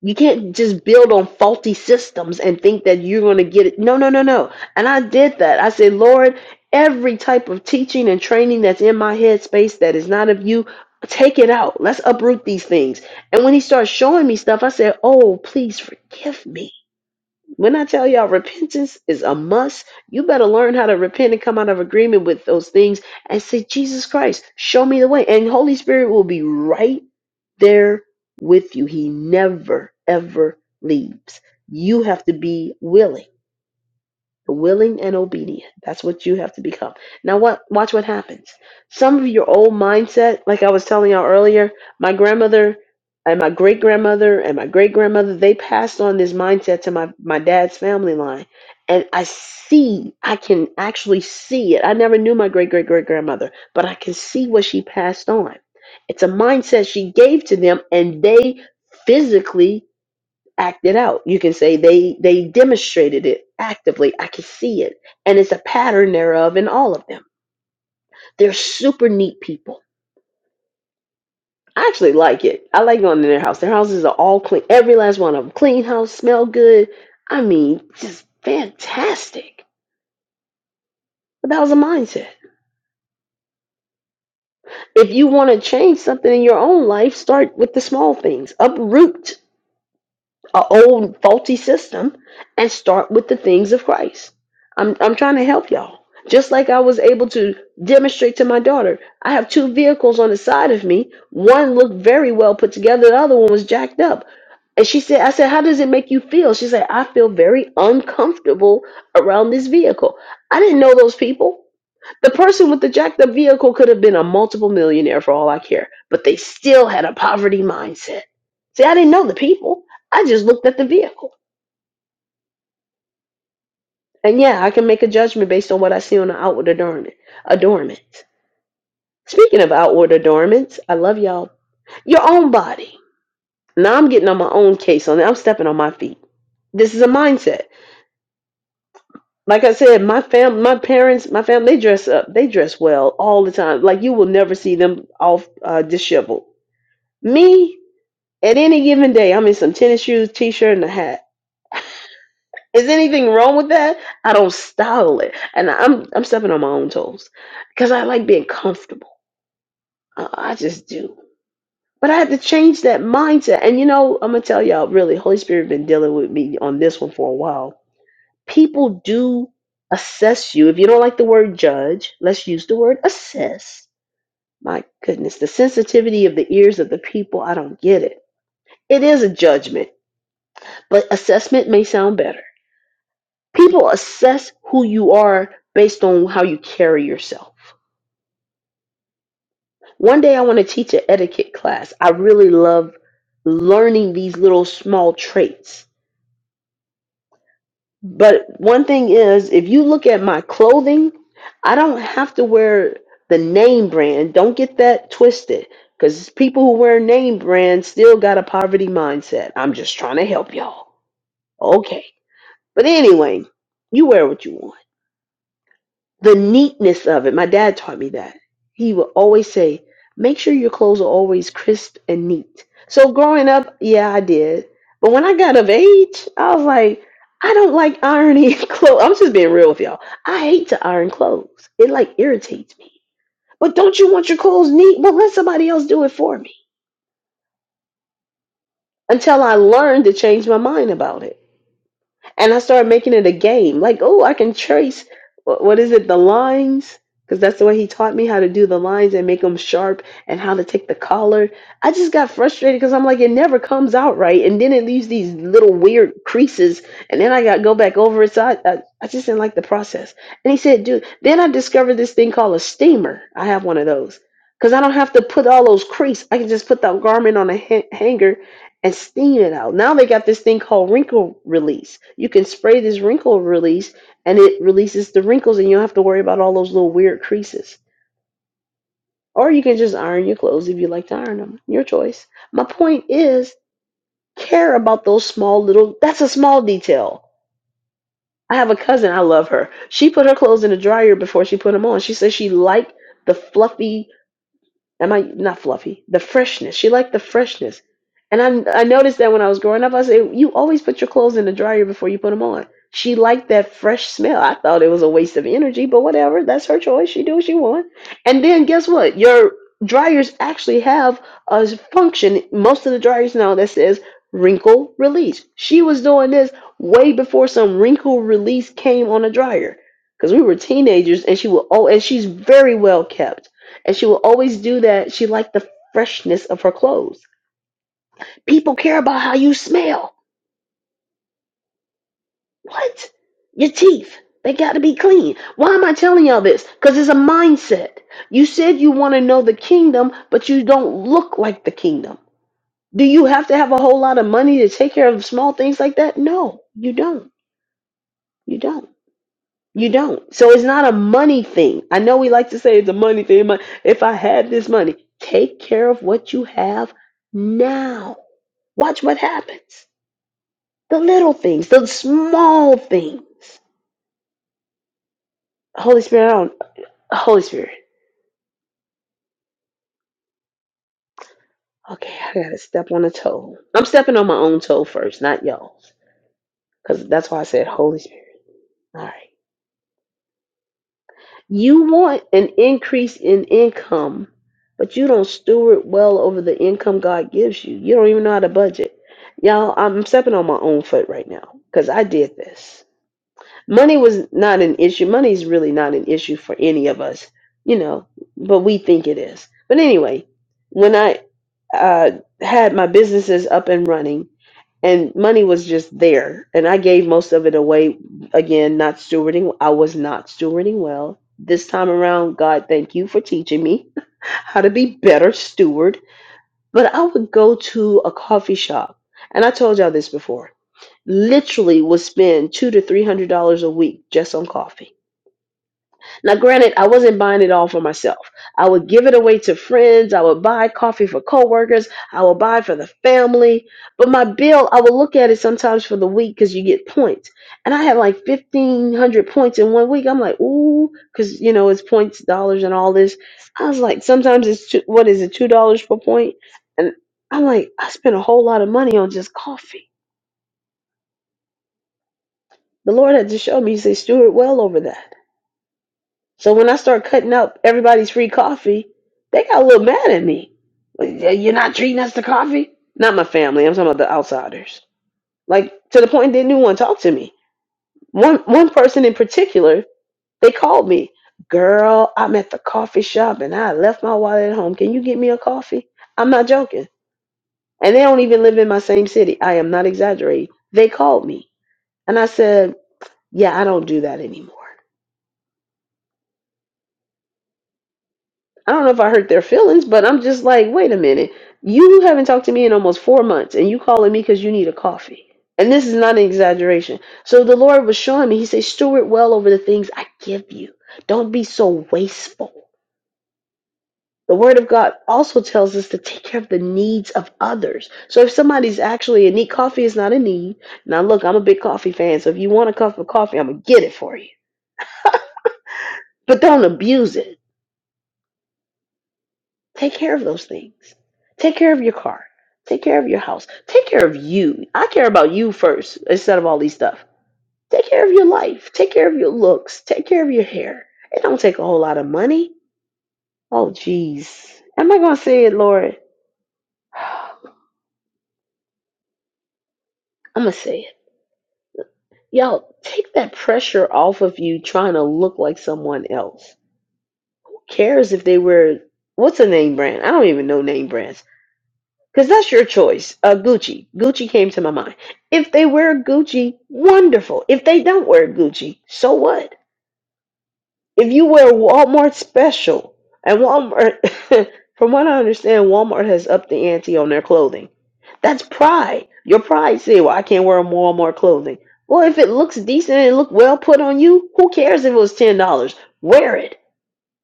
[SPEAKER 1] You can't just build on faulty systems and think that you're going to get it. No, no, no, no. And I did that. I said, Lord, every type of teaching and training that's in my head space that is not of you, take it out. Let's uproot these things. And when he started showing me stuff, I said, Oh, please forgive me when I tell y'all repentance is a must, you better learn how to repent and come out of agreement with those things and say, Jesus Christ, show me the way. And Holy Spirit will be right there with you. He never, ever leaves. You have to be willing willing and obedient. That's what you have to become. Now, what? Watch what happens. Some of your old mindset, like I was telling y'all earlier, my grandmother and my great grandmother and my great grandmother, they passed on this mindset to my my dad's family line, and I see, I can actually see it. I never knew my great great great grandmother, but I can see what she passed on. It's a mindset she gave to them, and they physically act it out. You can say they they demonstrated it actively. I can see it, and it's a pattern thereof in all of them. They're super neat people. I actually like it. I like going to their house. Their houses are all clean. Every last one of them clean house, smell good. I mean, just fantastic. But that was a mindset. If you want to change something in your own life, start with the small things. Uproot a old faulty system and start with the things of Christ. I'm I'm trying to help y'all. Just like I was able to demonstrate to my daughter, I have two vehicles on the side of me. One looked very well put together, the other one was jacked up. And she said, I said, how does it make you feel? She said, I feel very uncomfortable around this vehicle. I didn't know those people. The person with the jacked up vehicle could have been a multiple millionaire for all I care, but they still had a poverty mindset. See, I didn't know the people. I just looked at the vehicle. And yeah, I can make a judgment based on what I see on the outward adornment. adornments. Speaking of outward adornments, I love y'all. Your own body. Now I'm getting on my own case on it. I'm stepping on my feet. This is a mindset. Like I said, my fam, my parents, my family, they dress up. They dress well all the time. Like you will never see them all uh, disheveled. Me, At any given day, I'm in some tennis shoes, t-shirt, and a hat. Is anything wrong with that? I don't style it, and I'm I'm stepping on my own toes because I like being comfortable. I, I just do. But I had to change that mindset, and you know, I'm gonna tell y'all really, Holy Spirit been dealing with me on this one for a while. People do assess you. If you don't like the word judge, let's use the word assess. My goodness, the sensitivity of the ears of the people, I don't get it. It is a judgment, but assessment may sound better People assess who you are based on how you carry yourself. One day I want to teach an etiquette class. I really love learning these little small traits. But one thing is, if you look at my clothing, I don't have to wear the name brand. Don't get that twisted. Because people who wear name brands still got a poverty mindset. I'm just trying to help y'all. Okay. But anyway, you wear what you want. the neatness of it. My dad taught me that. He would always say, make sure your clothes are always crisp and neat. So growing up, yeah, I did. But when I got of age, I was like, I don't like ironing clothes. I'm just being real with y'all. I hate to iron clothes. It like irritates me. But don't you want your clothes neat? Well, let somebody else do it for me. Until I learned to change my mind about it. and I started making it a game. Like, oh, I can trace wh- what is it, the lines? Because that's the way he taught me how to do the lines and make them sharp and how to take the collar. I just got frustrated because I'm like, it never comes out right, and then it leaves these little weird creases, and then I got to go back over it. So I, I, I just didn't like the process. And he said, dude. Then I discovered this thing called a steamer. I have one of those. Because I don't have to put all those crease. I can just put that garment on a ha- hanger and steam it out. Now they got this thing called wrinkle release. You can spray this wrinkle release and it releases the wrinkles and you don't have to worry about all those little weird creases. Or you can just iron your clothes if you like to iron them. Your choice. My point is care about those small little that's a small detail. I have a cousin, I love her. She put her clothes in the dryer before she put them on. She says she liked the fluffy Am I not fluffy? The freshness. She liked the freshness. And I, I noticed that when I was growing up, I said, you always put your clothes in the dryer before you put them on. She liked that fresh smell. I thought it was a waste of energy, but whatever. That's her choice. She do what she want. And then guess what? Your dryers actually have a function. Most of the dryers now that says wrinkle release. She was doing this way before some wrinkle release came on a dryer because we were teenagers, and she will. Oh, and she's very well kept and she will always do that. She liked the freshness of her clothes. People care about how you smell. What? Your teeth. They got to be clean. Why am I telling y'all this? Because it's a mindset. You said you want to know the kingdom, but you don't look like the kingdom. Do you have to have a whole lot of money to take care of small things like that? No, you don't. You don't. You don't. So it's not a money thing. I know we like to say it's a money thing. but If I had this money, take care of what you have now Watch what happens. The little things, the small things. Holy Spirit, I don't, Holy Spirit. Okay, I gotta step on a toe. I'm stepping on my own toe first, not y'all's, because that's why I said Holy Spirit. All right. You want an increase in income, but you don't steward well over the income God gives you. You don't even know how to budget. Y'all, I'm stepping on my own foot right now because I did this. money was not an issue. Money's really not an issue for any of us, you know, but we think it is. But anyway, when I uh, had my businesses up and running, and money was just there, and I gave most of it away again, not stewarding. I was not stewarding well. This time around, God, thank you for teaching me how to be better steward. But I would go to a coffee shop, and I told y'all this before literally would spend two to three hundred dollars a week just on coffee. Now, granted, I wasn't buying it all for myself. I would give it away to friends. I would buy coffee for coworkers. I would buy for the family. But my bill, I would look at it sometimes for the week because you get points, and I had like fifteen hundred points in one week. I'm like, ooh, because you know it's points, dollars, and all this. I was like, sometimes it's two, what is it, two dollars per point, and I'm like, I spent a whole lot of money on just coffee. The Lord had to show me, he said, Stuart, well over that. So when I start cutting up everybody's free coffee, they got a little mad at me. Like, "Yeah, You're not treating us to coffee? Not my family. I'm talking about the outsiders. Like to the point they didn't want to talk to me. One one person in particular, they called me, girl, I'm at the coffee shop and I left my wallet at home. Can you get me a coffee? I'm not joking. And they don't even live in my same city. I am not exaggerating. They called me. And I said, Yeah, I don't do that anymore. I don't know if I hurt their feelings, but I'm just like, wait a minute. You haven't talked to me in almost four months, and you calling me because you need a coffee. And this is not an exaggeration. So the Lord was showing me, He said, Steward well over the things I give you. Don't be so wasteful. The Word of God also tells us to take care of the needs of others. So if somebody's actually in need, coffee is not a need. Now, look, I'm a big coffee fan, so if you want a cup of coffee, I'm going to get it for you. But don't abuse it Take care of those things. Take care of your car. Take care of your house. Take care of you. I care about you first instead of all these stuff. Take care of your life. Take care of your looks. Take care of your hair. It don't take a whole lot of money. Oh, jeez. Am I going to say it, Lord? I'm going to say it. Y'all, take that pressure off of you trying to look like someone else. Who cares if they wear, what's a name brand? I don't even know name brands. Because that's your choice. Uh, Gucci. Gucci came to my mind. If they wear Gucci, wonderful. If they don't wear Gucci, so what? If you wear Walmart special, and Walmart, from what I understand, Walmart has upped the ante on their clothing. That's pride. Your pride say, well, I can't wear Walmart clothing. Well, if it looks decent and it look well put on you, who cares if it was $10? Wear it.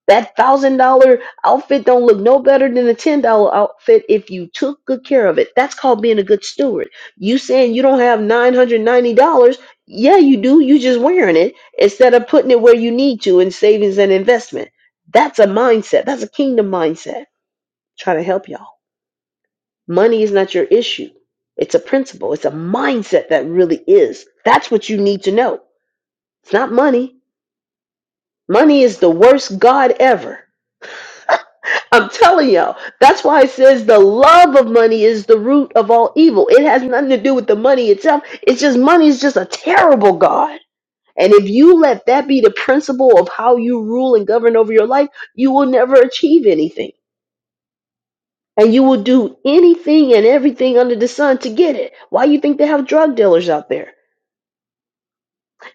[SPEAKER 1] That thousand dollar outfit don't look no better than a ten dollar outfit if you took good care of it. That's called being a good steward. You saying you don't have nine hundred ninety dollars? Yeah, you do. You just wearing it instead of putting it where you need to in savings and investment. That's a mindset. That's a kingdom mindset. Try to help y'all. Money is not your issue. It's a principle. It's a mindset that really is. That's what you need to know. It's not money. Money is the worst god ever I'm telling y'all. That's why it says the love of money is the root of all evil. It has nothing to do with the money itself. It's just money is just a terrible God. And if you let that be the principle of how you rule and govern over your life, you will never achieve anything. And you will do anything and everything under the sun to get it. Why you think they have drug dealers out there?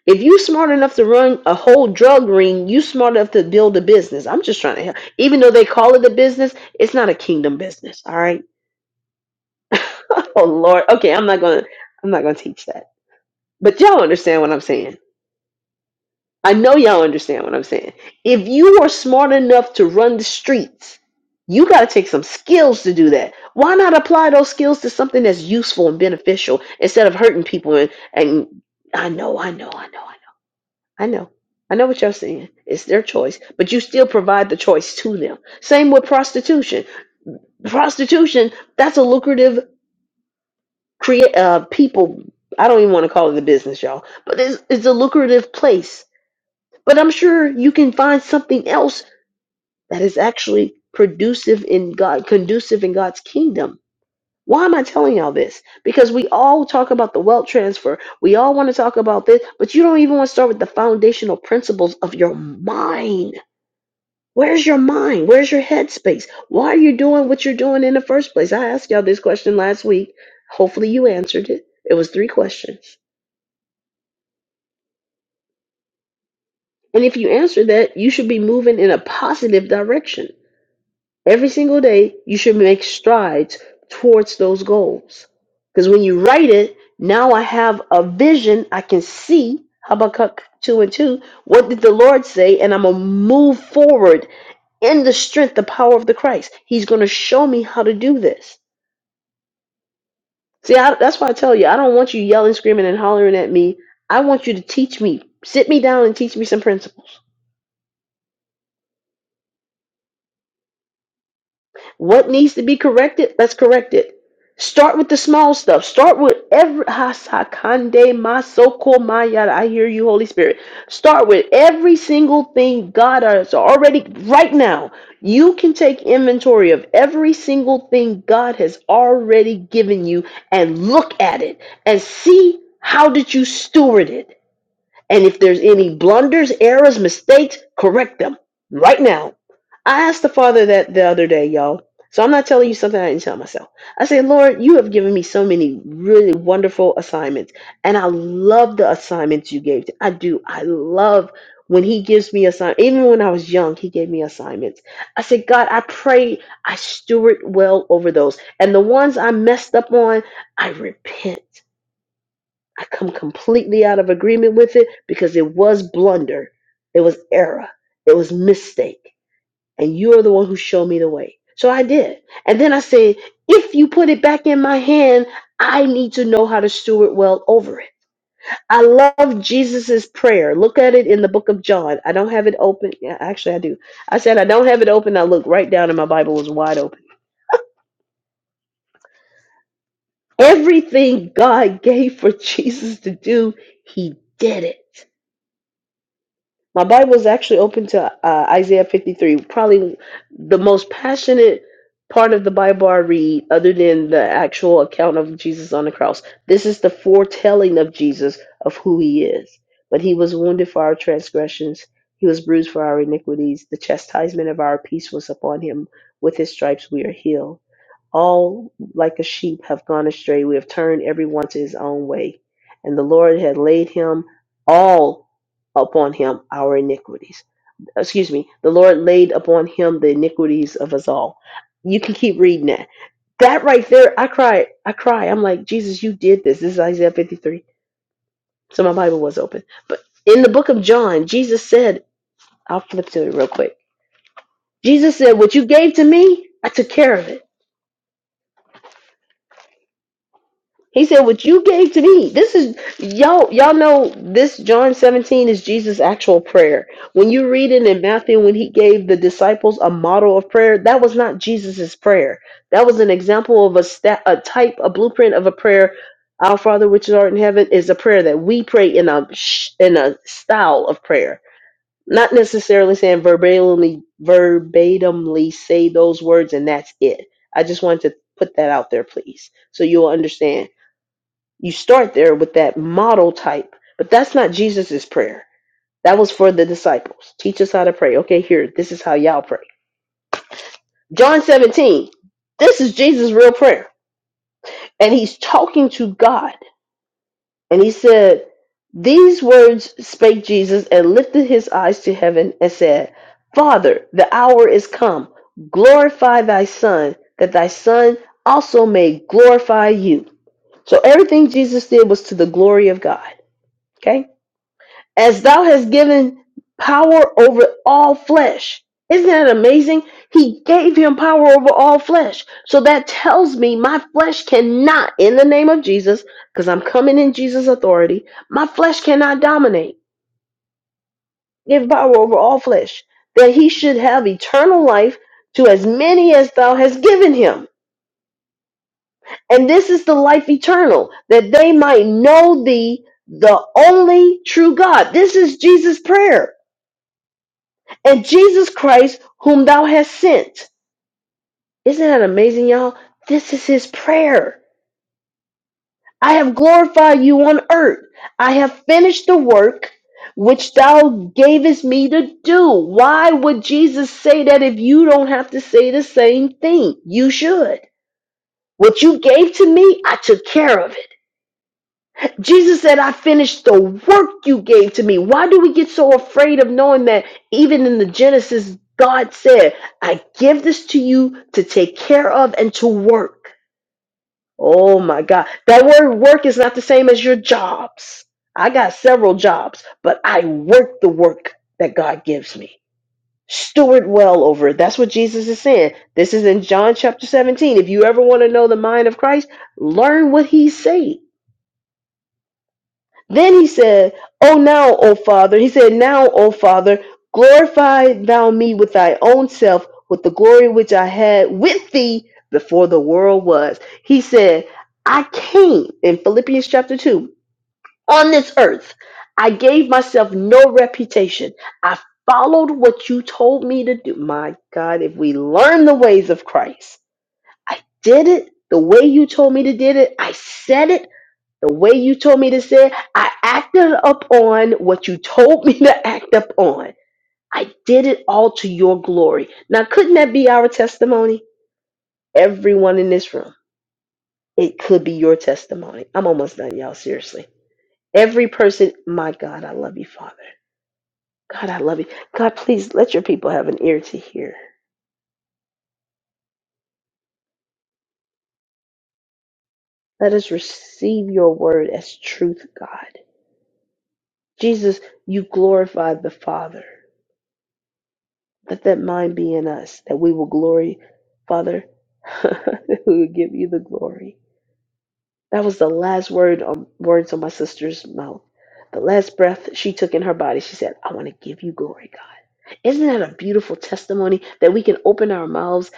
[SPEAKER 1] If you smart enough to run a whole drug ring, you smart enough to build a business. I'm just trying to help. Even though they call it a business, it's not a kingdom business. All right. oh Lord. Okay, I'm not gonna I'm not gonna teach that. But y'all understand what I'm saying. I know y'all understand what I'm saying. If you are smart enough to run the streets, you gotta take some skills to do that. Why not apply those skills to something that's useful and beneficial instead of hurting people and, and I know, I know, I know, I know, I know. I know what y'all saying. It's their choice, but you still provide the choice to them. Same with prostitution. Prostitution, that's a lucrative create uh people i don't even want to call it a business y'all but it's, it's a lucrative place but i'm sure you can find something else that is actually productive in god conducive in god's kingdom why am i telling y'all this because we all talk about the wealth transfer we all want to talk about this but you don't even want to start with the foundational principles of your mind Where's your mind? Where's your headspace? Why are you doing what you're doing in the first place? I asked y'all this question last week. Hopefully, you answered it. It was three questions. And if you answer that, you should be moving in a positive direction. Every single day, you should make strides towards those goals. Because when you write it, now I have a vision. I can see Habakkuk 2 and 2. What did the Lord say? And I'm going to move forward in the strength, the power of the Christ. He's going to show me how to do this. See, I, that's why I tell you, I don't want you yelling, screaming, and hollering at me. I want you to teach me. Sit me down and teach me some principles. What needs to be corrected? Let's correct it. Start with the small stuff. Start with every hasakande masoko mayada. I hear you, Holy Spirit. Start with every single thing God has already right now. You can take inventory of every single thing God has already given you and look at it and see how did you steward it and if there's any blunders, errors, mistakes, correct them right now. I asked the Father that the other day, y'all. So I'm not telling you something I didn't tell myself. I said, Lord, you have given me so many really wonderful assignments. And I love the assignments you gave. I do. I love when he gives me assignments. Even when I was young, he gave me assignments. I said, God, I pray I steward well over those. And the ones I messed up on, I repent. I come completely out of agreement with it because it was blunder. It was error. It was mistake. And you are the one who showed me the way. So I did. And then I said, if you put it back in my hand, I need to know how to steward well over it. I love Jesus's prayer. Look at it in the book of John. I don't have it open. Yeah, actually, I do. I said, I don't have it open. I looked right down and my Bible was wide open. Everything God gave for Jesus to do, he did it. My Bible is actually open to uh, Isaiah 53, probably the most passionate part of the Bible I read, other than the actual account of Jesus on the cross. This is the foretelling of Jesus of who he is. But he was wounded for our transgressions, he was bruised for our iniquities. The chastisement of our peace was upon him. With his stripes we are healed. All like a sheep have gone astray. We have turned everyone to his own way. And the Lord had laid him all upon him our iniquities. Excuse me, the Lord laid upon him the iniquities of us all. You can keep reading that. That right there, I cried. I cry. I'm like, Jesus, you did this. This is Isaiah 53. So my Bible was open. But in the book of John, Jesus said, I'll flip to it real quick. Jesus said, What you gave to me, I took care of it. He said, "What you gave to me. This is y'all. Y'all know this. John seventeen is Jesus' actual prayer. When you read it in Matthew, when he gave the disciples a model of prayer, that was not Jesus' prayer. That was an example of a sta a type, a blueprint of a prayer. Our Father, which art in heaven, is a prayer that we pray in a sh- in a style of prayer, not necessarily saying verbatimly verbatimly say those words and that's it. I just wanted to put that out there, please, so you'll understand." You start there with that model type, but that's not Jesus's prayer. That was for the disciples. Teach us how to pray. Okay, here, this is how y'all pray. John 17. This is Jesus' real prayer. And he's talking to God. And he said, These words spake Jesus and lifted his eyes to heaven and said, Father, the hour is come. Glorify thy Son, that thy Son also may glorify you. So everything Jesus did was to the glory of God. Okay? as thou hast given power over all flesh. Isn't that amazing? He gave him power over all flesh. So that tells me my flesh cannot, in the name of Jesus, because I'm coming in Jesus' authority, my flesh cannot dominate, give power over all flesh, that he should have eternal life to as many as thou hast given him. And this is the life eternal, that they might know thee, the only true God. This is Jesus' prayer and Jesus Christ, whom thou hast sent. Isn't that amazing, y'all? This is his prayer. I have glorified you on earth. I have finished the work which thou gavest me to do. Why would Jesus say that if you don't have to say the same thing? You should. What you gave to me, I took care of it. Jesus said, I finished the work you gave to me. Why do we get so afraid of knowing that even in the Genesis, God said, I give this to you to take care of and to work? Oh my God. That word work is not the same as your jobs. I got several jobs, but I work the work that God gives me. Steward well over it. That's what Jesus is saying. This is in John chapter 17. If you ever want to know the mind of Christ, learn what he's saying Then he said, O now, O Father, he said, Now, O Father, glorify thou me with thy own self, with the glory which I had with thee before the world was. He said, I came in Philippians chapter 2 on this earth. I gave myself no reputation. I followed what you told me to do. My God, if we learn the ways of Christ, I did it the way you told me to did it. I said it the way you told me to say it, I acted upon what you told me to act upon. I did it all to your glory. Now, couldn't that be our testimony? Everyone in this room, it could be your testimony. I'm almost done, y'all, seriously. Every person, my God, I love you, Father. God, I love you. God, please let your people have an ear to hear. Let us receive your word as truth, God. Jesus, you glorified the Father. Let that mind be in us that we will glory, Father. that we will give you the glory. That was the last word on words on my sister's mouth. The last breath she took in her body, she said, I want to give you glory, God. Isn't that a beautiful testimony that we can open our mouths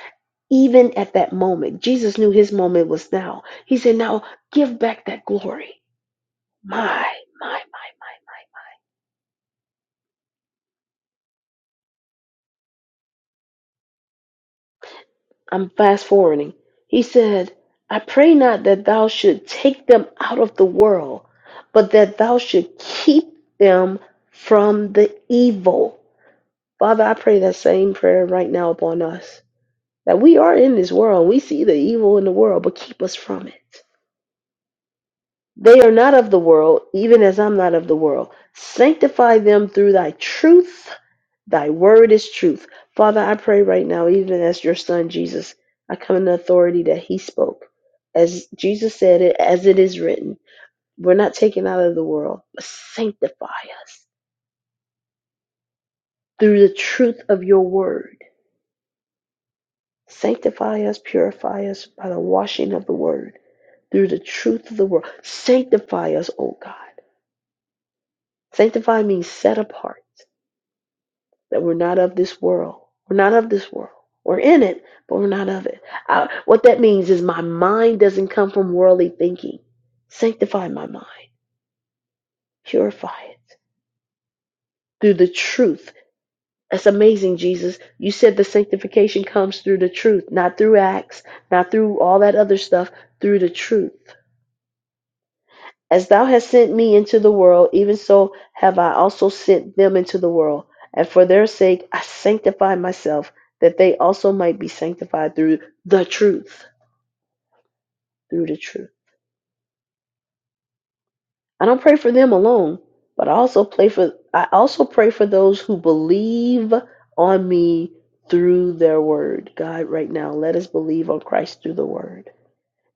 [SPEAKER 1] even at that moment? Jesus knew his moment was now. He said, Now give back that glory. my, My, my, my, my. I'm fast forwarding. He said, I pray not that thou should take them out of the world, but that thou should keep them from the evil. Father, I pray that same prayer right now upon us. That we are in this world, we see the evil in the world, but keep us from it. They are not of the world, even as I'm not of the world. Sanctify them through thy truth. Thy word is truth. Father, I pray right now, even as your son Jesus, I come in the authority that he spoke. As Jesus said it, as it is written, we're not taken out of the world, but sanctify us through the truth of your word. Sanctify us, purify us by the washing of the word, through the truth of the word. Sanctify us, O God. Sanctify means set apart. that we're not of this world. We're not of this world. We're in it, but we're not of it. I, what that means is my mind doesn't come from worldly thinking. Sanctify my mind, purify it through the truth. That's amazing, Jesus. You said the sanctification comes through the truth, not through acts, not through all that other stuff, through the truth. As thou hast sent me into the world, even so have I also sent them into the world. And for their sake I sanctify myself, that they also might be sanctified through the truth. Through the truth. I don't pray for them alone, but I also pray for I also pray for those who believe on me through their word. God, right now, let us believe on Christ through the word.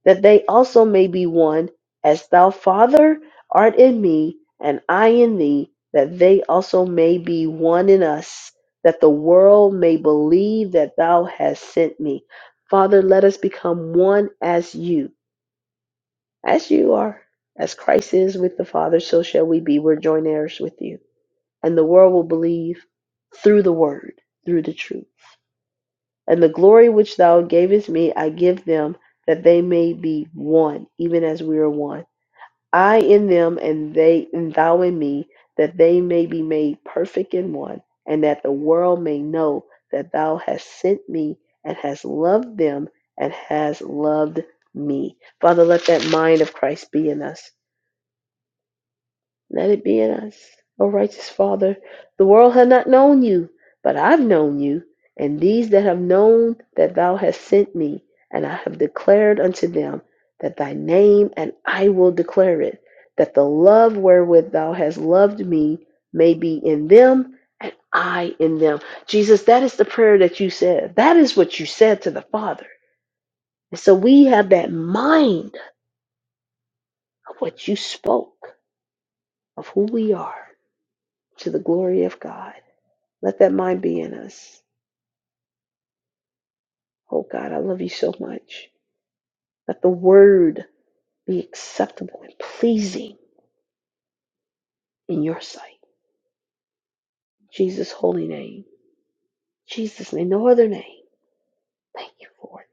[SPEAKER 1] that they also may be one, as thou, Father, art in me, and I in thee, that they also may be one in us, that the world may believe that thou hast sent me. Father, let us become one as you, as you are, as Christ is with the Father, so shall we be. We're joint heirs with you. And the world will believe through the word, through the truth. And the glory which thou gavest me, I give them, that they may be one, even as we are one. I in them and they and thou in me, that they may be made perfect in one, and that the world may know that thou hast sent me and hast loved them and hast loved me. Father, let that mind of Christ be in us. Let it be in us, O righteous Father. The world hath not known you, but I've known you, and these that have known that thou hast sent me, and I have declared unto them that thy name, and I will declare it, that the love wherewith thou hast loved me may be in them. And I in them. Jesus, that is the prayer that you said. That is what you said to the Father. And so we have that mind of what you spoke of who we are to the glory of God. Let that mind be in us. Oh God, I love you so much. Let the word be acceptable and pleasing in your sight. Jesus' holy name. Jesus' name, no other name. Thank you for it.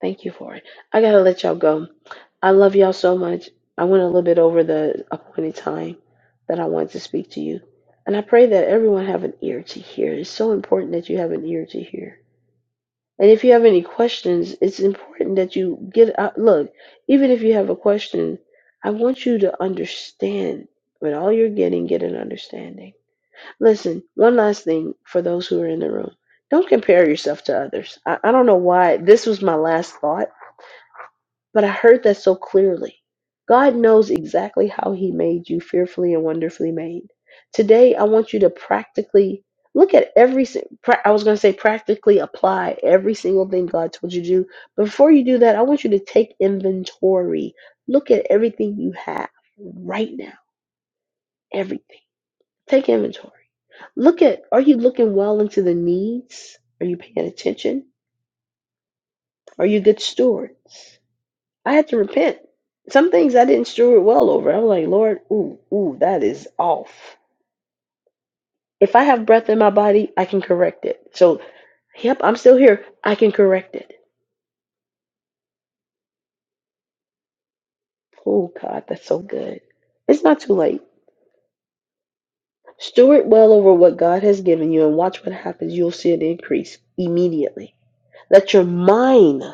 [SPEAKER 1] Thank you for it. I gotta let y'all go. I love y'all so much. I went a little bit over the appointed time that I wanted to speak to you. And I pray that everyone have an ear to hear. It's so important that you have an ear to hear And if you have any questions, it's important that you get out. Look, even if you have a question, I want you to understand. With all you're getting, get an understanding. Listen, one last thing for those who are in the room don't compare yourself to others. I, I don't know why this was my last thought but I heard that so clearly. God knows exactly how He made you fearfully and wonderfully made. Today, I want you to practically look at every, si- pra- I was going to say practically apply every single thing God told you to do. But before you do that, I want you to take inventory. Look at everything you have right now, everything. Take inventory. Look at, are you looking well into the needs? Are you paying attention? Are you good stewards? I had to repent. Some things I didn't steward well over. I'm like, Lord, ooh, ooh, that is off. If I have breath in my body, I can correct it. So, yep, I'm still here. I can correct it. Oh, God, that's so good. It's not too late. Steward well over what God has given you and watch what happens. You'll see an increase immediately. Let your mind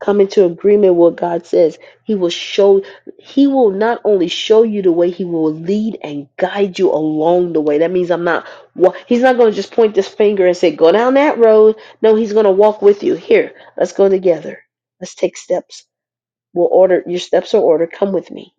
[SPEAKER 1] come into agreement with what God says. He will show, He will not only show you the way, He will lead and guide you along the way. That means I'm not, wa- He's not going to just point this finger and say, go down that road. No, He's going to walk with you. Here, let's go together. Let's take steps. We'll order, your steps are ordered. Come with me.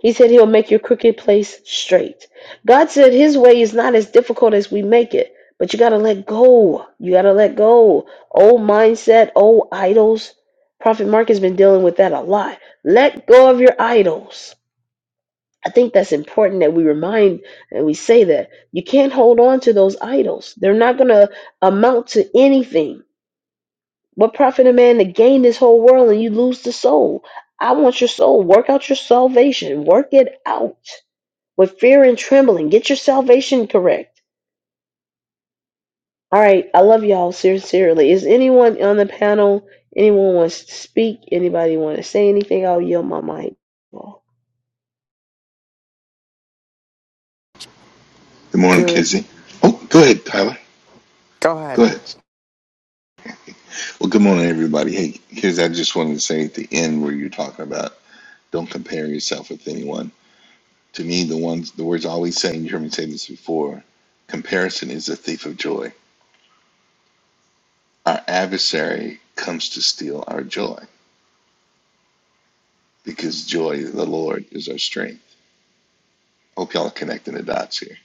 [SPEAKER 1] He said he'll make your crooked place straight. God said his way is not as difficult as we make it, but you got to let go. You got to let go. Old mindset, old idols. Prophet Mark has been dealing with that a lot. Let go of your idols. I think that's important that we remind and we say that. You can't hold on to those idols. They're not going to amount to anything. What profit a man to gain this whole world and you lose the soul? I want your soul. Work out your salvation. Work it out with fear and trembling. Get your salvation correct. All right, I love y'all sincerely. Is anyone on the panel? Anyone wants to speak? Anybody want to say anything? I'll yield my mic.
[SPEAKER 2] Good morning,
[SPEAKER 3] Good
[SPEAKER 2] Kizzy. Oh, go ahead, Tyler.
[SPEAKER 3] Go ahead.
[SPEAKER 2] Go ahead. Well, good morning, everybody. Hey, here's I just wanted to say at the end where you're talking about don't compare yourself with anyone. To me, the ones the words I always say, and you heard me say this before, comparison is a thief of joy. Our adversary comes to steal our joy because joy, the Lord, is our strength. Hope y'all are connecting the dots here.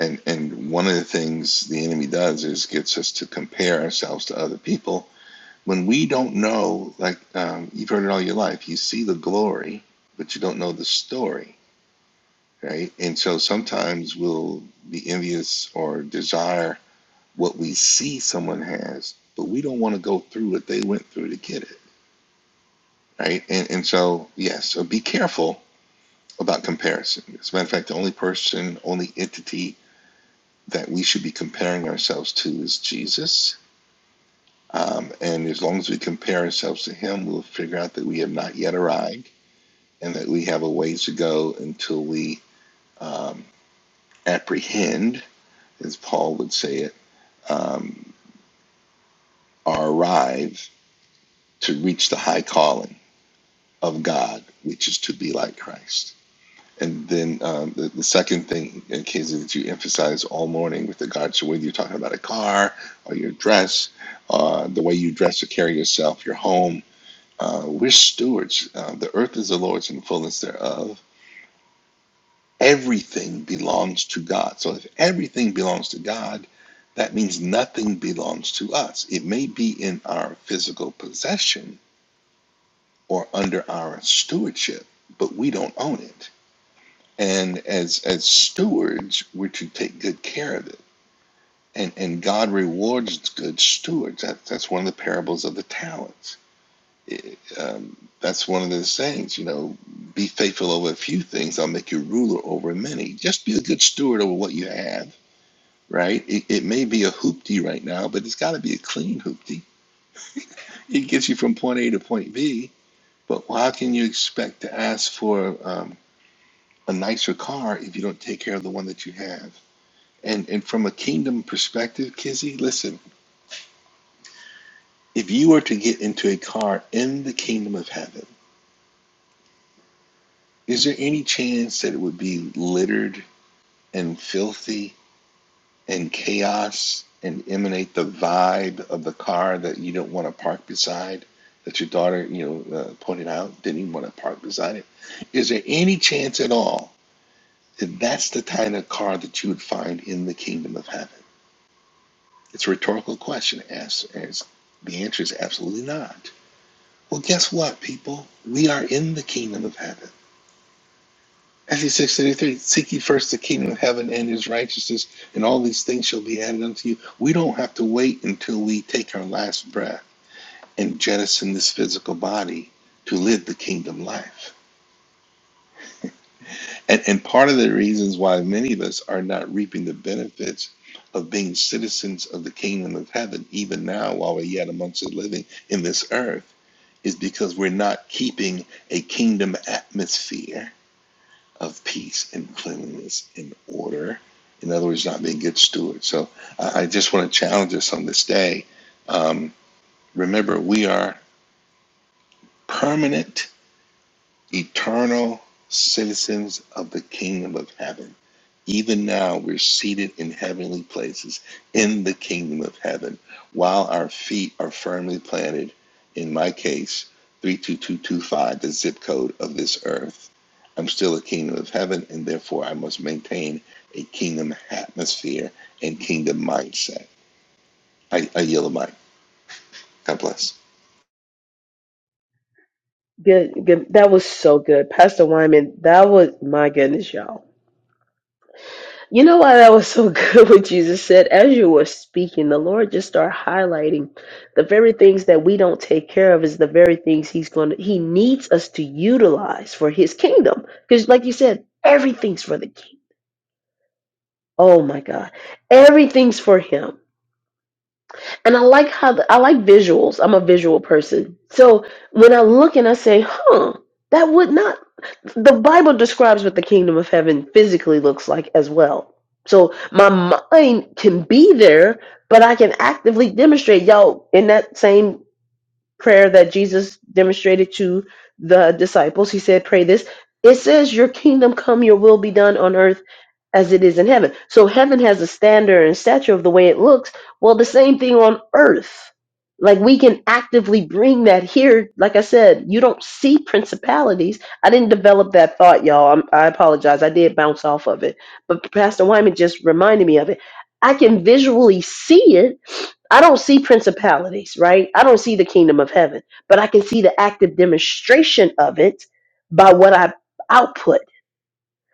[SPEAKER 2] And and one of the things the enemy does is gets us to compare ourselves to other people when we don't know, like um, you've heard it all your life, you see the glory, but you don't know the story, right? And so sometimes we'll be envious or desire what we see someone has, but we don't want to go through what they went through to get it, right? And, and so, yes, yeah, so be careful about comparison. As a matter of fact, the only person, only entity that we should be comparing ourselves to is Jesus. Um, and as long as we compare ourselves to him, we'll figure out that we have not yet arrived and that we have a ways to go until we um, apprehend, as Paul would say it, um, or arrive to reach the high calling of God, which is to be like Christ. And then um, the, the second thing, in case that you emphasize all morning with regards to whether you're talking about a car or your dress, uh, the way you dress or carry yourself, your home, uh, we're stewards. Uh, the earth is the Lord's and the fullness thereof Everything belongs to God. So if everything belongs to God, that means nothing belongs to us. It may be in our physical possession or under our stewardship, but we don't own it. And as as stewards, we're to take good care of it. And and God rewards good stewards. That, that's one of the parables of the talents. It- um, that's one of the sayings, you know, be faithful over a few things, I'll make you ruler over many. Just be a good steward over what you have right? It, it may be a hoopty right now, but it's got to be a clean hoopty. It gets you from point A to point B, but how can you expect to ask for um, a nicer car if you don't take care of the one that you have? And, and from a kingdom perspective, Kizzy, listen, if you were to get into a car in the kingdom of heaven, is there any chance that it would be littered and filthy and chaos and emanate the vibe of the car that you don't want to park beside, that your daughter, you know, uh, pointed out, didn't even want to park beside it. Is there any chance at all that that's the kind of car that you would find in the kingdom of heaven? It's a rhetorical question. As as the answer is absolutely not. Well, guess what, people? We are in the kingdom of heaven. Matthew six thirty three. Seek ye first the kingdom of heaven and his righteousness, and all these things shall be added unto you. We don't have to wait until we take our last breath and jettison this physical body to live the kingdom life. And, and part of the reasons why many of us are not reaping the benefits of being citizens of the kingdom of heaven, even now while we're yet amongst the living in this earth, is because we're not keeping a kingdom atmosphere of peace and cleanliness and order. In other words, not being good stewards. So I, I just want to challenge us on this day. Um, remember, we are permanent, eternal citizens of the kingdom of heaven even now, we're seated in heavenly places in the kingdom of heaven while our feet are firmly planted, in my case, 32225, the zip code of this earth. I'm still a kingdom of heaven, and therefore I must maintain a kingdom atmosphere and kingdom mindset. I, I yell at Mike. God bless.
[SPEAKER 1] Good, good. That was so good, Pastor Wyman. That was my goodness, y'all. You know why that was so good? What Jesus said as you were speaking, the Lord just started highlighting the very things that we don't take care of is the very things He's going to He needs us to utilize for His kingdom. Because, like you said, everything's for the kingdom Oh my God. Everything's for him. And I like how the, I like visuals. I'm a visual person. So when I look and I say, huh, that would not, the Bible describes what the kingdom of heaven physically looks like as well. So my mind can be there, but I can actively demonstrate. Y'all, in that same prayer that Jesus demonstrated to the disciples, he said, pray this. It says, Your kingdom come, your will be done on earth as it is in heaven. So heaven has a standard and stature of the way it looks. Well, the same thing on earth. Like we can actively bring that here. Like I said, you don't see principalities. I didn't develop that thought, y'all. I'm, I apologize. I did bounce off of it, but Pastor Wyman just reminded me of it. I can visually see it. I don't see principalities, right? I don't see the kingdom of heaven, but I can see the active demonstration of it by what I output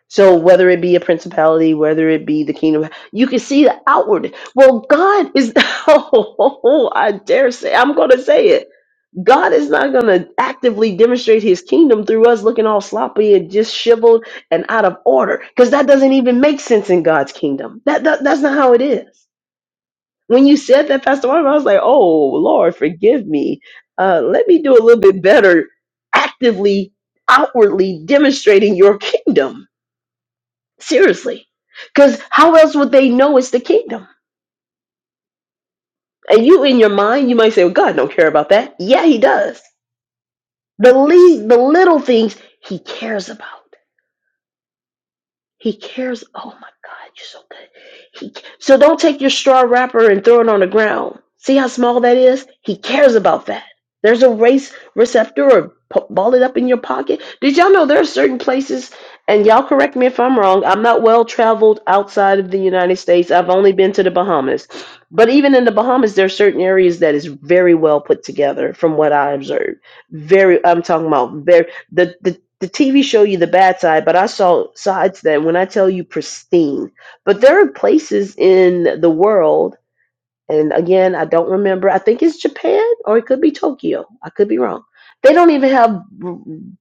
[SPEAKER 1] so whether it be a principality, whether it be the kingdom, you can see the outward. Well, God is. Oh, I dare say I'm going to say it. God is not going to actively demonstrate His kingdom through us looking all sloppy and just shiveled and out of order, because that doesn't even make sense in God's kingdom. That, that that's not how it is. When you said that, Pastor Marvin, I was like, "Oh Lord, forgive me. Uh, let me do a little bit better, actively, outwardly demonstrating Your kingdom." Seriously. Because how else would they know it's the kingdom? And you, in your mind, you might say, well, God don't care about that. Yeah, he does. The, le- the little things he cares about. He cares. Oh my God, you're so good. He so don't take your straw wrapper and throw it on the ground. See how small that is? He cares about that. There's a race receptor or po- ball it up in your pocket. Did y'all know there are certain places, and y'all correct me if I'm wrong. I'm not well traveled outside of the United States. I've only been to the Bahamas. But even in the Bahamas, there are certain areas that is very well put together from what I observed. Very, I'm talking about very, the, the the TV show you the bad side, but I saw sides that when I tell you pristine. But there are places in the world, and again, I don't remember. I think it's Japan or it could be Tokyo. I could be wrong. They don't even have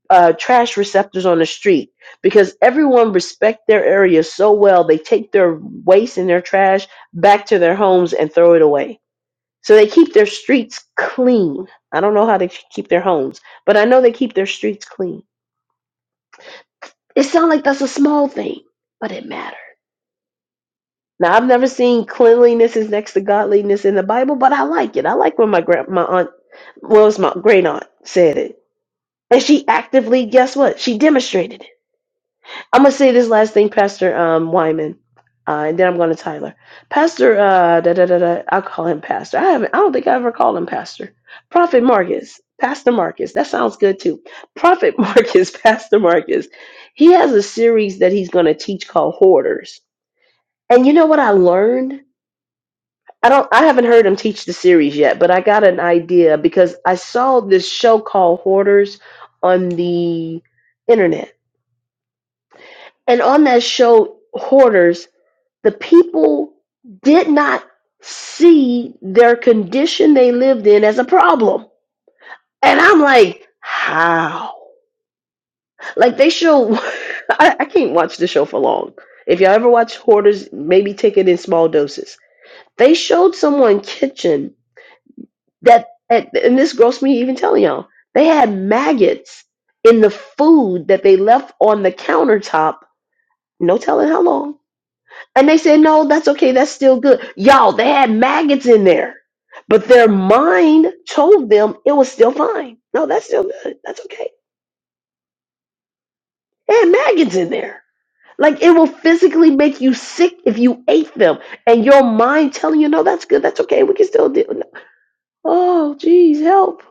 [SPEAKER 1] uh, trash receptors on the street because everyone respect their area so well. They take their waste and their trash back to their homes and throw it away. So they keep their streets clean. I don't know how they keep their homes, but I know they keep their streets clean. It sounds like that's a small thing, but it matters. Now I've never seen cleanliness is next to godliness in the Bible, but I like it. I like when my grand my aunt well it's my great aunt said it. And she actively, guess what? She demonstrated it. I'm gonna say this last thing, Pastor um Wyman. Uh, and then I'm going to Tyler. Pastor, uh, da, da, da, da, I'll call him Pastor. I haven't, I don't think I ever called him Pastor. Prophet Marcus, Pastor Marcus. That sounds good too. Prophet Marcus, Pastor Marcus. He has a series that he's going to teach called Hoarders And you know what I learned? I don't I haven't heard him teach the series yet, but I got an idea because I saw this show called Hoarders on the internet. And on that show Hoarders, the people did not see their condition they lived in as a problem. And I'm like, how? Like they show I, I can't watch the show for long. If y'all ever watch Hoarders, maybe take it in small doses. They showed someone kitchen that and this grossed me even telling y'all they had maggots in the food that they left on the countertop no telling how long and they said no that's okay that's still good y'all they had maggots in there but their mind told them it was still fine no that's still good that's okay they had maggots in there like it will physically make you sick if you ate them and your mind telling you no that's good that's okay we can still do it oh jeez help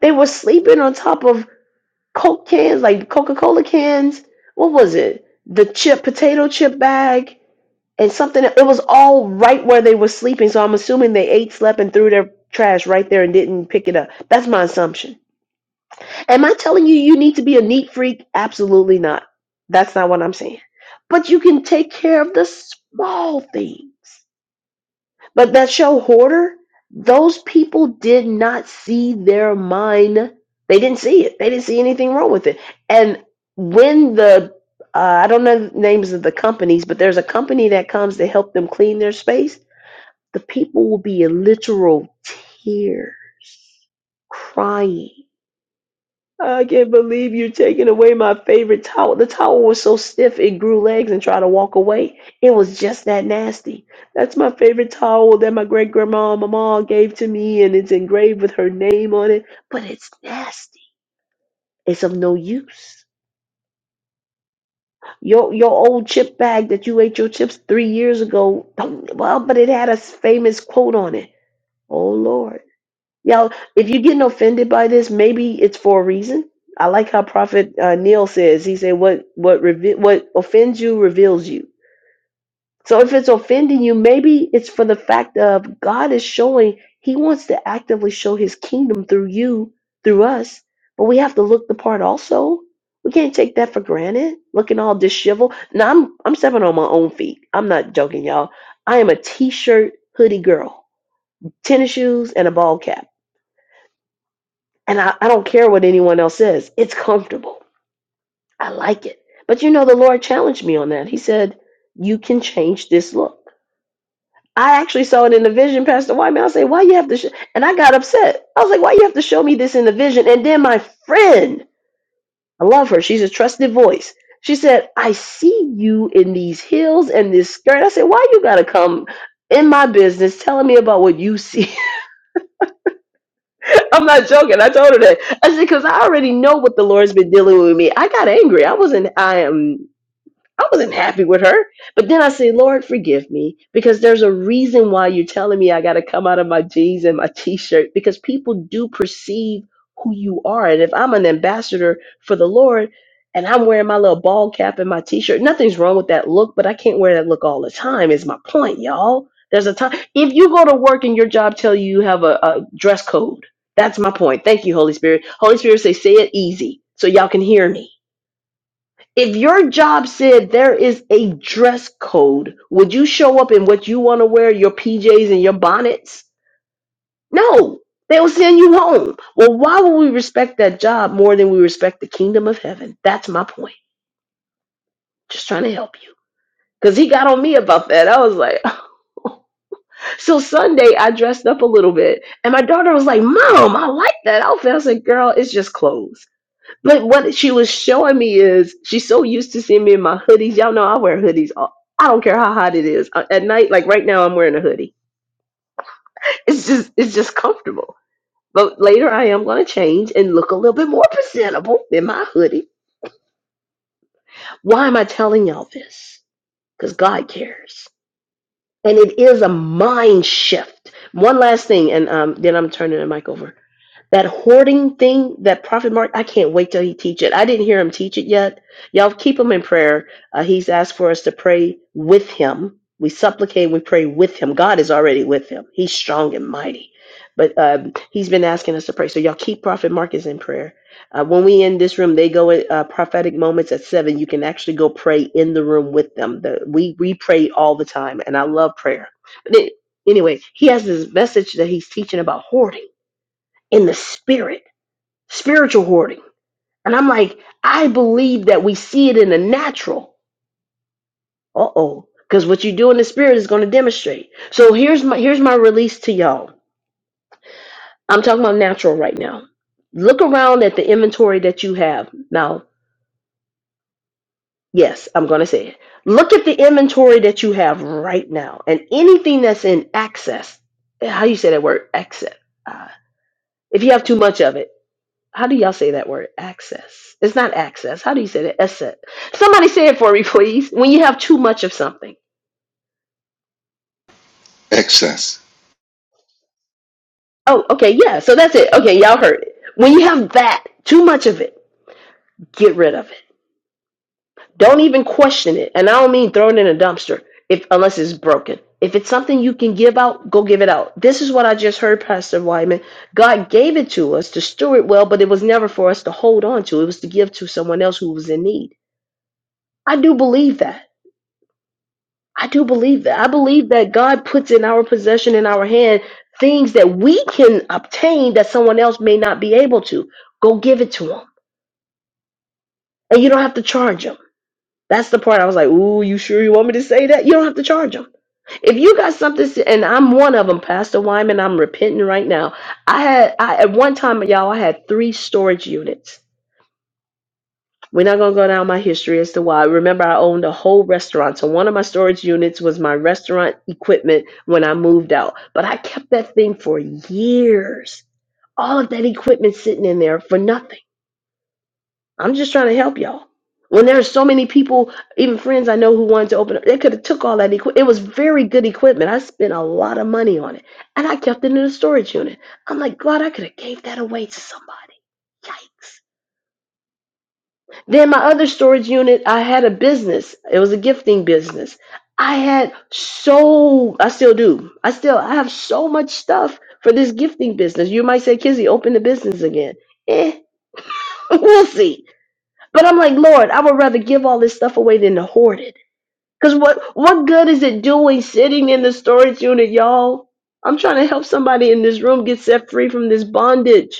[SPEAKER 1] they were sleeping on top of Coke cans, like Coca Cola cans. What was it? The chip, potato chip bag, and something. It was all right where they were sleeping. So I'm assuming they ate, slept, and threw their trash right there and didn't pick it up. That's my assumption. Am I telling you you need to be a neat freak? Absolutely not. That's not what I'm saying. But you can take care of the small things. But that show Hoarder, those people did not see their mind. They didn't see it. They didn't see anything wrong with it. And when the uh, I don't know the names of the companies, but there's a company that comes to help them clean their space. The people will be in literal tears, crying I can't believe you're taking away my favorite towel. The towel was so stiff it grew legs and tried to walk away. It was just that nasty. That's my favorite towel that my great grandma and my mom gave to me, and it's engraved with her name on it. But it's nasty. It's of no use. Your your old chip bag that you ate your chips three years ago. Well, but it had a famous quote on it. Oh Lord. Y'all, if you're getting offended by this, maybe it's for a reason. I like how Prophet uh, Neil says. He said, "What what reve- what offends you reveals you." So if it's offending you, maybe it's for the fact of God is showing He wants to actively show His kingdom through you, through us. But we have to look the part also. We can't take that for granted. Looking all disheveled. Now I'm I'm stepping on my own feet. I'm not joking, y'all. I am a t-shirt hoodie girl, tennis shoes, and a ball cap. And I, I don't care what anyone else says. It's comfortable. I like it. But you know, the Lord challenged me on that. He said, You can change this look. I actually saw it in the vision, Pastor Wyman. I say, Why you have to? Sh-? And I got upset. I was like, Why you have to show me this in the vision? And then my friend, I love her. She's a trusted voice. She said, I see you in these heels and this skirt. I said, Why you got to come in my business telling me about what you see? I'm not joking. I told her that. I said, because I already know what the Lord's been dealing with me. I got angry. I wasn't, I am I wasn't happy with her. But then I say, Lord, forgive me because there's a reason why you're telling me I got to come out of my jeans and my t shirt because people do perceive who you are. And if I'm an ambassador for the Lord and I'm wearing my little ball cap and my t shirt, nothing's wrong with that look, but I can't wear that look all the time, is my point, y'all. There's a time. If you go to work and your job tell you you have a, a dress code, that's my point. Thank you, Holy Spirit. Holy Spirit say, say it easy so y'all can hear me if your job said there is a dress code, would you show up in what you want to wear, your PJs and your bonnets? No, they'll send you home. Well, why would we respect that job more than we respect the kingdom of heaven? That's my point. Just trying to help you. Because he got on me about that. I was like, So Sunday, I dressed up a little bit, and my daughter was like, "Mom, I like that outfit." I said, "Girl, it's just clothes." But what she was showing me is she's so used to seeing me in my hoodies. Y'all know I wear hoodies. all- I don't care how hot it is Uh, at night. Like right now, I'm wearing a hoodie. It's just it's just comfortable. But later, I am going to change and look a little bit more presentable in my hoodie. Why am I telling y'all this? Because God cares, and it is a mind shift. One last thing, and um, then I'm turning the mic over. That hoarding thing, that Prophet Mark, I can't wait till he teach it. I didn't hear him teach it yet. Y'all keep him in prayer. Uh, he's asked for us to pray with him. We supplicate, we pray with him. God is already with him. He's strong and mighty. But um, he's been asking us to pray. So y'all keep Prophet Marcus in prayer. Uh, when we in this room, they go at uh, prophetic moments at seven. You can actually go pray in the room with them. The, we we pray all the time, and I love prayer. But it, anyway, he has this message that he's teaching about hoarding in the spirit, spiritual hoarding. And I'm like, I believe that we see it in the natural. Uh oh, because what you do in the spirit is going to demonstrate. So here's my here's my release to y'all. I'm talking about natural right now. Look around at the inventory that you have now. Yes, I'm going to say it. Look at the inventory that you have right now, and anything that's in access. How you say that word? Access. Uh, if you have too much of it How do y'all say that word? Access. It's not access. How do you say that? Asset. Somebody say it for me, please. When you have too much of something.
[SPEAKER 2] Excess.
[SPEAKER 1] Oh, okay, yeah. So that's it. Okay, y'all heard it. When you have that, too much of it, get rid of it. Don't even question it. And I don't mean throw it in a dumpster if unless it's broken. If it's something you can give out, go give it out. This is what I just heard, Pastor Wyman. God gave it to us to steward well, but it was never for us to hold on to. It was to give to someone else who was in need. I do believe that. I do believe that. I believe that God puts in our possession, in our hand, things that we can obtain that someone else may not be able to. Go give it to them. And you don't have to charge them. That's the part I was like, ooh, you sure you want me to say that? You don't have to charge them. If you got something, s- and I'm one of them, Pastor Wyman, I'm repenting right now. I had, I, at one time, y'all, I had three storage units We're not going to go down my history as to why. Remember, I owned a whole restaurant. So, one of my storage units was my restaurant equipment when I moved out. But I kept that thing for years. All of that equipment sitting in there for nothing. I'm just trying to help y'all. When there are so many people, even friends I know who wanted to open up, they could have took all that equipment. It was very good equipment. I spent a lot of money on it, and I kept it in a storage unit. I'm like, God, I could have gave that away to somebody. Yikes! Then my other storage unit, I had a business. It was a gifting business. I had so I still do. I still I have so much stuff for this gifting business. You might say, Kizzy, open the business again. Eh, we'll see. But I'm like, Lord, I would rather give all this stuff away than to hoard it. Cause what what good is it doing sitting in the storage unit, y'all? I'm trying to help somebody in this room get set free from this bondage.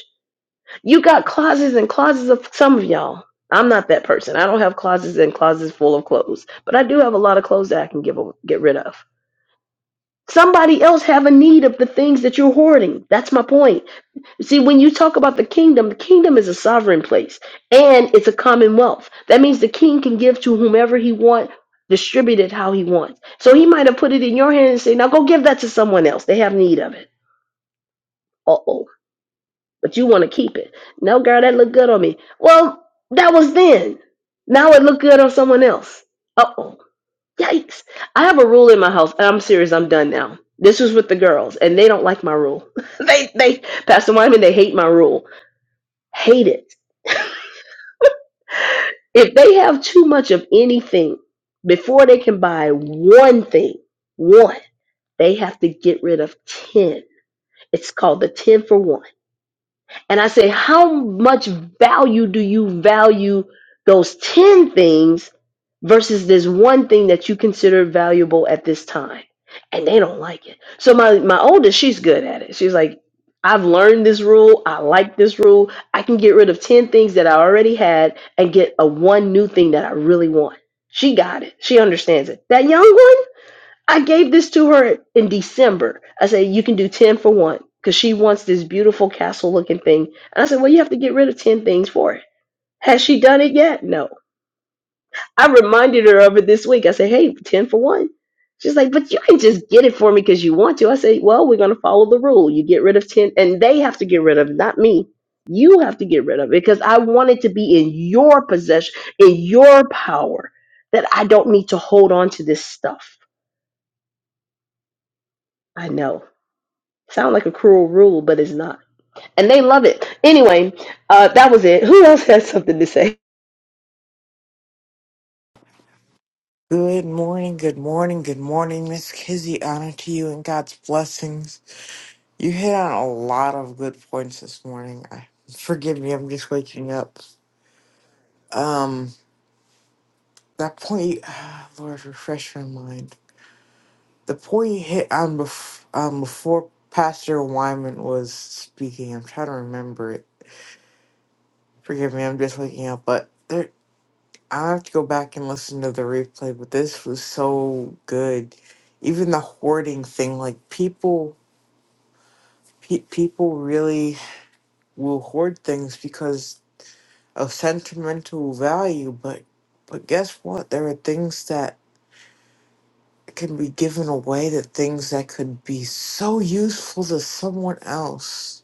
[SPEAKER 1] You got closets and closets of some of y'all. I'm not that person. I don't have closets and closets full of clothes, but I do have a lot of clothes that I can give a, get rid of. Somebody else have a need of the things that you're hoarding. That's my point. You See, when you talk about the kingdom, the kingdom is a sovereign place and it's a commonwealth. That means the king can give to whomever he wants, distribute it how he wants. So he might have put it in your hand and say, "Now go give that to someone else. They have need of it." Uh oh but you want to keep it. No, girl, that looked good on me. Well, that was then. Now it looked good on someone else. Uh oh. Yikes. I have a rule in my house. and I'm serious, I'm done now. This was with the girls, and they don't like my rule. they they Pastor Wyman, they hate my rule. Hate it. If they have too much of anything before they can buy one thing, one, they have to get rid of ten. It's called the ten for one And I said, How much value do you value those 10 things versus this one thing that you consider valuable at this time? And they don't like it. So my, my oldest, she's good at it. She's like, I've learned this rule. I like this rule. I can get rid of 10 things that I already had and get a one new thing that I really want. She got it. She understands it. That young one? I gave this to her in December. I said, you can do 10 for one because she wants this beautiful castle looking thing. And I said, well, you have to get rid of 10 things for it. Has she done it yet? No. I reminded her of it this week. I said, hey, 10 for one. She's like, but you can just get it for me because you want to. I say, well, we're going to follow the rule. You get rid of 10, and they have to get rid of it, not me. You have to get rid of it because I want it to be in your possession, in your power, that I don't need to hold on to this stuff. I know. Sound like a cruel rule, but it's not. And they love it. Anyway, uh, that was it. Who else has something to say?
[SPEAKER 3] Good morning, good morning, good morning, Miss Kizzy. Honor to you and God's blessings. You hit on a lot of good points this morning. I, forgive me, I'm just waking up. Um, that point, ah, Lord, refresh my mind. The point you hit on bef- um, before Pastor Wyman was speaking, I'm trying to remember it. Forgive me, I'm just waking up, but there, I have to go back and listen to the replay, but this was so good. Even the hoarding thing, like people, pe- people really will hoard things because of sentimental value. But, but guess what? There are things that can be given away. That things that could be so useful to someone else.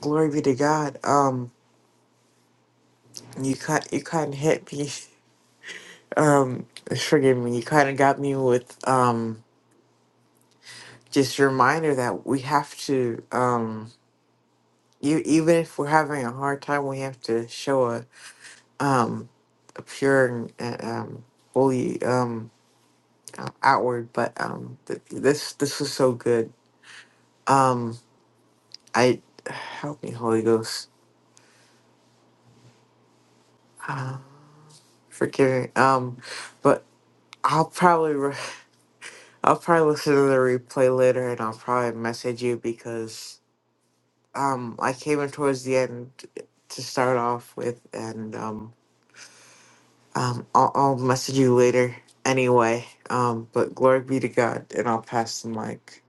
[SPEAKER 3] Glory be to God. Um, you kind, you kind of hit me. Um, forgive me. You kind of got me with um. just a reminder that we have to um you even if we're having a hard time we have to show a um a pure and uh, um fully um uh, outward but um th- this this was so good um i help me holy ghost uh, forgive me um but i'll probably re- i'll probably listen to the replay later and i'll probably message you because um i came in towards the end to start off with and um Um, I'll, I'll message you later anyway. Um, but glory be to God, and I'll pass the mic.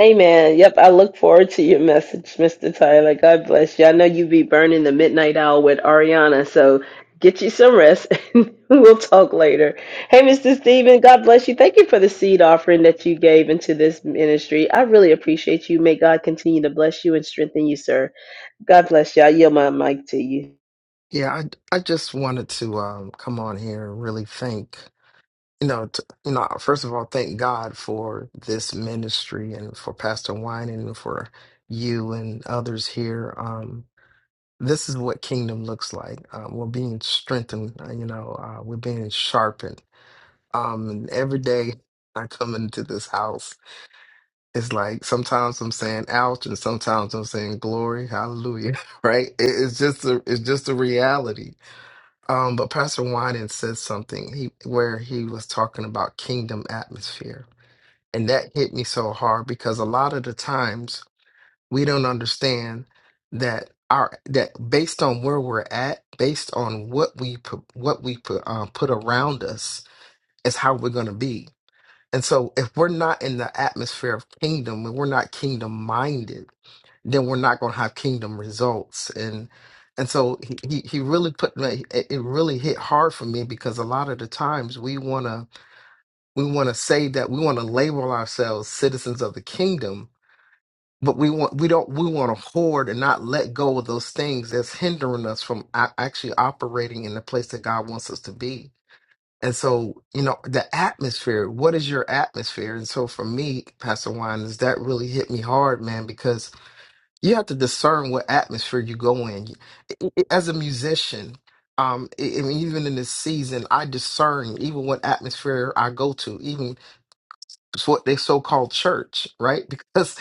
[SPEAKER 1] Amen. Yep, I look forward to your message, Mr. Tyler. God bless you. I know you be burning the midnight hour with Ariana, so get you some rest and we'll talk later. Hey, Mr. Stephen, God bless you. Thank you for the seed offering that you gave into this ministry. I really appreciate you. May God continue to bless you and strengthen you, sir. God bless you. I yield my mic to you.
[SPEAKER 4] Yeah, I, I just wanted to um, come on here and really thank, you know, t you know, first of all, thank God for this ministry and for Pastor Wynan and for you and others here. Um, this is what kingdom looks like. Uh, we're being strengthened, uh, you know, uh, we're being sharpened. Um, and every day I come into this house, it's like sometimes I'm saying ouch and sometimes I'm saying glory, hallelujah, right? It, it's just a, it's just a reality um, but Pastor Wyden said something he where he was talking about kingdom atmosphere. And that hit me so hard because a lot of the times we don't understand that our that based on where we're at, based on what we put what we put um, put around us is how we're gonna be. And so if we're not in the atmosphere of kingdom and we're not kingdom minded, then we're not going to have kingdom results and and so he he he really put me it it really hit hard for me because a lot of the times we want to we want to say that we want to label ourselves citizens of the kingdom but we want we don't we want to hoard and not let go of those things that's hindering us from a- actually operating in the place that God wants us to be and so you know the atmosphere what is your atmosphere and so for me pastor wine is that really hit me hard man because you have to discern what atmosphere you go in. It- it- As a musician, um, I I mean, even in this season, I discern even what atmosphere I go to. It's what they so called church, right? Because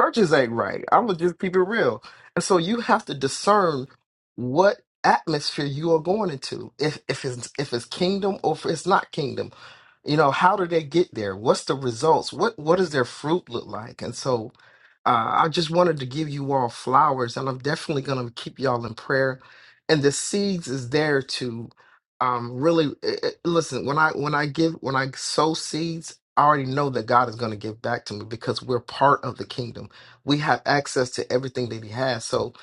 [SPEAKER 4] churches ain't right. I'm gonna just keep it real. And so you have to discern what atmosphere you are going into. If if it's if it's kingdom or if it's not kingdom. You know, how do they get there? What's the results? What what does their fruit look like? And so uh, I just wanted to give you all flowers, and I'm definitely gonna keep y'all in prayer. And the seeds is there to um really it, it- listen when i when i give when i sow seeds i already know that god is going to give back to me because we're part of the kingdom we have access to everything that he has so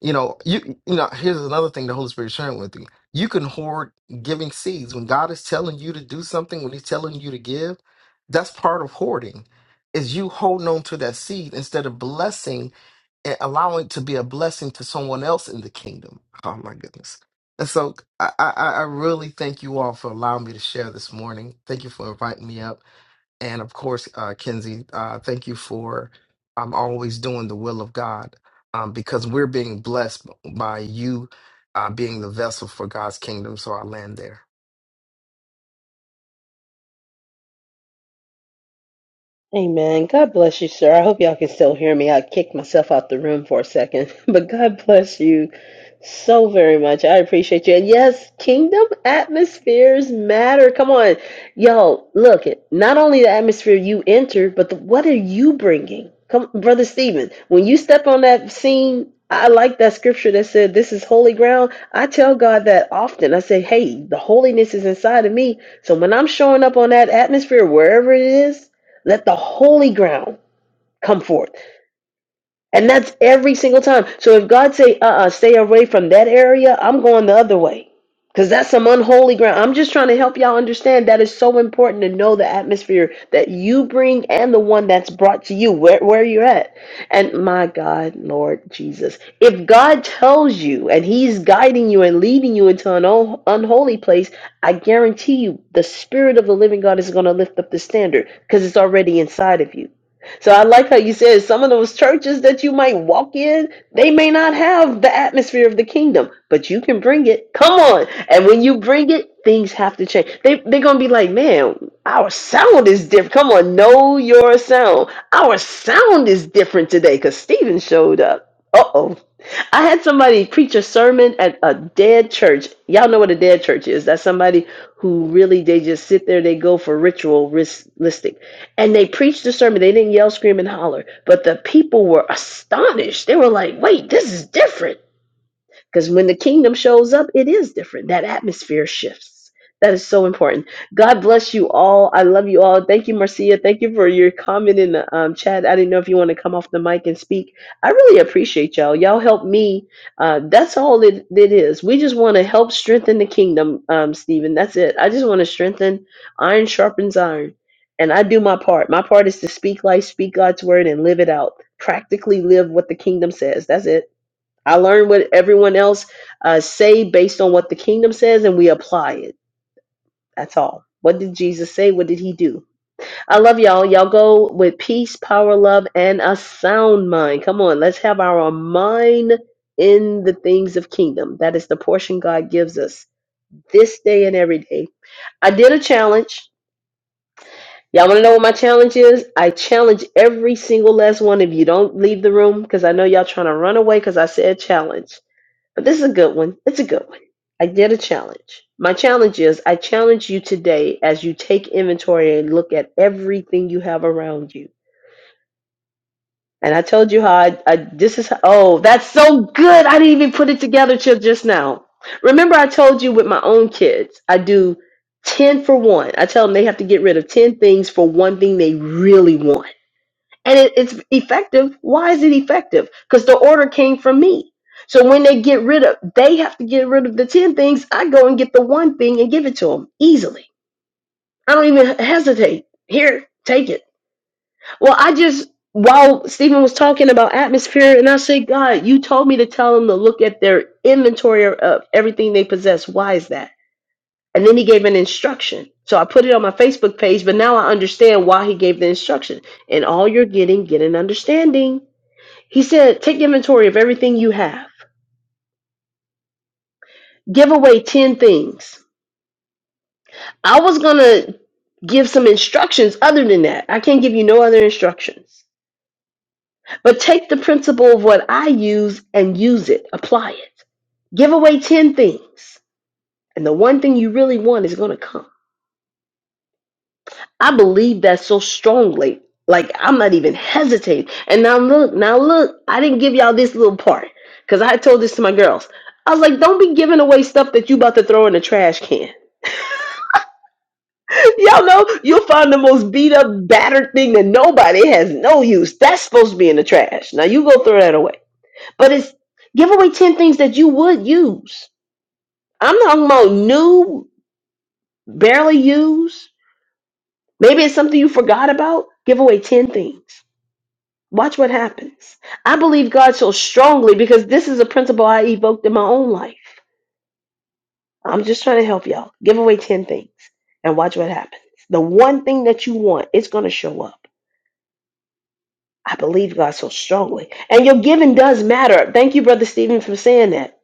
[SPEAKER 4] you know you you know here's another thing the holy spirit is sharing with you you can hoard giving seeds when god is telling you to do something when he's telling you to give that's part of hoarding is you holding on to that seed instead of blessing and allow it to be a blessing to someone else in the kingdom. Oh my goodness. And so I, I, I really thank you all for allowing me to share this morning. Thank you for inviting me up. And of course, uh, Kenzie, uh, thank you for um, always doing the will of God um, because we're being blessed by you uh, being the vessel for God's kingdom. So I land there.
[SPEAKER 1] Amen. God bless you, sir. I hope y'all can still hear me. I kicked myself out the room for a second. But God bless you so very much. I appreciate you. And yes, kingdom atmospheres matter. Come on. y'all. look, it not only the atmosphere you enter, but the, what are you bringing? Come, Brother Stephen, when you step on that scene, I like that scripture that said, This is holy ground. I tell God that often. I say, Hey, the holiness is inside of me. So when I'm showing up on that atmosphere, wherever it is, let the holy ground come forth and that's every single time so if god say uh-uh stay away from that area i'm going the other way because that's some unholy ground i'm just trying to help y'all understand that is so important to know the atmosphere that you bring and the one that's brought to you where, where you're at and my god lord jesus if god tells you and he's guiding you and leading you into an un- unholy place i guarantee you the spirit of the living god is going to lift up the standard because it's already inside of you so I like how you said some of those churches that you might walk in, they may not have the atmosphere of the kingdom, but you can bring it. Come on. And when you bring it, things have to change. They, they're going to be like, man, our sound is different. Come on, know your sound. Our sound is different today because Stephen showed up. Uh oh. I had somebody preach a sermon at a dead church. Y'all know what a dead church is. That's somebody who really, they just sit there, they go for ritualistic and they preached the sermon. They didn't yell, scream, and holler, but the people were astonished. They were like, "Wait, this is different." Because when the kingdom shows up, it is different. That atmosphere shifts. That is so important. God bless you all. I love you all. Thank you, Marcia. Thank you for your comment in the um, chat. I didn't know if you want to come off the mic and speak. I really appreciate y'all. Y'all help me. Uh, that's all it, it is. We just want to help strengthen the kingdom, um, Stephen. That's it. I just want to strengthen. Iron sharpens iron. And I do my part. My part is to speak life, speak God's word, and live it out. Practically live what the kingdom says. That's it I learn what everyone else uh, say based on what the kingdom says, and we apply it. That's all. What did Jesus say? What did he do? I love y'all. Y'all go with peace, power, love, and a sound mind. Come on, let's have our mind in the things of kingdom. That is the portion God gives us this day and every day. I did a challenge. Y'all want to know what my challenge is? I challenge every single last one of you. Don't leave the room because I know y'all trying to run away because I said challenge. But this is a good one. It's a good one. I did a challenge. My challenge is I challenge you today as you take inventory and look at everything you have around you. And I told you how I, I this is oh, that's so good. I didn't even put it together till just now. Remember I told you with my own kids, I do 10 for 1. I tell them they have to get rid of 10 things for one thing they really want and it, it's effective. Why is it effective? Because the order came from me. So when they get rid of, they have to get rid of the 10 things. I go and get the one thing and give it to them easily. I don't even hesitate. Here, take it. Well, I just, while Stephen was talking about atmosphere, and I said, God, you told me to tell them to look at their inventory of everything they possess. Why is that? And then he gave an instruction. So I put it on my Facebook page, but now I understand why he gave the instruction. And all you're getting, get an understanding. He said, take inventory of everything you have. Give away 10 things. I was going to give some instructions other than that. I can't give you no other instructions. But take the principle of what I use and use it, apply it. Give away 10 things, and the one thing you really want is going to come. I believe that so strongly. Like, I'm not even hesitating. And now look, now look, I didn't give y'all this little part because I told this to my girls. I was like, don't be giving away stuff that you about to throw in the trash can Y'all know you'll find the most beat up, battered thing that nobody has no use. That's supposed to be in the trash. Now you go throw that away. But it's give away 10 things that you would use. I'm talking about new, barely used. Maybe it's something you forgot about. Give away 10 things. Watch what happens. I believe God so strongly because this is a principle I evoked in my own life. I'm just trying to help y'all. Give away 10 things and watch what happens. The one thing that you want, it's going to show up I believe God so strongly. And your giving does matter. Thank you, Brother Stephen, for saying that.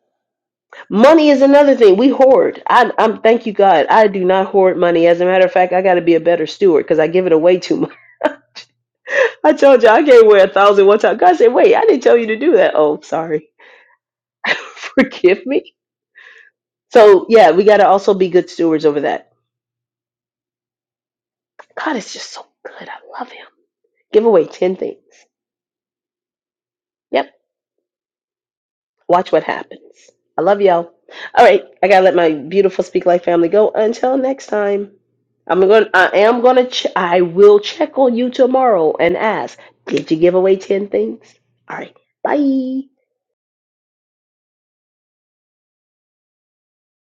[SPEAKER 1] Money is another thing. We hoard. I, I'm thank you, God. I do not hoard money. As a matter of fact, I got to be a better steward because I give it away too much. I told you I gave away a thousand one time. God said, "Wait, I didn't tell you to do that." Oh, sorry. Forgive me. So yeah, we got to also be good stewards over that. God is just so good. I love Him. Give away ten things. Yep. Watch what happens. I love y'all. All right, I gotta let my beautiful Speak Life family go. Until next time, I'm going. to I am gonna. Ch- I will check on you tomorrow and ask. Did you give away ten things? All right. Bye.